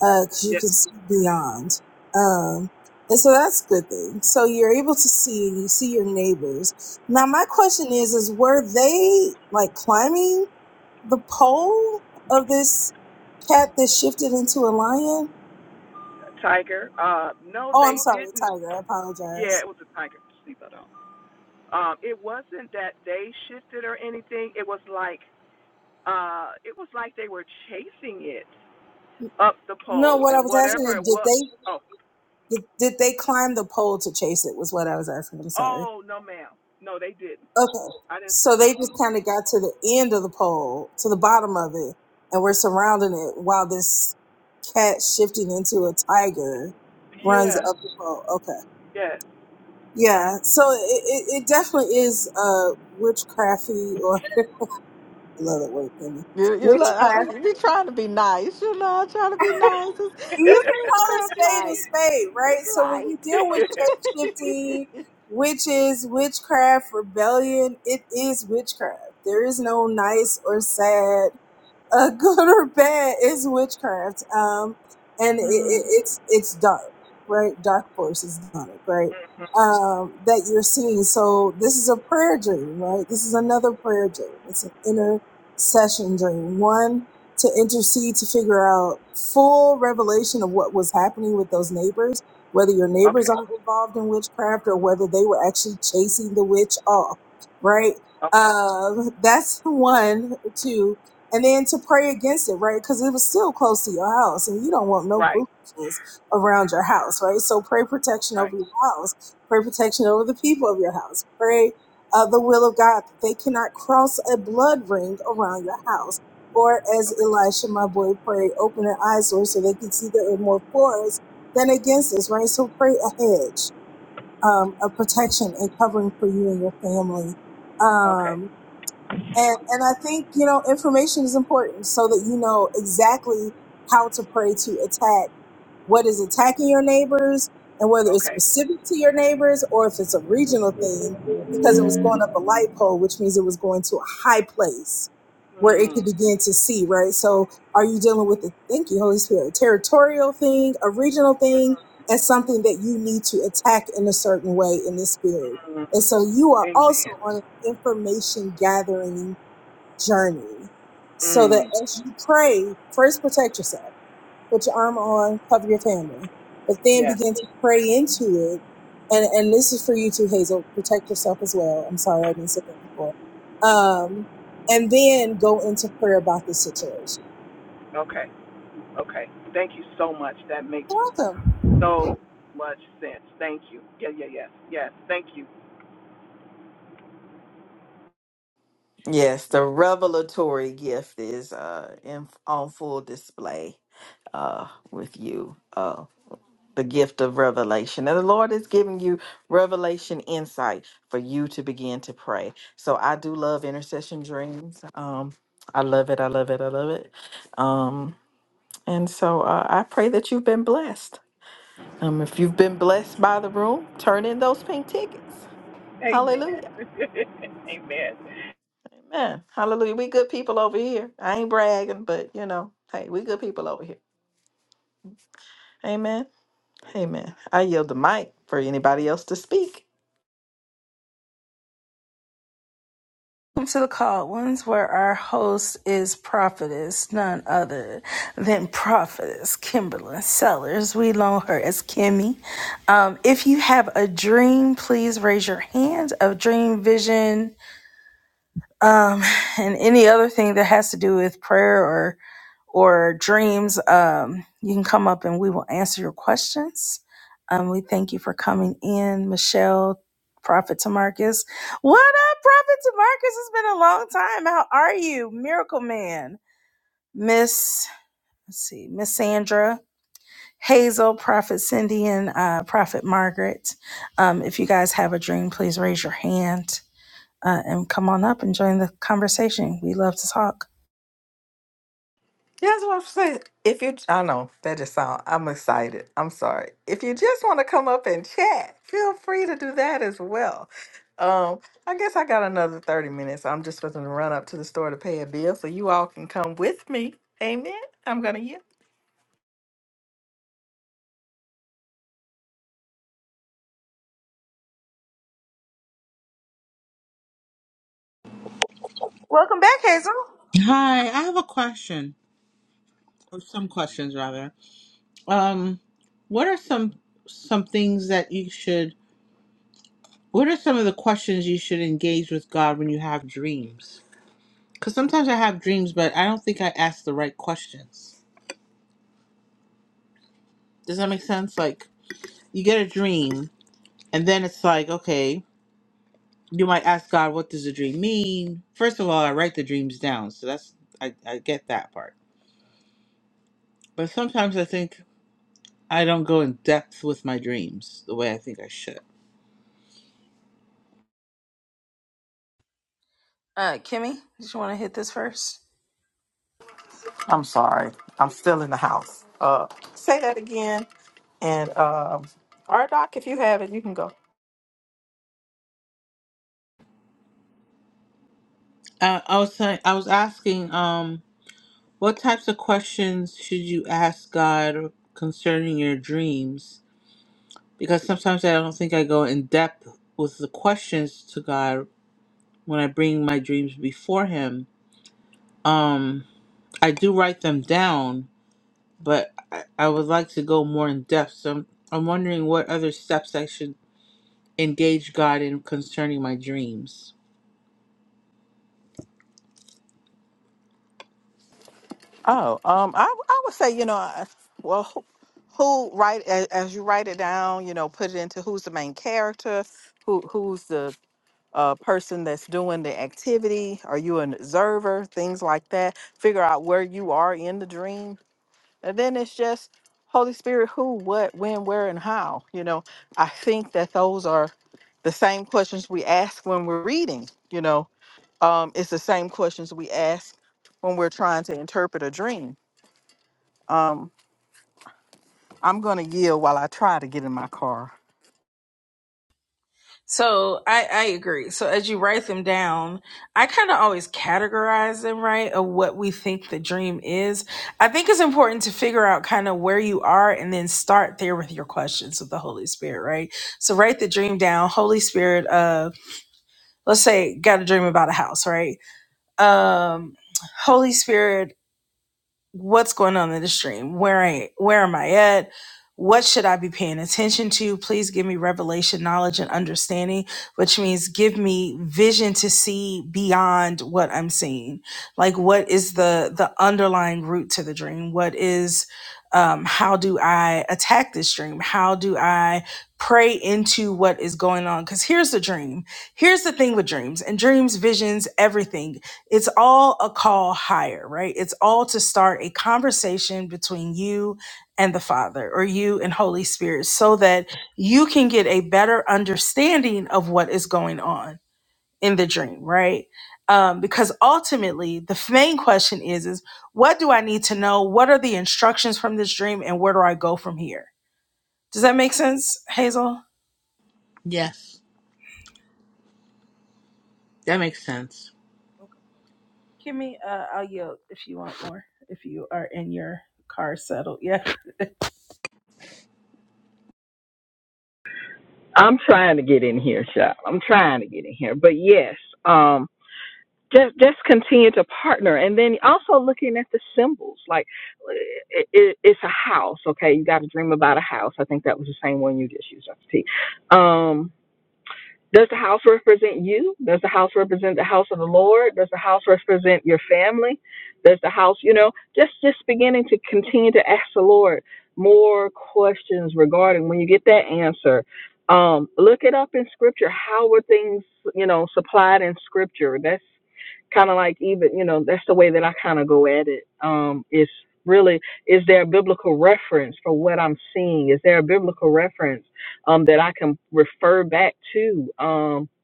Speaker 2: because uh, you
Speaker 7: yeah,
Speaker 2: can see beyond. Um, and so that's a good thing. So you're able to see and you see your neighbors. Now my question is, is were they like climbing the pole of this cat that shifted into a lion?
Speaker 7: tiger uh no
Speaker 2: Oh,
Speaker 7: they
Speaker 2: I'm sorry, a
Speaker 7: didn't
Speaker 2: tiger. I apologize.
Speaker 7: yeah it was a tiger sleep at all um it wasn't that they shifted or anything it was like uh it was like they were chasing it up the
Speaker 2: No,
Speaker 7: pole
Speaker 2: what I
Speaker 7: and
Speaker 2: was asking
Speaker 7: whatever
Speaker 2: is,
Speaker 7: it
Speaker 2: did
Speaker 7: was
Speaker 2: they
Speaker 7: oh
Speaker 2: did, did they climb the pole to chase it? Was what I was asking. I'm sorry.
Speaker 7: oh no ma'am no they didn't
Speaker 2: Okay,
Speaker 7: i didn't
Speaker 2: so they just
Speaker 7: mm-mm.
Speaker 2: kind of got to the end of the pole, to the bottom of it, and we're surrounding it while this cat shifting into a tiger runs
Speaker 7: yeah
Speaker 2: up the pole. Okay,
Speaker 7: Yes.
Speaker 2: yeah. So it, it, it definitely is uh witchcrafty, or I love that word, Kenny.
Speaker 1: You you lo- I was-
Speaker 2: Witchcraft.
Speaker 1: you be trying to be nice, you know, trying
Speaker 2: [LAUGHS]
Speaker 1: to be nice. It's,
Speaker 2: you
Speaker 1: it's
Speaker 2: can call a
Speaker 1: witchcraft
Speaker 2: spade a
Speaker 1: light.
Speaker 2: spade,
Speaker 1: It's
Speaker 2: right? So when you deal with
Speaker 7: [LAUGHS]
Speaker 1: light.
Speaker 2: shapeshifting,
Speaker 1: [LAUGHS]
Speaker 2: witches, witchcraft, rebellion, it is witchcraft. There is no nice or sad uh, good or bad is witchcraft. Um, and it, it,
Speaker 7: mm.
Speaker 2: it's it's dark, right? Dark forces on right? Um, that you're seeing. So this is a prayer dream, right? This is another prayer dream. It's an intercession dream. One to intercede to figure out full revelation of what was happening with those neighbors, whether your neighbors
Speaker 7: Okay.
Speaker 2: are involved in witchcraft or whether they were actually chasing the witch off, right?
Speaker 7: Okay.
Speaker 2: Uh, that's [LAUGHS] one, two and then to pray against it, right? Because it was still close to your house, and you don't want no
Speaker 7: Right.
Speaker 2: foolishness around your house, right? So pray protection
Speaker 7: Right.
Speaker 2: over your house, pray protection over the people of your house, pray uh, the will of God that they cannot cross a blood ring around your house. Or as
Speaker 7: Okay.
Speaker 2: Elisha, my boy, pray, open their eyes, Lord, so they can see that we're more for us than against us, right? So pray a hedge um, of protection and covering for you and your family.
Speaker 7: Okay.
Speaker 2: Um, and, and I think, you know, information is important so that you know exactly how to pray to attack what is attacking your neighbors and whether it's
Speaker 7: Okay.
Speaker 2: specific to your neighbors or if it's a regional thing because it was going up a light pole, which means it was going to a high place where it could
Speaker 7: Mm.
Speaker 2: begin to see, right? So are you dealing with the, thank you, Holy Spirit, a territorial thing, a regional thing, and something that you need to attack in a certain way in the spirit?
Speaker 7: Mm.
Speaker 2: And so you are also
Speaker 7: Amen.
Speaker 2: on an information gathering journey so that
Speaker 7: Mm.
Speaker 2: as you pray, first protect yourself, put your armor on, cover your family, but then
Speaker 7: Yes.
Speaker 2: begin to pray into it. And, and this is for you too, Hazel, protect yourself as well. I'm sorry I didn't say that before. Um, and then go into prayer about this situation.
Speaker 7: Okay. Okay. Thank you so much. That makes
Speaker 2: You're welcome.
Speaker 7: so much sense. Thank you. Yeah. Yeah. Yes. Yes. Thank you.
Speaker 1: Yes, the revelatory gift is uh, in, on full display uh, with you. Uh, the gift of revelation. And the Lord is giving you revelation insight for you to begin to pray. So I do love intercession dreams. Um, I love it. I love it. I love it. Um, and so uh, I pray that you've been blessed. Um, if you've been blessed by the room, turn in those pink tickets. Hallelujah.
Speaker 7: Amen. [LAUGHS] Amen.
Speaker 1: Amen. Hallelujah. We good people over here. I ain't bragging, but you know, hey, we good people over here. Amen. Amen. I yield the mic for anybody else to speak.
Speaker 2: Welcome to the call ones, where our host is prophetess, none other than prophetess Kimberly Sellers. We loan her as Kimmy. Um, if you have a dream, please raise your hand. A dream, vision, um, and any other thing that has to do with prayer or dreams, um, you can come up and we will answer your questions. Um, we thank you for coming in, Michelle, Prophet Tamarcus. What up, Prophet Tamarcus? It's been a long time. How are you, Miracle Man? Miss, let's see, Miss Sandra, Hazel, Prophet Cindy, and uh, Prophet Margaret. Um, if you guys have a dream, please raise your hand uh, and come on up and join the conversation. We love to talk.
Speaker 1: Yeah, that's what I'm saying. If you, I know that just sound. I'm excited. I'm sorry. If you just want to come up and chat, feel free to do that as well. Um, I guess I got another thirty minutes. I'm just supposed to run up to the store to pay a bill, so you all can come with me. Amen. I'm gonna yield.
Speaker 2: Welcome back, Hazel.
Speaker 6: Hi, I have a question, or some questions rather. Um, what are some some things that you should? What are some of the questions you should engage with God when you have dreams? Because sometimes I have dreams, but I don't think I ask the right questions. Does that make sense? Like you get a dream, and then it's like, okay, you might ask God, what does the dream mean? First of all, I write the dreams down, so that's I, I get that part But sometimes I think I don't go in depth with my dreams the way I think I should.
Speaker 2: Uh, Kimmy, did you want to hit this first?
Speaker 1: I'm sorry. I'm still in the house. Uh, say that again. And um, our if you have it, you can go.
Speaker 6: Uh, I was saying, I was asking, um, what types of questions should you ask God concerning your dreams? Because sometimes I don't think I go in depth with the questions to God when I bring my dreams before Him. Um, I do write them down, but I, I would like to go more in depth. So I'm, I'm wondering what other steps I should engage God in concerning my dreams.
Speaker 1: Oh, um, I I would say you know, I- well, who, who write as, as you write it down, you know, put it into who's the main character, who who's the uh, person that's doing the activity. Are you an observer? Things like that. Figure out where you are in the dream And then it's just Holy Spirit, who, what, when, where, and how. You know, I think that those are the same questions we ask when we're reading. You know, um, it's the same questions we ask when we're trying to interpret a dream. Um, I'm going to yield while I try to get in my car.
Speaker 2: So I, I agree. So as you write them down, I kind of always categorize them, right? Of what we think the dream is. I think it's important to figure out kind of where you are and then start there with your questions with the Holy Spirit, right? So write the dream down. Holy Spirit, uh, let's say got a dream about a house, right? Um, Holy Spirit, what's going on in the stream where I, where am i at what should i be paying attention to please give me revelation knowledge and understanding which means give me vision to see beyond what i'm seeing like what is the the underlying root to the dream what is um, how do i attack this dream how do i pray into what is going on because here's the dream here's the thing with dreams and dreams visions everything it's all a call higher, right? It's all to start a conversation between you and the Father or you and Holy Spirit so that you can get a better understanding of what is going on in the dream, right? Um, because ultimately, the main question is, is what do I need to know? What are the instructions from this dream and where do I go from here? Does that make sense, Hazel?
Speaker 6: Yes, that makes sense.
Speaker 2: Kimmy, uh, I'll yield if you want more, if you are in your car settled. Yeah. [LAUGHS]
Speaker 1: I'm trying to get in here, Shop. I'm trying to get in here. But yes, just just continue to partner and then also looking at the symbols like it, it, it's a house okay you got to dream about a house i think that was the same one you just used Dr. T. um does the house represent you? Does the house represent the house of the Lord? Does the house represent your family? Does the house, you know, just just beginning to continue to ask the Lord more questions regarding when you get that answer. Um, look it up in scripture. How were things, you know, supplied in scripture? That's kind of like even, you know, that's the way that I kind of go at it. Um, is really, is there a biblical reference for what I'm seeing? Is there a biblical reference? um, that I can refer back to. Um, [COUGHS]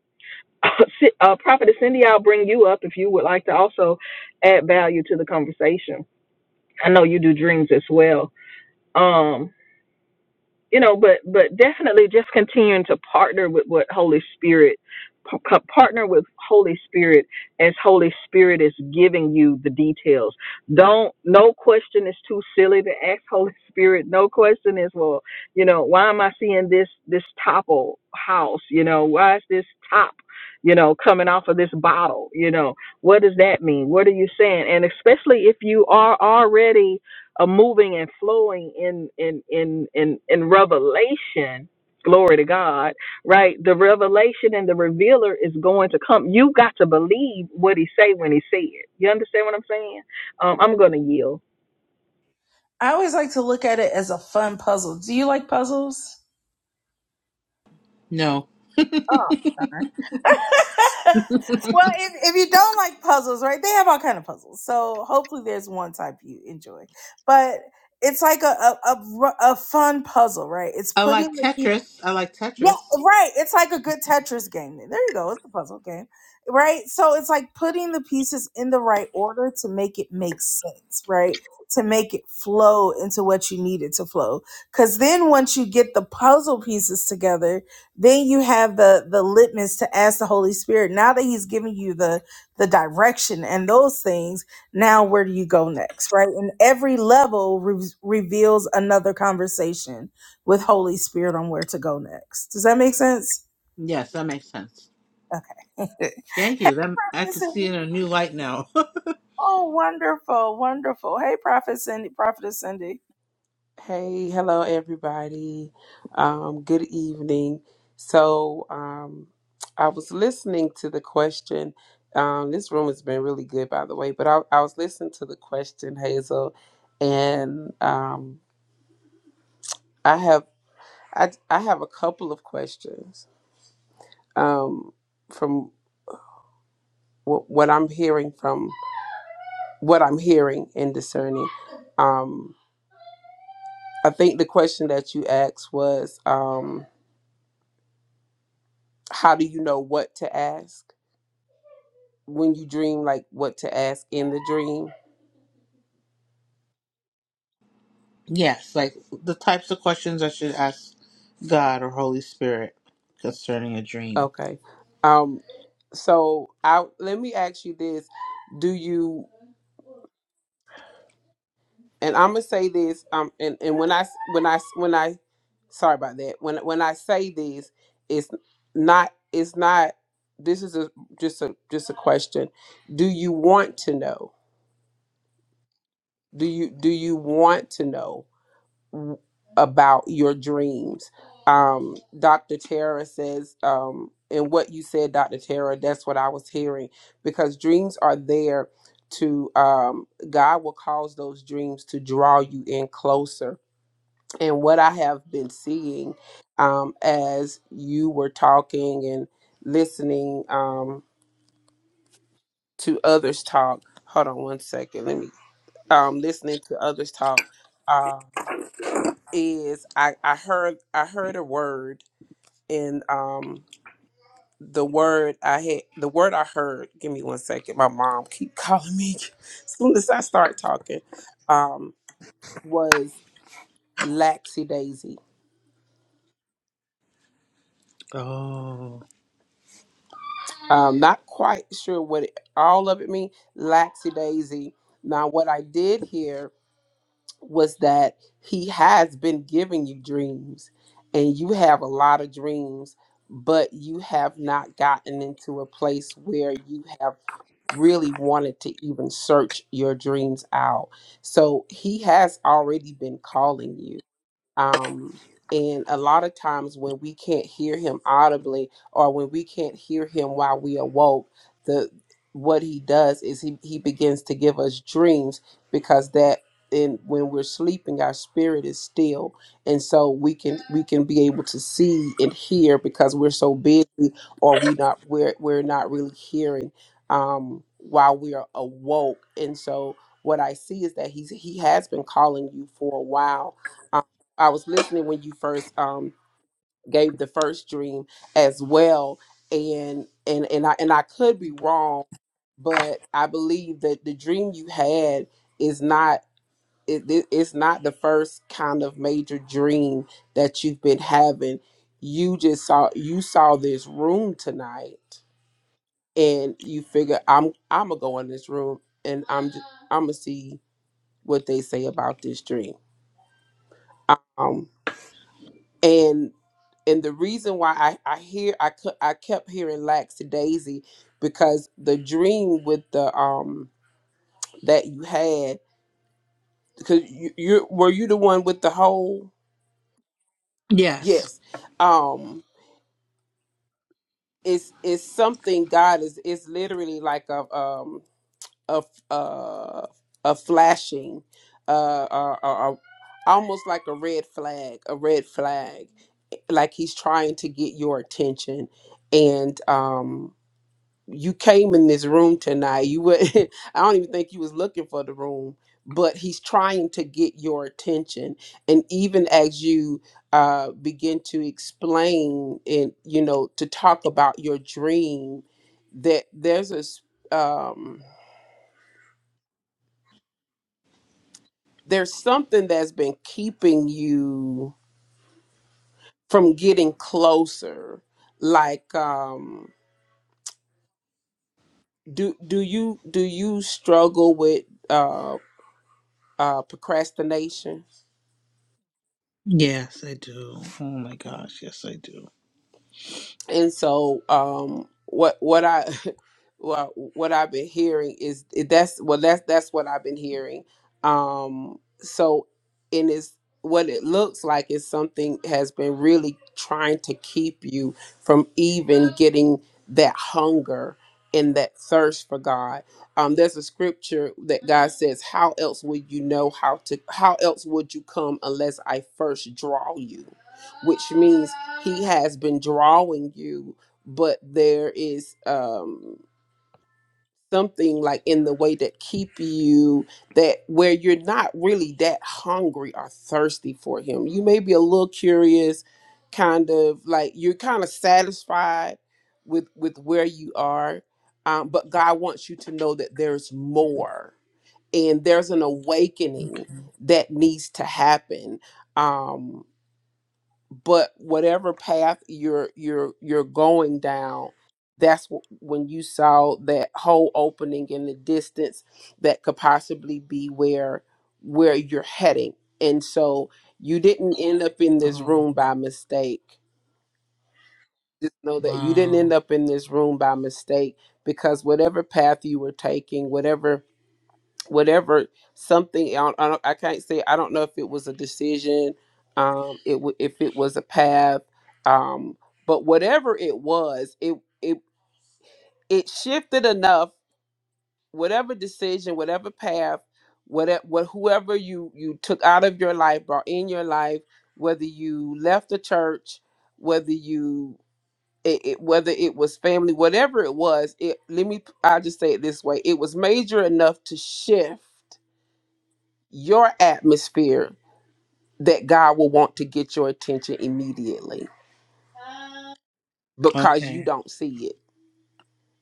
Speaker 1: [LAUGHS] uh, Prophetess Cindy, I'll bring you up if you would like to also add value to the conversation. I know you do dreams as well. Um, you know but but definitely just continuing to partner with what holy spirit p- co- partner with holy spirit as holy spirit is giving you the details don't no question is too silly to ask [LAUGHS] holy spirit no question is well you know why am i seeing this this topple house you know why is this top you know coming off of this bottle you know what does that mean what are you saying and especially if you are already a moving and flowing in in in in, in revelation glory to god right the revelation and the revealer is going to come you got to believe what he say when he say it you understand what i'm saying um, i'm gonna yield
Speaker 2: I always like to look at it as a fun puzzle. Do you like puzzles?
Speaker 6: No,
Speaker 2: Oh, darn. [LAUGHS] well, if, if you don't like puzzles, right? They have all kind of puzzles. So hopefully, there's one type you enjoy. But it's like a a, a, ru- a fun puzzle, right? It's
Speaker 6: I
Speaker 2: putting
Speaker 6: like
Speaker 2: the
Speaker 6: Tetris. I like
Speaker 2: Yeah,
Speaker 6: Tetris.
Speaker 2: right. It's like a good Tetris game. There you go. It's a puzzle game. Right? So it's like putting the pieces in the right order to make it make sense, right? To make it flow into what you need it to flow. Cause then once you get the puzzle pieces together, then you have the the litmus to ask the Holy Spirit. Now that He's giving you the the direction and those things, now where do you go next? Right? And every level re- reveals another conversation with Holy Spirit on where to go next. Does that make sense?
Speaker 6: Yes, that makes sense.
Speaker 2: Okay.
Speaker 6: Thank you. That, I can see in a new light now. [LAUGHS]
Speaker 2: [LAUGHS] oh, wonderful, wonderful. Hey, Prophet Cindy, Prophetess Cindy.
Speaker 8: Hey, hello everybody. Um, good evening. So, um, I was listening to the question. Um, this room has been really good, by the way. But I, I was listening to the question, Hazel, and um, I have I, I have a couple of questions um, from w- what I'm hearing from what I'm hearing and discerning. Um, I think the question that you asked was, um, how do you know what to ask? when you dream like what to ask in the dream
Speaker 6: yes, like the types of questions I should ask God or Holy Spirit concerning a dream.
Speaker 8: okay um so i let me ask you this do you and i'm gonna say this um and, and when i s- when i s- when i sorry about that when when i say this it's not it's not this is a just a just a question do you want to know do you do you want to know w- about your dreams. Um, Dr. Tara says, um, and what you said, Dr. Tara, that's what I was hearing because dreams are there to, um, God will cause those dreams to draw you in closer. And what I have been seeing um, as you were talking and listening um, to others talk, hold on one second, let me, um, listening to others talk. uh, is I, I heard I heard a word and um the word I had the word I heard give me one second my mom keep calling me [LAUGHS] as soon as I start talking um was laxy daisy
Speaker 6: Oh,
Speaker 8: um not quite sure what it, all of it mean laxy daisy now what I did hear was that he has been giving you dreams and you have a lot of dreams but you have not gotten into a place where you have really wanted to even search your dreams out so he has already been calling you um, and a lot of times when we can't hear him audibly or when we can't hear him while we awoke, the what he does is he, he begins to give us dreams because that in when we're sleeping our spirit is still and so we can we can be able to see and hear because we're so busy or we not we're we're not really hearing um while we are awoke and so what i see is that he's he has been calling you for a while I was listening when you first um gave the first dream as well and and and I and I could be wrong but I believe that the dream you had is not it, it- it's not the first kind of major dream that you've been having you just saw you saw this room tonight and you figure I'm I'm gonna go in this room and I'm I'm gonna see what they say about this dream um and. and the reason why I I hear I cou- I kept hearing lackadaisy because the dream with the um that you had because you you were you the one with the hole
Speaker 6: yes,
Speaker 8: yes um it's it's something God is it's literally like a um a uh a flashing uh uh, uh, uh almost like a red flag a red flag like he's trying to get your attention and um you came in this room tonight. You were [LAUGHS] I don't even think you was looking for the room, but he's trying to get your attention. And even as you uh begin to explain and you know to talk about your dream that there's a s- um there's something that's been keeping you from getting closer like um do do you do you struggle with uh uh procrastination
Speaker 6: yes, I do. Oh my gosh, yes, I do.
Speaker 8: and so um what what i [LAUGHS] well, what i've been hearing is that's well that's that's what i've been hearing um so and it's what it looks like is something has been really trying to keep you from even getting that hunger and that thirst for god um there's a scripture that god says how else would you know how to how else would you come unless i first draw you which means he has been drawing you but there is um something like in the way that keep you that where you're not really that hungry or thirsty for him you may be a little curious kind of like you're kind of satisfied with with where you are um, but god wants you to know that there's more and there's an awakening that needs to happen um but whatever path you're you're you're going down that's wh- when you saw that whole opening in the distance that could possibly be where where you're heading and so you didn't end up in this
Speaker 6: Oh
Speaker 8: room by mistake just know that you didn't end
Speaker 6: wow.
Speaker 8: up in this room by mistake because whatever path you were taking whatever whatever something I, don't, I, don't, I can't say I don't know if it was a decision, um, it w- if it was a path, um, but whatever it was, it it it shifted enough. Whatever decision, whatever path, whatever what whoever you you took out of your life, brought in your life, whether you left the church, whether you it, it, whether it was family, whatever it was, it let me I just say it this way: it was major enough to shift your atmosphere that God will want to get your attention immediately because you
Speaker 6: Okay.
Speaker 8: don't see it.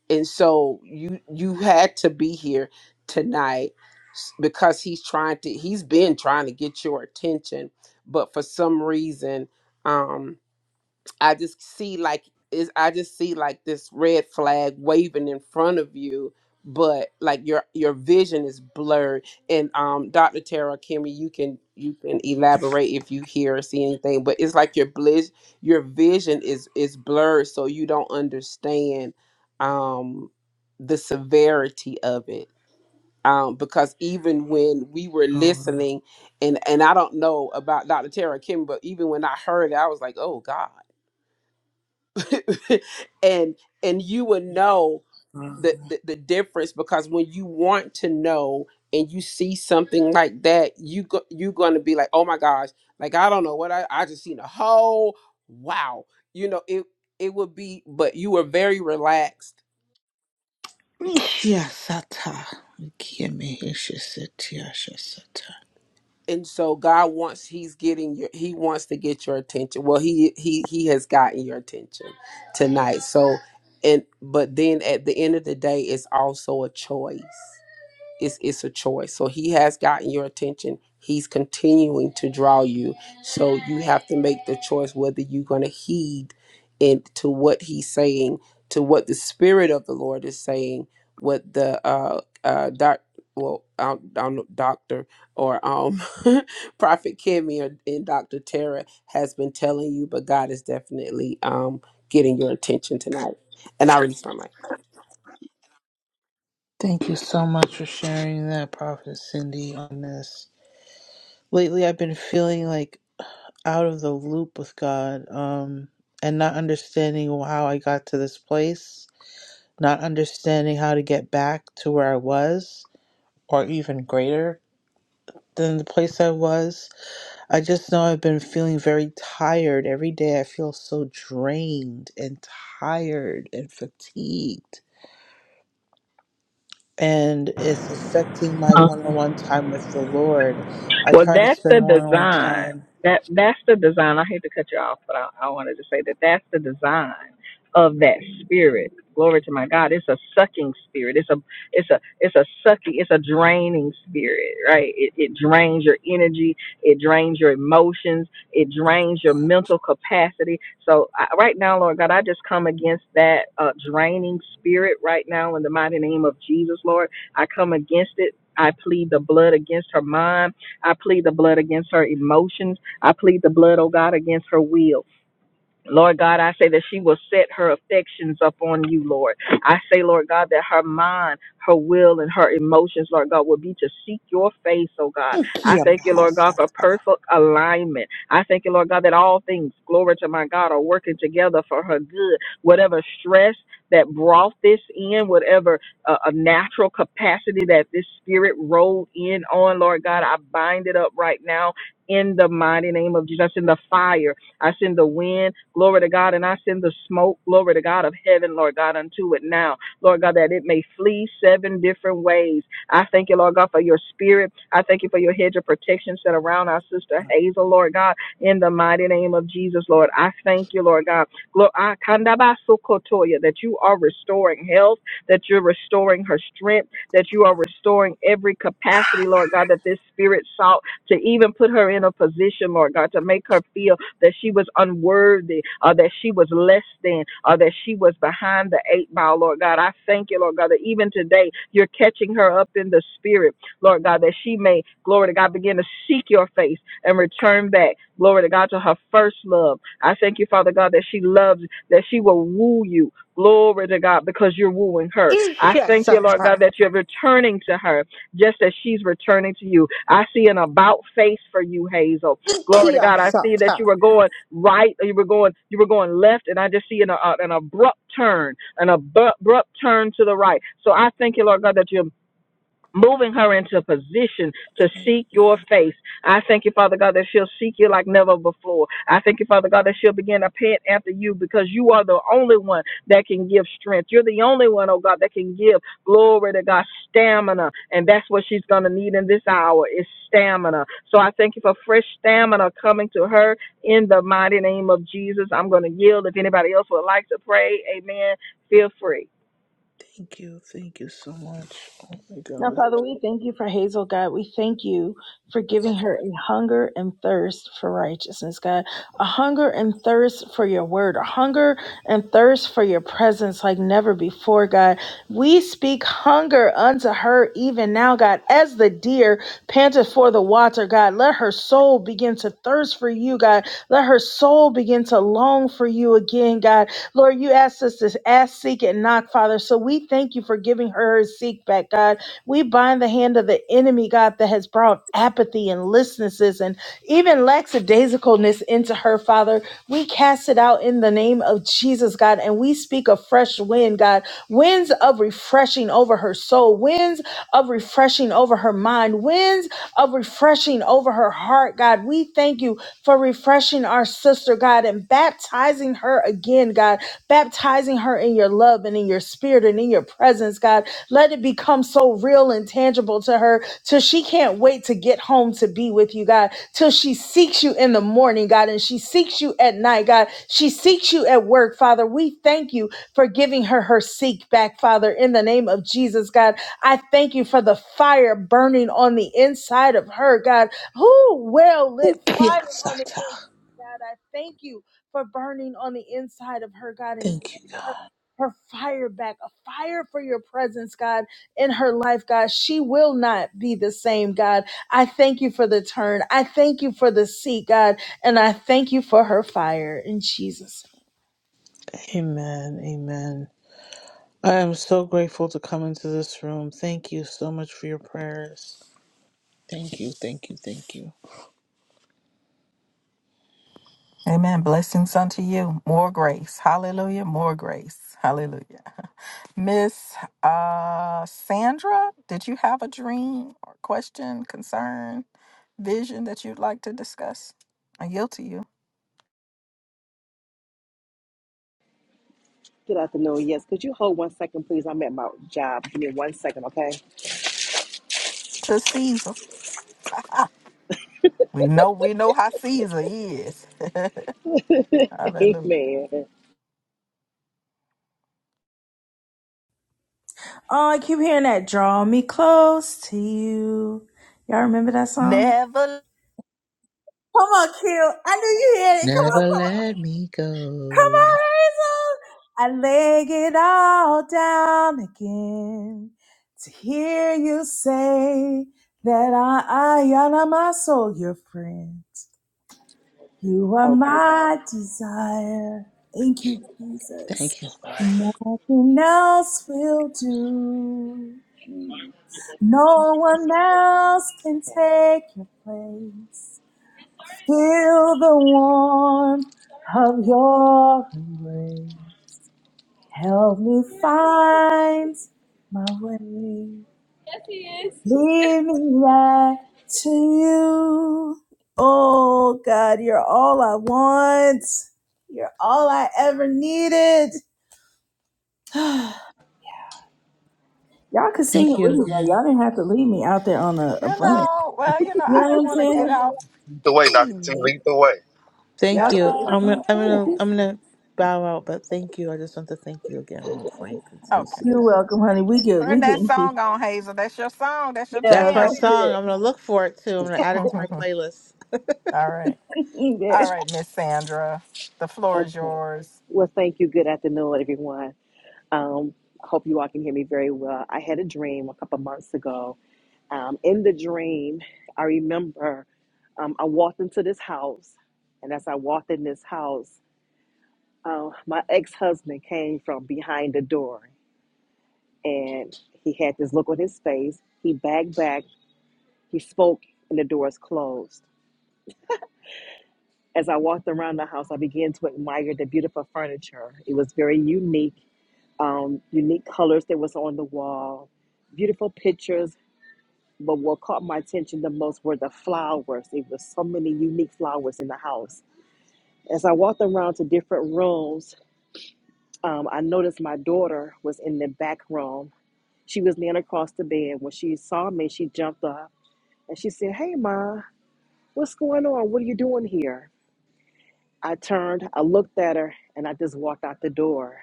Speaker 8: And so you you had to be here tonight s- because he's trying to he's been trying to get your attention, but for some reason um, I just see like is I just see like this red flag waving in front of you, but like your your vision is blurred. And um, Dr. Tara Kimmy, you can you can elaborate if you hear or see anything, but it's like your bliss your vision is is blurred, so you don't understand um the severity of it. Um, because even when we were
Speaker 6: Oh
Speaker 8: listening, and and I don't know about Dr. Tara Kim, but even when I heard it, I was like, oh God [LAUGHS] and and you will know
Speaker 6: wow.
Speaker 8: the, the the difference because when you want to know and you see something like that you go, you're going to be like oh my gosh like i don't know what i i just seen a whole wow you know it it would be but you were very relaxed
Speaker 6: [SIGHS] wow. Yes, Sata.
Speaker 8: and so god wants he's getting your he wants to get your attention well he he he has gotten your attention tonight so and but then at the end of the day it's also a choice it's it's a choice. So he has gotten your attention. He's continuing to draw you. So you have to make the choice whether you're going to heed and to what he's saying, to what the spirit of the Lord is saying, what the uh uh doc well I don't know, doctor or um [LAUGHS] prophet Kimmy or, and Dr. Tara has been telling you, but God is definitely um getting your attention tonight. And I release my mic.
Speaker 6: Thank you so much for sharing that, Prophet Cindy, on this. Lately, I've been feeling like out of the loop with God um, and not understanding how I got to this place, not understanding how to get back to where I was or even greater than the place I was. I just know I've been feeling very tired. Every day, I feel so drained and tired and fatigued and it's affecting my one on one time with the Lord. I
Speaker 1: Well,
Speaker 6: try to
Speaker 1: that's the
Speaker 6: spend one on one
Speaker 1: design.
Speaker 6: time.
Speaker 1: That that's the design. I hate to cut you off, but I, I wanted to say that that's the design of that spirit. Glory to my God. It's a sucking spirit. It's a it's a it's a sucking. It's a draining spirit, right? It, it drains your energy. It drains your emotions. It drains your mental capacity. So I, right now, Lord God, I just come against that uh, draining spirit right now in the mighty name of Jesus, Lord. I come against it. I plead the blood against her mind. I plead the blood against her emotions. I plead the blood, oh God, against her will. Lord God, I say that she will set her affections upon you, Lord. I say, Lord God, that her mind, her will, and her emotions, Lord God, will be to seek your face, oh God. I thank you, Lord God, for
Speaker 6: Ikiyamahasata.
Speaker 1: perfect alignment. I thank you, Lord God, that all things, glory to my God, are working together for her good. Whatever stress that brought this in, whatever uh, a natural capacity that this spirit rolled in on, Lord God, I bind it up right now in the mighty name of Jesus. In the fire, I send the wind. Glory to God. And I send the smoke, glory to God of heaven, Lord God, unto it now. Lord God, that it may flee seven different ways. I thank you, Lord God, for your spirit. I thank you for your hedge of protection set around our sister Hazel, Lord God, in the mighty name of Jesus, Lord. I thank you, Lord God. Glo- I- Kandabasukotoya, That you are restoring health, that you're restoring her strength, that you are restoring every capacity, Lord God, that this spirit sought to even put her in a position, Lord God, to make her feel that she was unworthy, or that she was less than, or that she was behind the eight mile, Lord God. I thank you, Lord God, that even today you're catching her up in the spirit, Lord God, that she may, glory to God, begin to seek your face and return back, glory to God, to her first love. I thank you, Father God, that she loves, that she will woo you. Glory to God, because you're wooing her. I thank you, Lord
Speaker 6: Ikiyasata.
Speaker 1: God, that you're returning to her just as she's returning to you. I see an about face for you, Hazel. Glory to God. I see that you
Speaker 6: Ikiyasata.
Speaker 1: were going right, or you were going, you were going left, and I just see an, uh, an abrupt turn, an abrupt, turn to the right. So I thank you, Lord God, that you're moving her into a position to
Speaker 6: Thank
Speaker 1: seek your face. I thank you, Father God, that she'll seek you like never before. I thank you, Father God, that she'll begin to pant after you because you are the only one that can give strength. You're the only one, oh God, that can give glory to God stamina. And that's what she's going to need in this hour is stamina. So I thank you for fresh stamina coming to her in the mighty name of Jesus. I'm going to yield. If anybody else would like to pray, amen, feel free.
Speaker 6: thank you. Thank you so much. Oh my
Speaker 2: Now,
Speaker 6: God.
Speaker 2: Father, we thank you for Hazel, God. We thank you for giving her a hunger and thirst for righteousness, God. A hunger and thirst for your word, a hunger and thirst for your presence like never before, God. We speak hunger unto her even now, God. As the deer panteth for the water, God, let her soul begin to thirst for you, God. Let her soul begin to long for you again, God. Lord, you asked us to ask, seek, and knock, Father. So we thank you for giving her her seek back, God. We bind the hand of the enemy, God, that has brought apathy and listlessness and even lackadaisicalness into her, Father. We cast it out in the name of Jesus, God, and we speak a fresh wind, God, winds of refreshing over her soul, winds of refreshing over her mind, winds of refreshing over her heart, God. We thank you for refreshing our sister, God, and baptizing her again, God, baptizing her in your love and in your spirit and in your presence, God. Let it become so real and tangible to her till she can't wait to get home to be with you, God. Till she seeks you in the morning, God, and she seeks you at night, God. She seeks you at work, Father. We thank you for giving her her seek back, Father, in the name of Jesus, God. I thank you for the fire burning on the inside of her, God. Who well lit fire on the
Speaker 6: Ikiyasata.
Speaker 2: inside, God. I thank you for burning on the inside of her, God, and
Speaker 6: Thank you, God.
Speaker 2: her fire back, a fire for your presence, God, in her life, God. She will not be the same, God. I thank you for the turn. I thank you for the seat, God, and I thank you for her fire in Jesus.
Speaker 6: Amen. Amen. I am so grateful to come into this room. Thank you so much for your prayers. Thank you. Thank you. Thank you.
Speaker 1: Amen. Blessings unto you. More grace. Hallelujah. More grace. Hallelujah. [LAUGHS] Miss uh, Sandra, did you have a dream or question, concern, vision that you'd like to discuss? I yield to you.
Speaker 9: Good afternoon. Yes, could you hold one second, please? I'm at my job. Give me one second, okay?
Speaker 1: To Caesar. [LAUGHS] we know we know how Caesar is. [LAUGHS]
Speaker 9: [LAUGHS]
Speaker 1: Hallelujah.
Speaker 9: Amen.
Speaker 2: Oh, I keep hearing that. Draw me close to you. Y'all remember that song?
Speaker 1: Never
Speaker 2: Come on, Q. I knew you had it.
Speaker 6: Never let me
Speaker 2: Come
Speaker 6: go.
Speaker 2: on, Hazel. I lay it all down again to hear you say that I, I am my soul, your friend. You are
Speaker 9: Okay,
Speaker 2: my desire. Thank you, Jesus.
Speaker 6: Thank you, God.
Speaker 2: Nothing else will do. No one else can
Speaker 9: okay.
Speaker 2: take your place. Feel the warmth of your embrace. Help me find my way. Lead me right to you. Oh God, you're all I want. You're all I ever needed. [SIGHS] Y'all could sing
Speaker 6: Thank
Speaker 2: it
Speaker 6: you
Speaker 2: with me though.
Speaker 6: again.
Speaker 2: Y'all didn't have to leave me out there on a, a
Speaker 1: you
Speaker 2: branch.
Speaker 1: know, well, you know,
Speaker 2: You
Speaker 1: I
Speaker 2: know what
Speaker 1: didn't
Speaker 2: I'm
Speaker 1: want to get
Speaker 2: saying?
Speaker 1: off
Speaker 4: Either way,
Speaker 1: key.
Speaker 4: Dr. T,
Speaker 1: You
Speaker 4: either way.
Speaker 6: Thank you. I'm
Speaker 1: know.
Speaker 6: gonna, I'm
Speaker 9: Trying to
Speaker 6: gonna,
Speaker 9: do
Speaker 6: I'm
Speaker 9: something.
Speaker 6: gonna bow out, but thank you. I just want to thank you again before you continue
Speaker 1: Okay.
Speaker 2: You're
Speaker 6: singing.
Speaker 2: welcome, honey. We good.
Speaker 1: Turn
Speaker 2: We
Speaker 1: that
Speaker 2: good.
Speaker 1: song on, Hazel. That's your song. That's your
Speaker 2: Yeah.
Speaker 6: That's my
Speaker 1: jam.
Speaker 6: song. I'm gonna look for it too. I'm gonna
Speaker 1: [LAUGHS]
Speaker 6: add it to my
Speaker 1: All
Speaker 6: playlist.
Speaker 1: right. All right, Miss Sandra. The floor is
Speaker 9: Okay.
Speaker 1: yours.
Speaker 9: Well, thank you. Good afternoon, everyone. Um, I hope you all can hear me very well. I had a dream a couple months ago. Um, in the dream, I remember um, I walked into this house, and as I walked in this house, uh, my ex-husband came from behind the door, and he had this look on his face. He backed back He spoke, and the doors closed. As I walked around the house, I began to admire the beautiful furniture. It was very unique, um, unique colors that was on the wall, beautiful pictures. But what caught my attention the most were the flowers. There were so many unique flowers in the house. As I walked around to different rooms, um, I noticed my daughter was in the back room. She was laying across the bed. When she saw me, she jumped up and she said, "Hey, ma, what's going on? What are you doing here?" I turned, I looked at her, and I just walked out the door.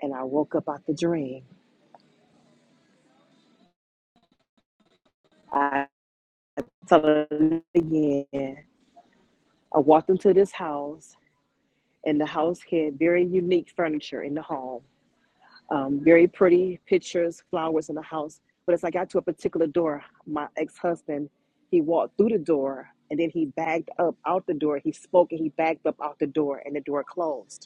Speaker 9: And I woke up out the dream. I tell it again. I walked into this house, and the house had very unique furniture in the home. Um, very pretty pictures, flowers in the house. But as I got to a particular door, my ex-husband, he walked through the door, and then he backed up out the door. He spoke, and he backed up out the door, and the door closed.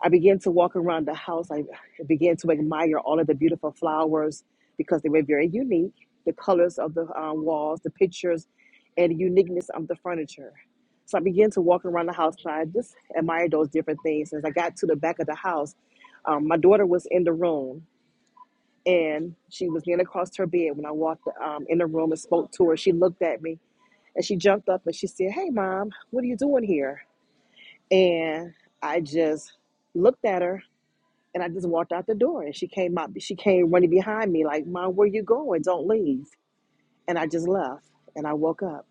Speaker 9: I began to walk around the house. I began to admire all of the beautiful flowers because they were very unique. The colors of the uh, walls, the pictures, and the uniqueness of the furniture. So I began to walk around the house and I just admired those different things. As I got to the back of the house, um, my daughter was in the room and she was leaning across her bed when I walked um, in the room and spoke to her. She looked at me and she jumped up and she said, Hey, mom, what are you doing here? And I just looked at her and I just walked out the door and she came out she came running behind me like, Mom, where you going? Don't leave. And I just left and I woke up.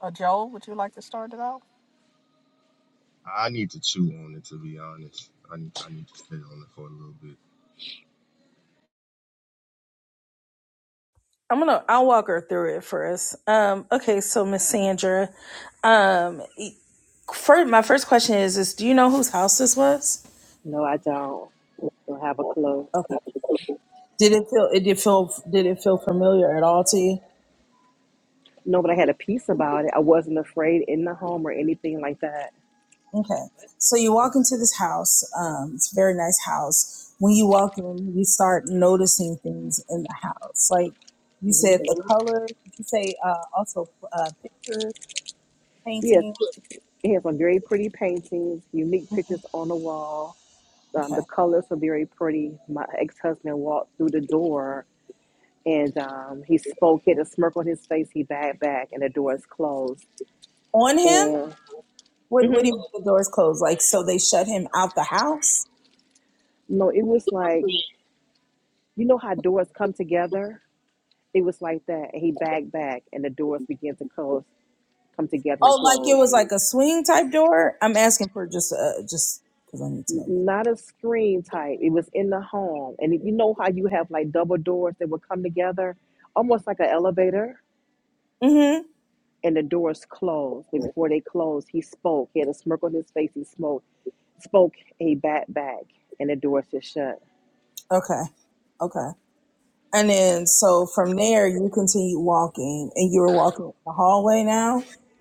Speaker 1: Uh, Joel, would you like to start it out?
Speaker 4: I need to chew on it to be honest. I need to, I need to sit on it for a little bit.
Speaker 2: I'm gonna uh, Sandra. Um, e- my first question is: Is do you know who this was?
Speaker 9: No, I don't. Don't have a clue.
Speaker 2: Okay. Did it familiar?
Speaker 9: No, but I had a peace about it. I wasn't afraid in the home or anything like that.
Speaker 2: Okay. So you walk into this house. Um, it's a very nice house. When you walk in, you start noticing things in the house. Like you
Speaker 9: hmm
Speaker 2: said, the color. Did you say uh, also uh, picture
Speaker 9: Yes,
Speaker 2: painting?
Speaker 9: it has some very pretty paintings, unique pictures on the wall. Um, the
Speaker 2: Okay.
Speaker 9: colors are very pretty. My ex husband walked through the door and um, he spoke, he had a smirk on his face. He backed back, and the door is closed.
Speaker 2: On him?
Speaker 9: And
Speaker 2: What, what do you
Speaker 9: hmm
Speaker 2: mean the doors closed? Like, so they shut him out the house?
Speaker 9: No, it was like you know how doors come together. It was like that. And He backed back, and the doors began to close, come together and
Speaker 2: Oh, like it
Speaker 9: close.
Speaker 2: was like a swing type door? I'm asking for just, uh, just because I need to
Speaker 9: N-
Speaker 2: know.
Speaker 9: Not a screen type. It was in the home, and if you know how you have like double doors that would come together, almost like an elevator,
Speaker 2: Mm-hmm.
Speaker 9: and the doors closed. But before they closed, he spoke. He had a smirk on his face. He spoke, spoke. and He backed back, and the doors just shut.
Speaker 2: Okay. Okay. And then, so from there, you continue walking and you were walking in the hallway now?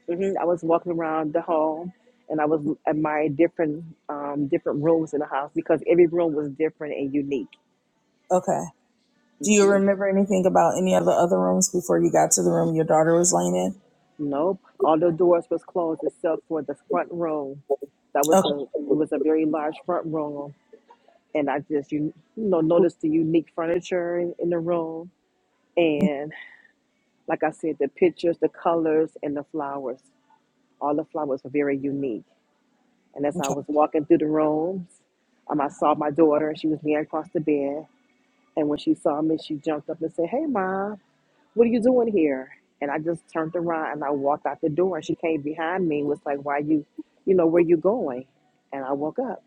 Speaker 9: Mhm. I was walking around the hall, and I was admiring different um, different rooms in the house because every room was different and unique.
Speaker 2: Okay. Do you
Speaker 9: hmm
Speaker 2: remember anything about any of the other rooms before you got to the room your daughter was laying in?
Speaker 9: Nope, all the doors was closed except for the front room. That was
Speaker 2: Okay.
Speaker 9: a it was a very large front room, and I just you, you know noticed the unique furniture in, in the room, and like I said, the pictures, the colors, and the flowers. All the flowers were very unique. And as I
Speaker 2: okay.
Speaker 9: was walking through the rooms, um, I saw my daughter. She was laying across the bed And when she saw me, she jumped up and said, Hey, mom, what are you doing here? And I just turned around and I walked out the door. And she came behind me and was like, Why you, you know, where you going? And I woke up.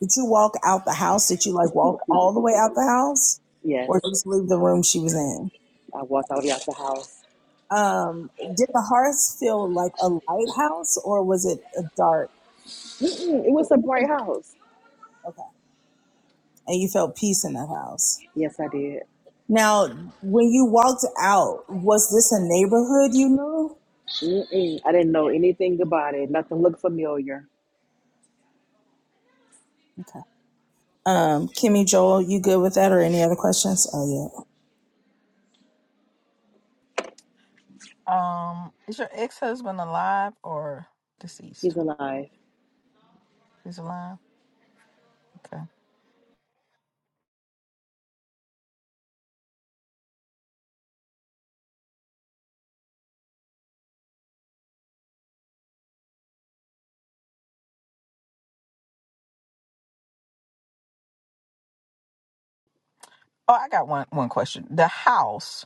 Speaker 2: Did you walk out the house? Did you like walk all the way out the house or
Speaker 9: Yes,
Speaker 2: just leave the room she was in?
Speaker 9: I walked all the way out the house.
Speaker 2: Um, did the hearth feel like a lighthouse or was it a dark?
Speaker 9: Mm-mm, it was a bright house.
Speaker 2: Okay. And you felt peace in that house.
Speaker 9: Yes, I did.
Speaker 2: Now, when you walked out, was this a neighborhood you knew?
Speaker 9: Mm-mm, I didn't know anything about it. Nothing looked familiar.
Speaker 2: Okay. Um, Kimmy, Joel, you good with that or any other questions? Oh, yeah.
Speaker 1: Um, is your ex husband alive or deceased?
Speaker 9: He's alive.
Speaker 1: He's alive. Okay. Oh, I got one one question. The house.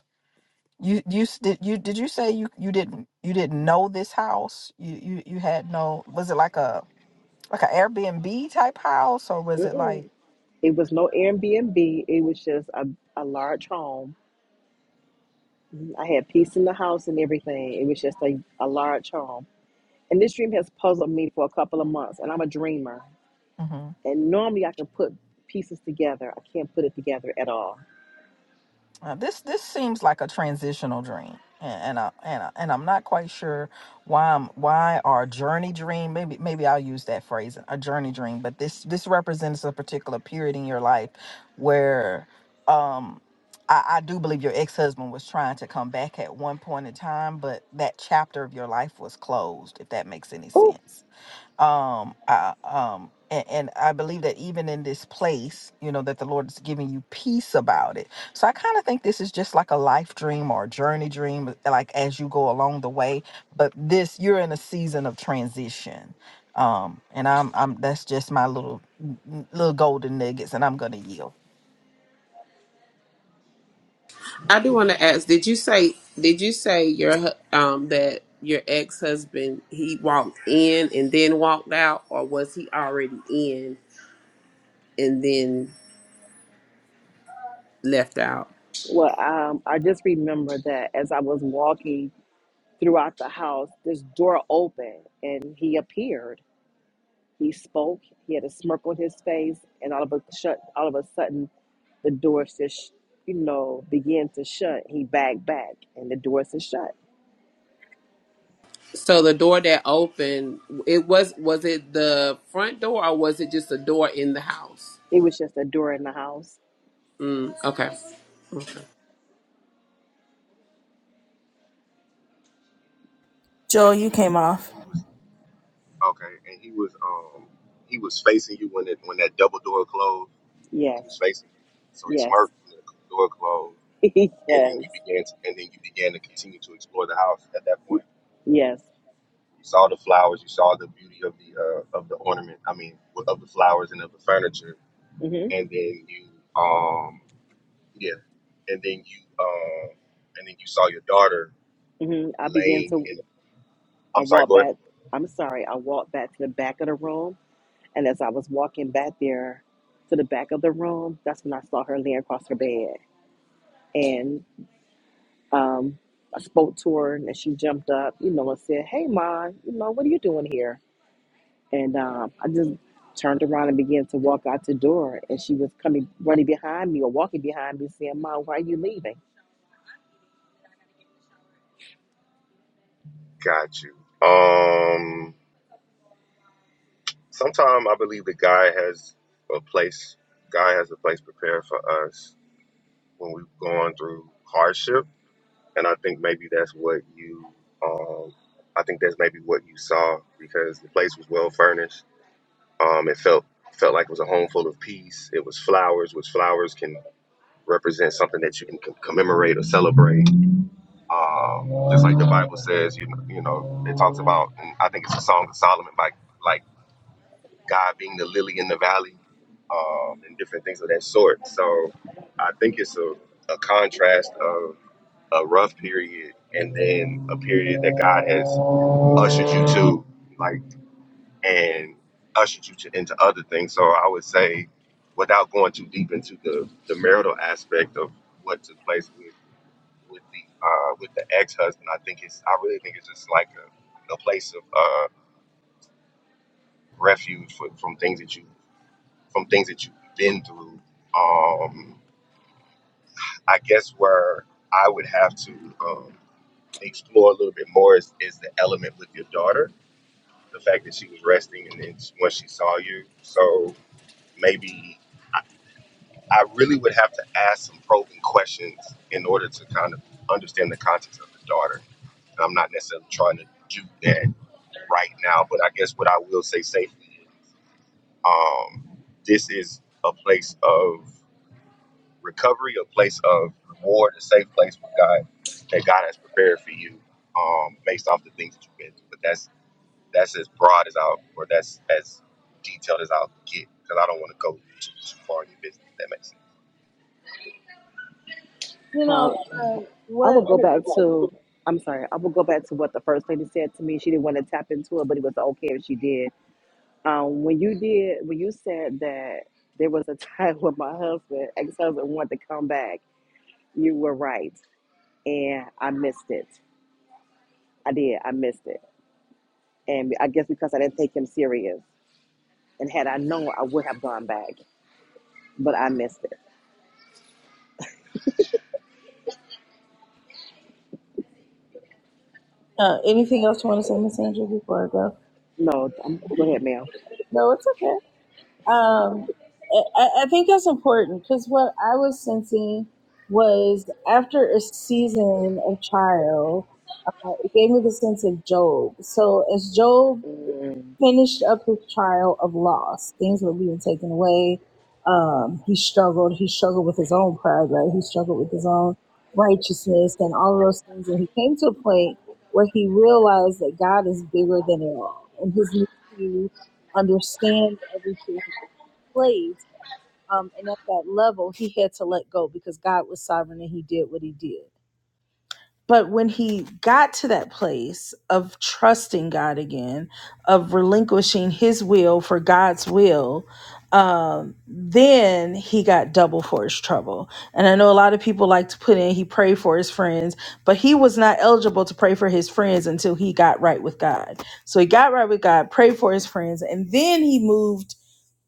Speaker 1: You you s- did you did you say you you didn't you didn't know this house? You you you had no was it like a like an Airbnb type house or was it like
Speaker 9: It was no Airbnb. It was just a, a large home. I had peace in the house and everything. It was just a, a large home. And this dream has puzzled me for a couple of months, and I'm a dreamer.
Speaker 1: mm-hmm.
Speaker 9: And normally I can put pieces together. I can't put it together at all.
Speaker 1: Uh, this this seems like a transitional dream, and and I, and, I, and I'm not quite sure why I'm why our journey dream. Maybe maybe I'll use that phrase, a journey dream. But this this represents a particular period in your life where, um, I, I do believe your ex husband was trying to come back at one point in time, but that chapter of your life was closed. If that makes any
Speaker 9: Oh,
Speaker 1: sense um I, um and, and i believe that even in this place you know that the lord is giving you peace about it so i kind of think this is just like a life dream or a journey dream uh, like as you go along the way but this you're in a season of transition um and i'm i'm that's just my little little golden nuggets and i'm gonna yield
Speaker 8: I do want to ask, did you say did you say your hu- um that your ex-husband he walked in and then walked out or was he already in and then left out?
Speaker 9: well, um, I just remember that as I was walking throughout the house, this door opened and he appeared. He spoke. He had a smirk on his face, and all of a shut. All of a sudden, the door just, you know, began to shut. He backed back, and the door just shut.
Speaker 8: So the door that opened, it was was it the front door or was it just a door in the house?
Speaker 9: It was just a door in the house.
Speaker 8: Mm, okay.
Speaker 2: Joel, you came off.
Speaker 4: And he was okay. And he was um he was facing you when it when that double door closed. He
Speaker 9: Yes,
Speaker 4: was facing you, so he
Speaker 9: yes,
Speaker 4: smirked, and the door closed.
Speaker 9: [LAUGHS]
Speaker 4: And then
Speaker 9: yes.
Speaker 4: you began, to, and then you began to continue to explore the house. At that point,
Speaker 9: Yes.
Speaker 4: you saw the flowers, you saw the beauty of the uh, of the ornament. I mean, well, of the flowers and of the furniture.
Speaker 9: hmm
Speaker 4: And then you, um, yeah, and then you, um, and then you saw your daughter
Speaker 9: hmm I began
Speaker 4: laying
Speaker 9: to,
Speaker 4: in.
Speaker 9: I
Speaker 4: I'm sorry,
Speaker 9: walked
Speaker 4: go ahead.
Speaker 9: back, I'm sorry, I walked back to the back of the room. And as I was walking back there to the back of the room, that's when I saw her laying across her bed. And um, I spoke to her and she jumped up, you know, and said, Hey, Ma, you know, what are you doing here? And um, I just turned around and began to walk out the door. And she was coming, running behind me or walking behind me, saying, Ma, why are you leaving?
Speaker 4: Got you. Um, sometime I believe the guy has a place. Guy has a place prepared for us when we've gone through hardship and I think maybe that's what you, um, I think that's maybe what you saw because the place was well furnished. Um, it felt felt like it was a home full of peace. It was flowers, which flowers can represent something that you can com- commemorate or celebrate. Um, just like the Bible says, you know, you know, it talks about, and I think it's a Song of Solomon by like God being the lily in the valley, um, and different things of that sort. So I think it's a, a contrast of a rough period and then a period that God has ushered you to, like, and ushered you to, into other things. So I would say, without going too deep into the, the marital aspect of what took place with with the uh, with the ex husband, I think it's I really think it's just like a, a place of uh, refuge for, from things that you from things that you've been through. Um, I guess where I would have to um, explore a little bit more is, is the element with your daughter the fact that she was resting and then when she saw you. So maybe I, I really would have to ask some probing questions in order to kind of understand the context of the daughter. And I'm not necessarily trying to do that right now, but I guess what I will say safely is um, this is a place of recovery, a place of reward, a safe place where God that God has prepared for you um, based off the things that you've been through. But that's that's as broad as I'll, or that's as detailed as I'll get, because I don't want to go too too far in your business. If that makes sense.
Speaker 2: You know,
Speaker 9: Um,
Speaker 2: um,
Speaker 9: I will
Speaker 2: what?
Speaker 9: go back to. I'm sorry. I will go back to what the first lady said to me. She didn't want to tap into it, but it was okay if she did. Um, when you did, when you said that there was a time [LAUGHS] when my husband, ex-husband, wanted to come back, you were right, and I missed it. I did. I missed it, and I guess because I didn't take him serious. And had I known, I would have gone back, but I missed it.
Speaker 2: Uh, anything else you want to say, Miss Andrew, before I go?
Speaker 9: No, um go ahead, ma'am.
Speaker 2: No, it's okay. Um, I, I I think that's important because what I was sensing was after a season of trial. gave me the sense of Job. So as Job
Speaker 9: Mm,
Speaker 2: finished up his trial of loss, things were being taken away. Um, he struggled. He struggled with his own pride, right? He struggled with his own righteousness and all of those things. And he came to a point where he realized that God is bigger than it all, and his need to understand everything plays. Um, and at that level, he had to let go because God was sovereign and he did what he did. But when he got to that place of trusting God again, of relinquishing his will for God's will, um, then he got double for his trouble. And I know a lot of people like to put in he prayed for his friends, but he was not eligible to pray for his friends until he got right with God. So he got right with God, prayed for his friends, and then he moved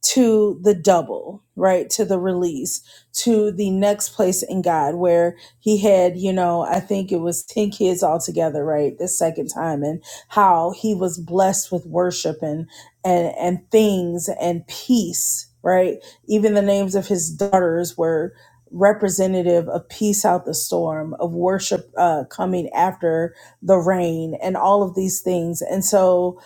Speaker 2: to the double, right? To the release, to the next place in God, where he had, you know, I think it was 10 kids altogether, right? The second time, and how he was blessed with worship and, and, and things and peace, right? Even the names of his daughters were representative of peace out the storm, of worship uh, coming after the rain, and all of these things. And so,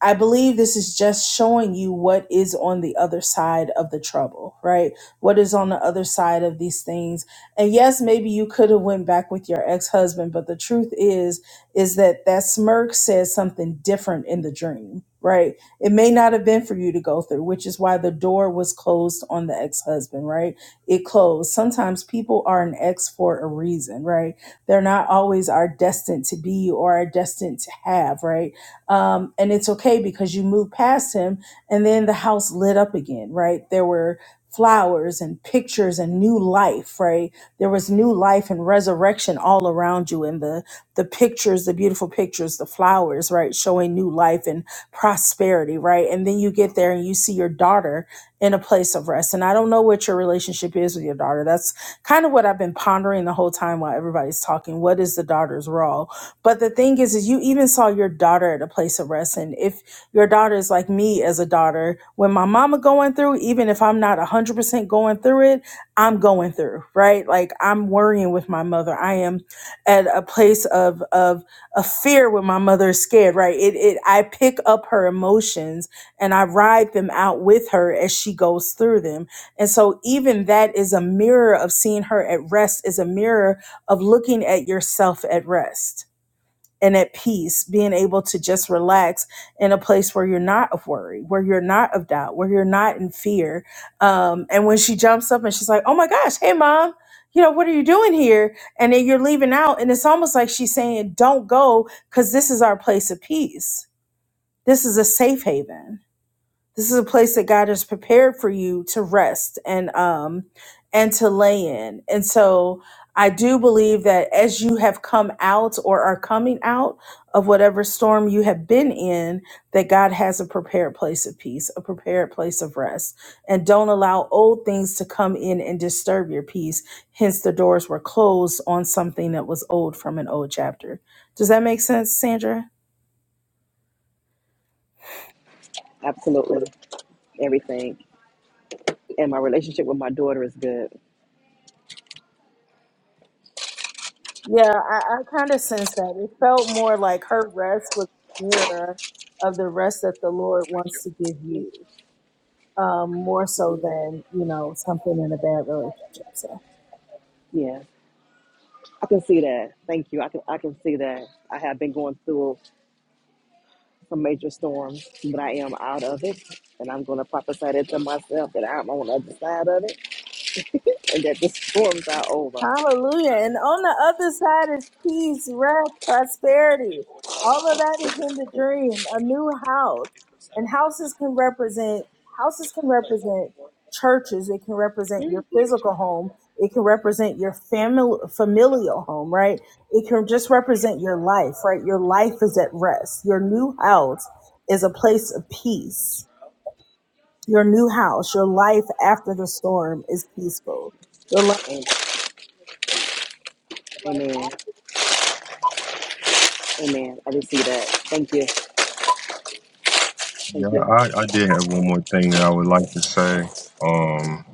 Speaker 2: I believe this is just showing you what is on the other side of the trouble, right? What is on the other side of these things. And yes, maybe you could have went back with your ex-husband, but the truth is is that that smirk says something different in the dream, right? It may not have been for you to go through, which is why the door was closed on the ex-husband, right? It closed. Sometimes people are an ex for a reason, right? They're not always our destined to be or our destined to have, right? um, and it's okay because you move past him and then the house lit up again right there were flowers and pictures and new life right there was new life and resurrection all around you and the the pictures the beautiful pictures the flowers right showing new life and prosperity right and then you get there and you see your daughter in a place of rest and i don't know what your relationship is with your daughter that's kind of what i've been pondering the whole time while everybody's talking what is the daughter's role but the thing is, is you even saw your daughter at a place of rest. And if your daughter is like me as a daughter, when my mama going through, even if I'm not 100% going through it, I'm going through, right? Like I'm worrying with my mother. I am at a place of, of, of fear when my mother is scared, right? It, it, I pick up her emotions and I ride them out with her as she goes through them. And so even that is a mirror of seeing her at rest is a mirror of looking at yourself at rest and at peace, being able to just relax in a place where you're not of worry, where you're not of doubt, where you're not in fear. Um, and when she jumps up and she's like, "Oh my gosh, hey mom." You know, what are you doing here? And then you're leaving out. And it's almost like she's saying, don't go because this is our place of peace. This is a safe haven this is a place that God has prepared for you to rest and um and to lay in. And so I do believe that as you have come out or are coming out of whatever storm you have been in, that God has a prepared place of peace, a prepared place of rest. And don't allow old things to come in and disturb your peace. Hence the doors were closed on something that was old from an old chapter. Does that make sense, Sandra?
Speaker 9: absolutely, everything. And my relationship with my daughter is good.
Speaker 2: Yeah, I, I kind of sense that. It felt more like her rest was a mirror of the rest that the Lord wants to give you, um, more so than, you know, something in a bad relationship. So.
Speaker 9: Yeah. I can see that. Thank you. I can I can see that. I have been going through some major storms, but I am out of it. And I'm gonna prophesy that to myself that I'm on the other side of it and that the storms are over.
Speaker 2: Hallelujah. And on the other side is peace, rest, prosperity. All of that is in the dream, a new house. And houses can represent houses can represent churches. It can represent
Speaker 9: Hmm.
Speaker 2: your physical home. It can represent your family familial home, right? It can just represent your life, right? Your life is at rest. Your new house is a place of peace. Your new house, your life after the storm is peaceful. Your life
Speaker 9: And, amen. Amen. I can see that. Thank you. Thank
Speaker 4: Yeah,
Speaker 9: you.
Speaker 4: I, I did have one more thing that I would like to say. Um,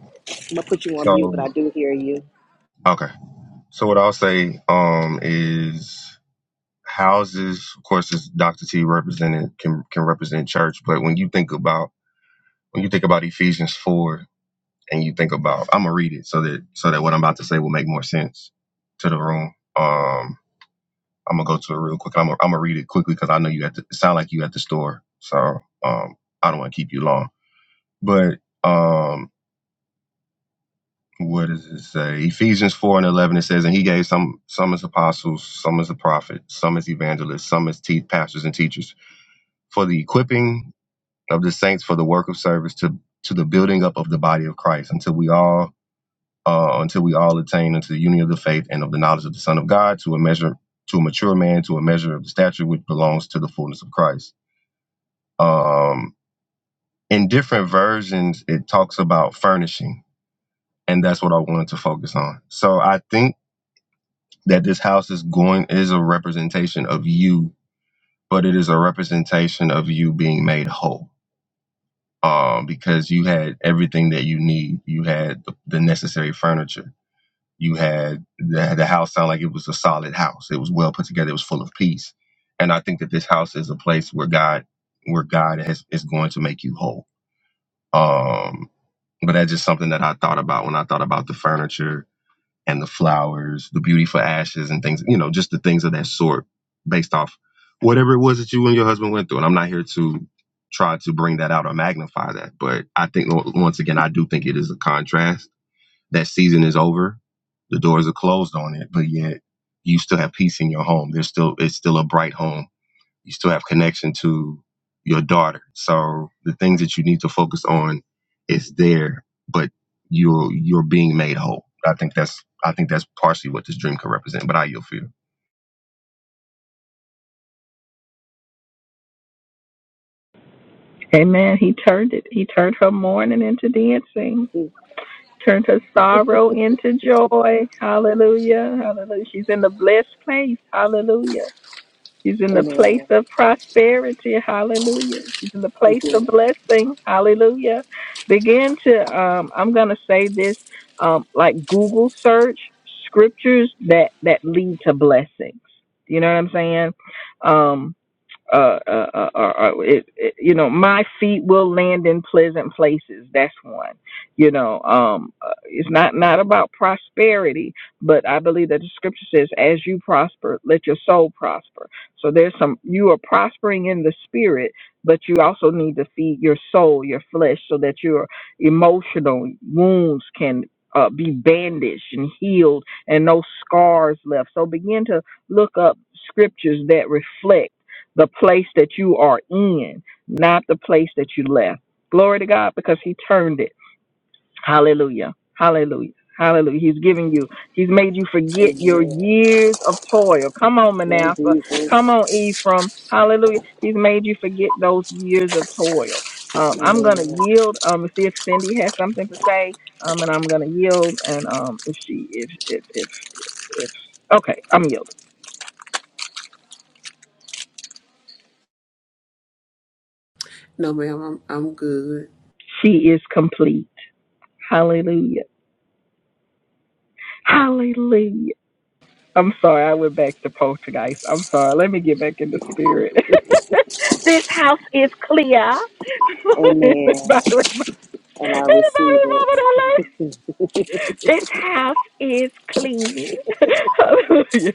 Speaker 9: I'm gonna put you on mute, but I
Speaker 4: so
Speaker 9: do hear you.
Speaker 4: okay, so what I'll say um is houses, of course, as Dr. T represented can can represent church, but when you think about when you think about Ephesians four, and you think about I'm gonna read it so that so that what I'm about to say will make more sense to the room. Um, I'm gonna go to it real quick. I'm gonna, I'm gonna read it quickly because I know you at the it sound like you at the store, so um, I don't want to keep you long. But um, what does it say? Ephesians four and eleven. It says, and he gave some some as apostles, some as a prophet, some as evangelists, some as te- pastors and teachers for the equipping of the saints for the work of service to to the building up of the body of Christ until we all uh, until we all attain unto the unity of the faith and of the knowledge of the Son of God to a measure to a mature man to a measure of the stature which belongs to the fullness of Christ Um, in different versions, it talks about furnishing, and that's what I wanted to focus on. So I think that this house is going is a representation of you, but it is a representation of you being made whole. Um, because you had everything that you need. You had the, the necessary furniture. You had the, the house sound like it was a solid house. It was well put together. It was full of peace. And I think that this house is a place where God, where God has, is going to make you whole Um, but that's just something that I thought about when I thought about the furniture and the flowers, the beauty for ashes and things, you know, just the things of that sort based off whatever it was that you and your husband went through. And I'm not here to try to bring that out or magnify that. But I think, o- once again, I do think it is a contrast. That season is over, the doors are closed on it, but yet you still have peace in your home. There's still, it's still a bright home you still have connection to your daughter. So the things that you need to focus on is there, but you're you're being made whole. I think that's I think that's partially what this dream can represent. But I you feel.
Speaker 1: Amen. He turned it. He turned her mourning into dancing. Turned her sorrow into joy. Hallelujah. Hallelujah. She's in the blessed place. Hallelujah. She's in the place
Speaker 9: Amen.
Speaker 1: of prosperity. Hallelujah. She's in the
Speaker 9: Thank
Speaker 1: place
Speaker 9: you.
Speaker 1: of blessing. Hallelujah. Begin to, um, I'm going to say this, um, like Google search scriptures that, that lead to blessings. You know what I'm saying? Um, uh, uh, uh, uh, uh, it, it, you know, my feet will land in pleasant places. That's one. You know, um, uh, it's not not about prosperity, but I believe that the scripture says, "As you prosper, let your soul prosper." So there's some you are prospering in the spirit, but you also need to feed your soul, your flesh, so that your emotional wounds can. Uh, be bandaged and healed and no scars left. So begin to look up scriptures that reflect the place that you are in, not the place that you left. Glory to God because He turned it. Hallelujah. Hallelujah. Hallelujah. He's giving you, He's made you forget your
Speaker 9: Amen.
Speaker 1: years of toil. Come on,
Speaker 9: Lord
Speaker 1: Manasseh. Come
Speaker 9: Jesus.
Speaker 1: on, Ephraim. Hallelujah. He's made you forget those years of toil. Um, I'm
Speaker 9: Amen.
Speaker 1: going to yield um, and see if Cindy has something to say, um, and I'm going to yield. And um, if she, if, if, if, if, okay, I'm yielding.
Speaker 8: No, ma'am, I'm I'm good.
Speaker 1: She is complete. Hallelujah. Hallelujah. I'm sorry, I went back to poltergeist. I'm sorry. Let me get back in the spirit. [LAUGHS] this house is clear. [LAUGHS]
Speaker 9: Amen.
Speaker 1: anybody, rem-
Speaker 9: And I
Speaker 1: anybody
Speaker 9: receive it.
Speaker 1: remember that? lady? This house is clean. [LAUGHS] Hallelujah.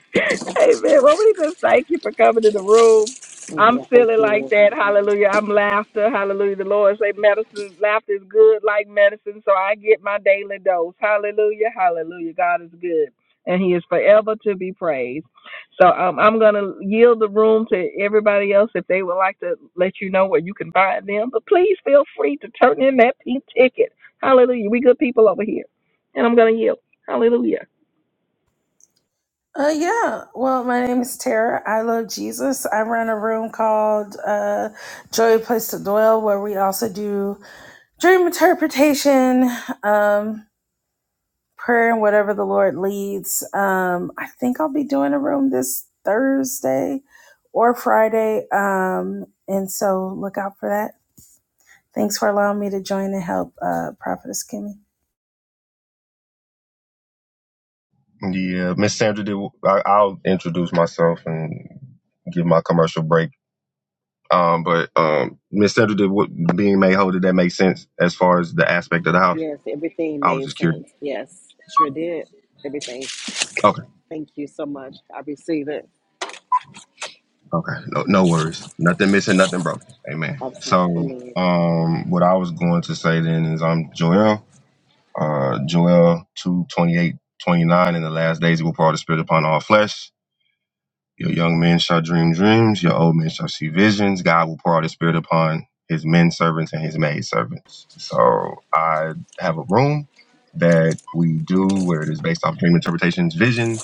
Speaker 1: Amen. Well, we just thank you for coming in the room. I'm
Speaker 9: Amen. Thank
Speaker 1: feeling like
Speaker 9: you.
Speaker 1: that. Hallelujah. I'm laughter. Hallelujah. The Lord say medicine, laughter is good like medicine. So I get my daily dose. Hallelujah. Hallelujah. God is good. And he is forever to be praised. So um, I'm going to yield the room to everybody else if they would like to let you know where you can find them. But please feel free to turn in that pink ticket. Hallelujah. We good people over here and I'm going to yield. Hallelujah.
Speaker 2: uh, yeah. Well, my name is Tara. I love Jesus. I run a room called uh, Joy Place to Dwell, where we also do dream interpretation, um, prayer, and whatever the Lord leads. Um, I think I'll be doing a room this Thursday or Friday. Um, and so look out for that. Thanks for allowing me to join and help uh, Prophetess Kimmy.
Speaker 4: Yeah, Miss Sandra, did, I, I'll introduce myself and give my commercial break. Um, but um, Miss Sandra, did what, being made whole did that make sense as far as the aspect of the house?
Speaker 9: Yes, everything
Speaker 4: I was
Speaker 9: made
Speaker 4: just curious.
Speaker 9: sense. Yes, sure did. Everything.
Speaker 4: Okay.
Speaker 9: Thank you so much. I receive it.
Speaker 4: Okay. No, no worries. Nothing missing, nothing broken. Amen. So,
Speaker 9: Absolutely. Amen.
Speaker 4: um, what I was going to say then is I'm Joel, uh, Joel 2 28, 29. In the last days, he will pour out the spirit upon all flesh. Your young men shall dream dreams. Your old men shall see visions. God will pour out his spirit upon his men servants and his maid servants. So I have a room that we do where it is based off dream interpretations, visions,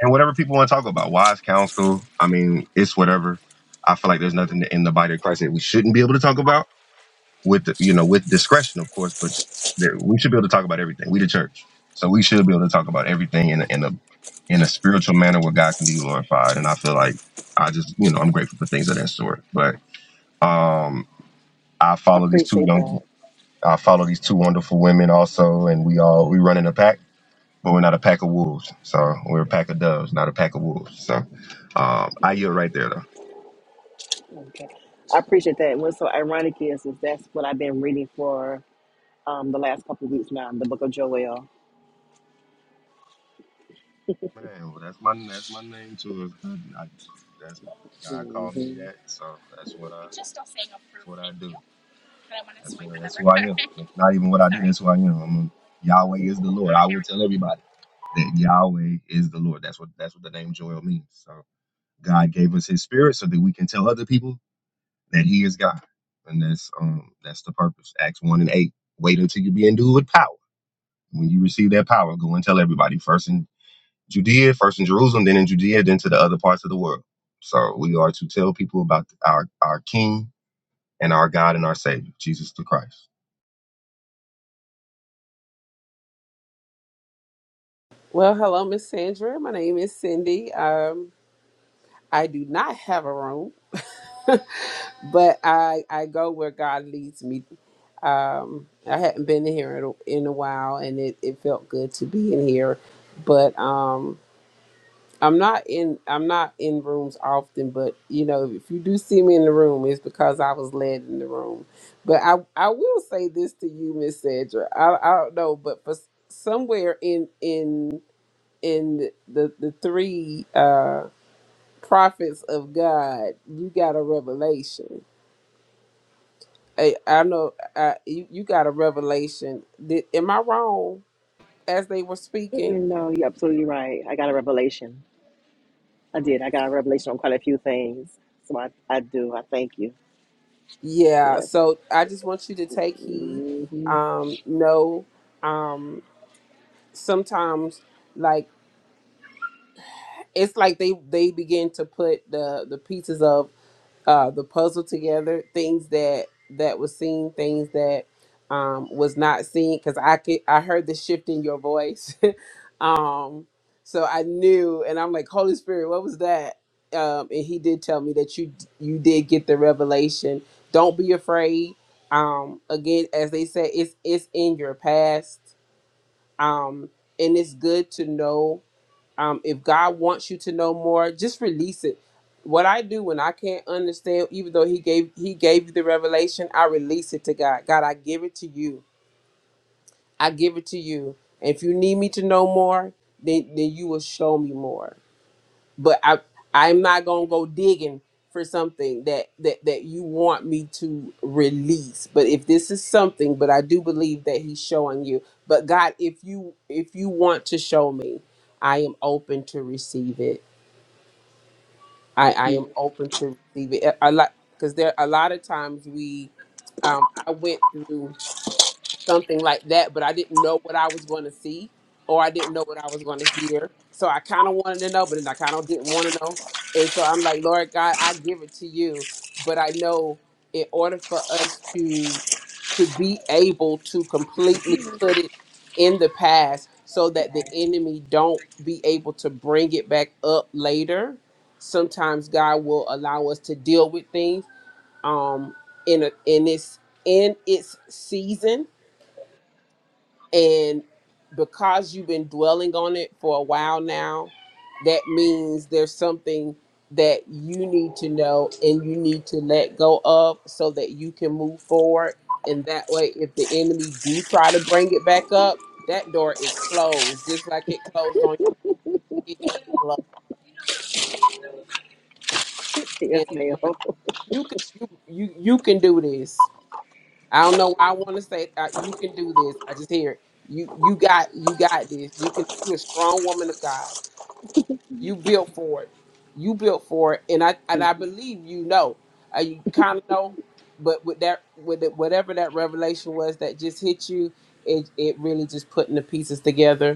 Speaker 4: and whatever people want to talk about, wise counsel. I mean, it's whatever. I feel like there's nothing in the body of Christ that we shouldn't be able to talk about with, you know, with discretion, of course, but there, we should be able to talk about everything. We the church, so we should be able to talk about everything in a, in a in a spiritual manner where God can be glorified. And I feel like I just, you know, I'm grateful for things of that sort. But um, I
Speaker 9: I
Speaker 4: follow these two
Speaker 9: appreciate
Speaker 4: young,
Speaker 9: that.
Speaker 4: I follow these two wonderful women also, and we all we run in a pack but we're not a pack of wolves. So we're a pack of doves, not a pack of wolves. So um, I yield right there, though.
Speaker 9: Okay. I appreciate that. And what's so ironic is, is that's what I've been reading for um, the last couple of weeks now the book of Joel.
Speaker 4: Man, well, that's my that's my name too. It's not- I, that's God
Speaker 9: hmm
Speaker 4: called me that, so that's what I that's what I do. That's what that's who I am. Not even what I do. That's who I am. I'm a, Yahweh is the Lord. I will tell everybody that Yahweh is the Lord. That's what that's what the name Joel means. So God gave us His Spirit so that we can tell other people that He is God, and that's um that's the purpose. Acts one and eight. Wait until you be endued with power When you receive that power, go and tell everybody first in Judea, first in Jerusalem, then in Judea, then to the other parts of the world. So we are to tell people about our, our King and our God and our Savior, Jesus the Christ.
Speaker 8: Well, hello, Miss Sandra. My name is Cindy. Um, I do not have a room, [LAUGHS] but I I go where God leads me. Um, I hadn't been here in a, in a while, and it, it felt good to be in here. But um, I'm not in I'm not in rooms often. But you know, if you do see me in the room, it's because I was led in the room. But I I will say this to you, Miss Sandra. I I don't know, but for s- somewhere in in in the the three. Uh, prophets of God, you got a revelation. I, I know I, you, you got a revelation. Did, am I wrong as they were speaking?
Speaker 9: Mm-mm, no, you're absolutely right. I got a revelation. I did. I got a revelation on quite a few things. So I, I do. I thank you.
Speaker 8: Yeah.
Speaker 9: Yes.
Speaker 8: So I just want you to take heed.
Speaker 9: Mm-hmm.
Speaker 8: Um, know. um, sometimes like it's like they they begin to put the the pieces of uh, the puzzle together, things that that was seen, things that um, was not seen, because I could I heard the shift in your voice, [LAUGHS] um, so I knew, and I'm like Holy Spirit, what was that? Um, and He did tell me that you you did get the revelation. Don't be afraid. Um, again, as they said, it's it's in your past, um, and it's good to know um, if God wants you to know more, just release it. What I do when I can't understand, even though He gave He gave you the revelation, I release it to God. God, I give it to you. I give it to you. And if you need me to know more, then then you will show me more. But I I'm not gonna go digging for something that that that you want me to release. But if this is something, but I do believe that He's showing you. But God, if you if you want to show me, I am open to receive it. I, I
Speaker 9: Mm-hmm.
Speaker 8: am open to receive it. I like because there a lot of times we um I went through something like that, but I didn't know what I was going to see or I didn't know what I was going to hear. So I kind of wanted to know, but then I kind of didn't want to know. And so I'm like, Lord God, I give it to you, but I know in order for us to to be able to completely put it in the past so that the enemy don't be able to bring it back up later. Sometimes God will allow us to deal with things um in a in its in its season and because you've been dwelling on it for a while now, that means there's something that you need to know and you need to let go of so that you can move forward. And that way, if the enemy do try to bring it back up, that door is closed, just like it closed on you. It closed.
Speaker 9: Yes,
Speaker 8: And
Speaker 9: ma'am.
Speaker 8: my,
Speaker 9: [LAUGHS]
Speaker 8: you can you you you can do this. I don't know why I want to say uh, you can do this. I just hear it. You you got you got this. You can. You're a strong woman of God You built for it. You built for it, and I and I believe you know. Uh, you kind of know, but with that, with it, whatever that revelation was that just hit you, it it really just putting the pieces together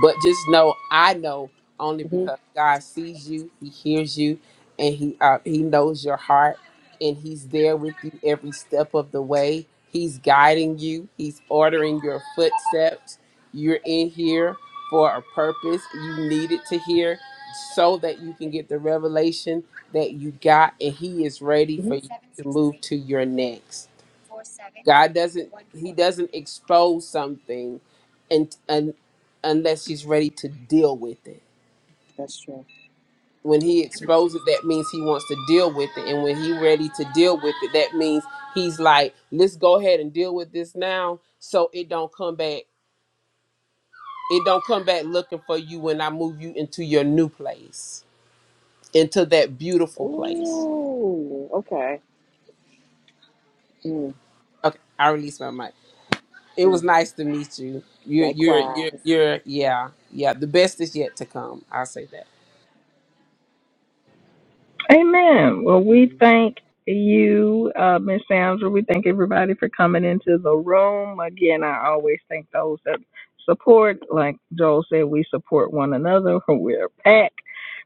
Speaker 8: but just know, I know only
Speaker 9: Mm.
Speaker 8: because God sees you, He hears you, and He uh, He knows your heart, and He's there with you every step of the way. He's guiding you. He's ordering your footsteps. You're in here for a purpose. You needed to hear so that you can get the revelation that you got, and He is ready
Speaker 9: hmm
Speaker 8: for you to move to your next. God doesn't he doesn't expose something and, and unless he's ready to deal with it.
Speaker 9: That's true.
Speaker 8: When he exposes it, that means he wants to deal with it. And when he's ready to deal with it, that means he's like, let's go ahead and deal with this now so it don't come back. It don't come back looking for you when I move you into your new place, into that beautiful place.
Speaker 9: Ooh, okay. Mm,
Speaker 8: Okay, I release my mic. It
Speaker 9: mm,
Speaker 8: was nice to meet you. You're, you're, you're,
Speaker 9: likewise.
Speaker 8: you're, yeah, yeah. The best is yet to come. I'll say that.
Speaker 1: Amen. Well,
Speaker 9: Mm.
Speaker 1: we thank you, uh, Ms. Sandra. We thank everybody for coming into the room. Again, I always thank those that support. Like Joel said, we support one another. [LAUGHS] We're a pack.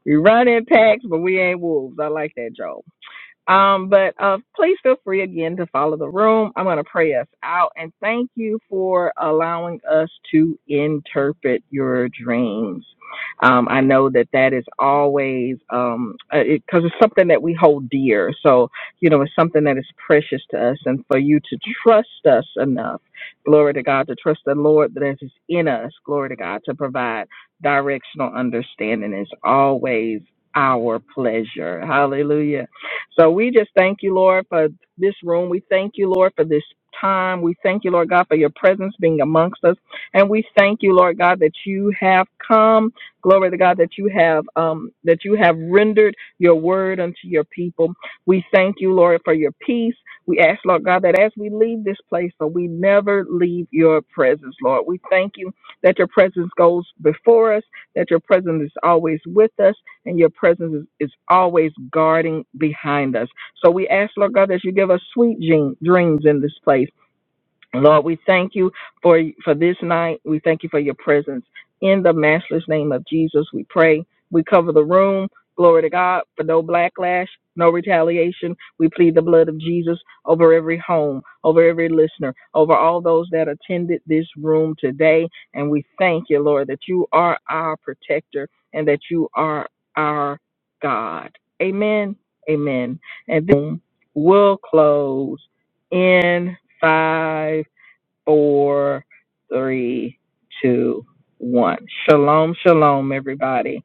Speaker 1: We run in packs, but we ain't wolves. I like that, Joel. Um, but uh, please feel free again to follow the room. I'm going to pray us out and thank you for allowing us to interpret your dreams. Um, I know that that is always um, uh, it, 'cause it's something that we hold dear. So you know, it's something that is precious to us, and for you to trust us enough, glory to God, to trust the Lord that is in us, glory to God, to provide directional understanding is always our pleasure. Hallelujah. So we just thank you, Lord, for this room. We thank you, Lord, for this time. We thank you, Lord God, for your presence being amongst us. And we thank you, Lord God, that you have come. Glory to God that you have um that you have rendered your word unto your people. We thank you, Lord, for your peace. We ask, Lord God, that as we leave this place, that we never leave your presence, Lord. We thank you that your presence goes before us, that your presence is always with us and your presence is, is always guarding behind us. So we ask, Lord God, that you give us sweet dreams in this place Lord, we thank you for for this night. We thank you for your presence. In the matchless name of Jesus, we pray. We cover the room. Glory to God for no backlash, no retaliation. We plead the blood of Jesus over every home, over every listener, over all those that attended this room today. And we thank you, Lord, that you are our protector and that you are our God. Amen. Amen. And then we'll close in five four, three, two, one. Shalom, shalom, everybody.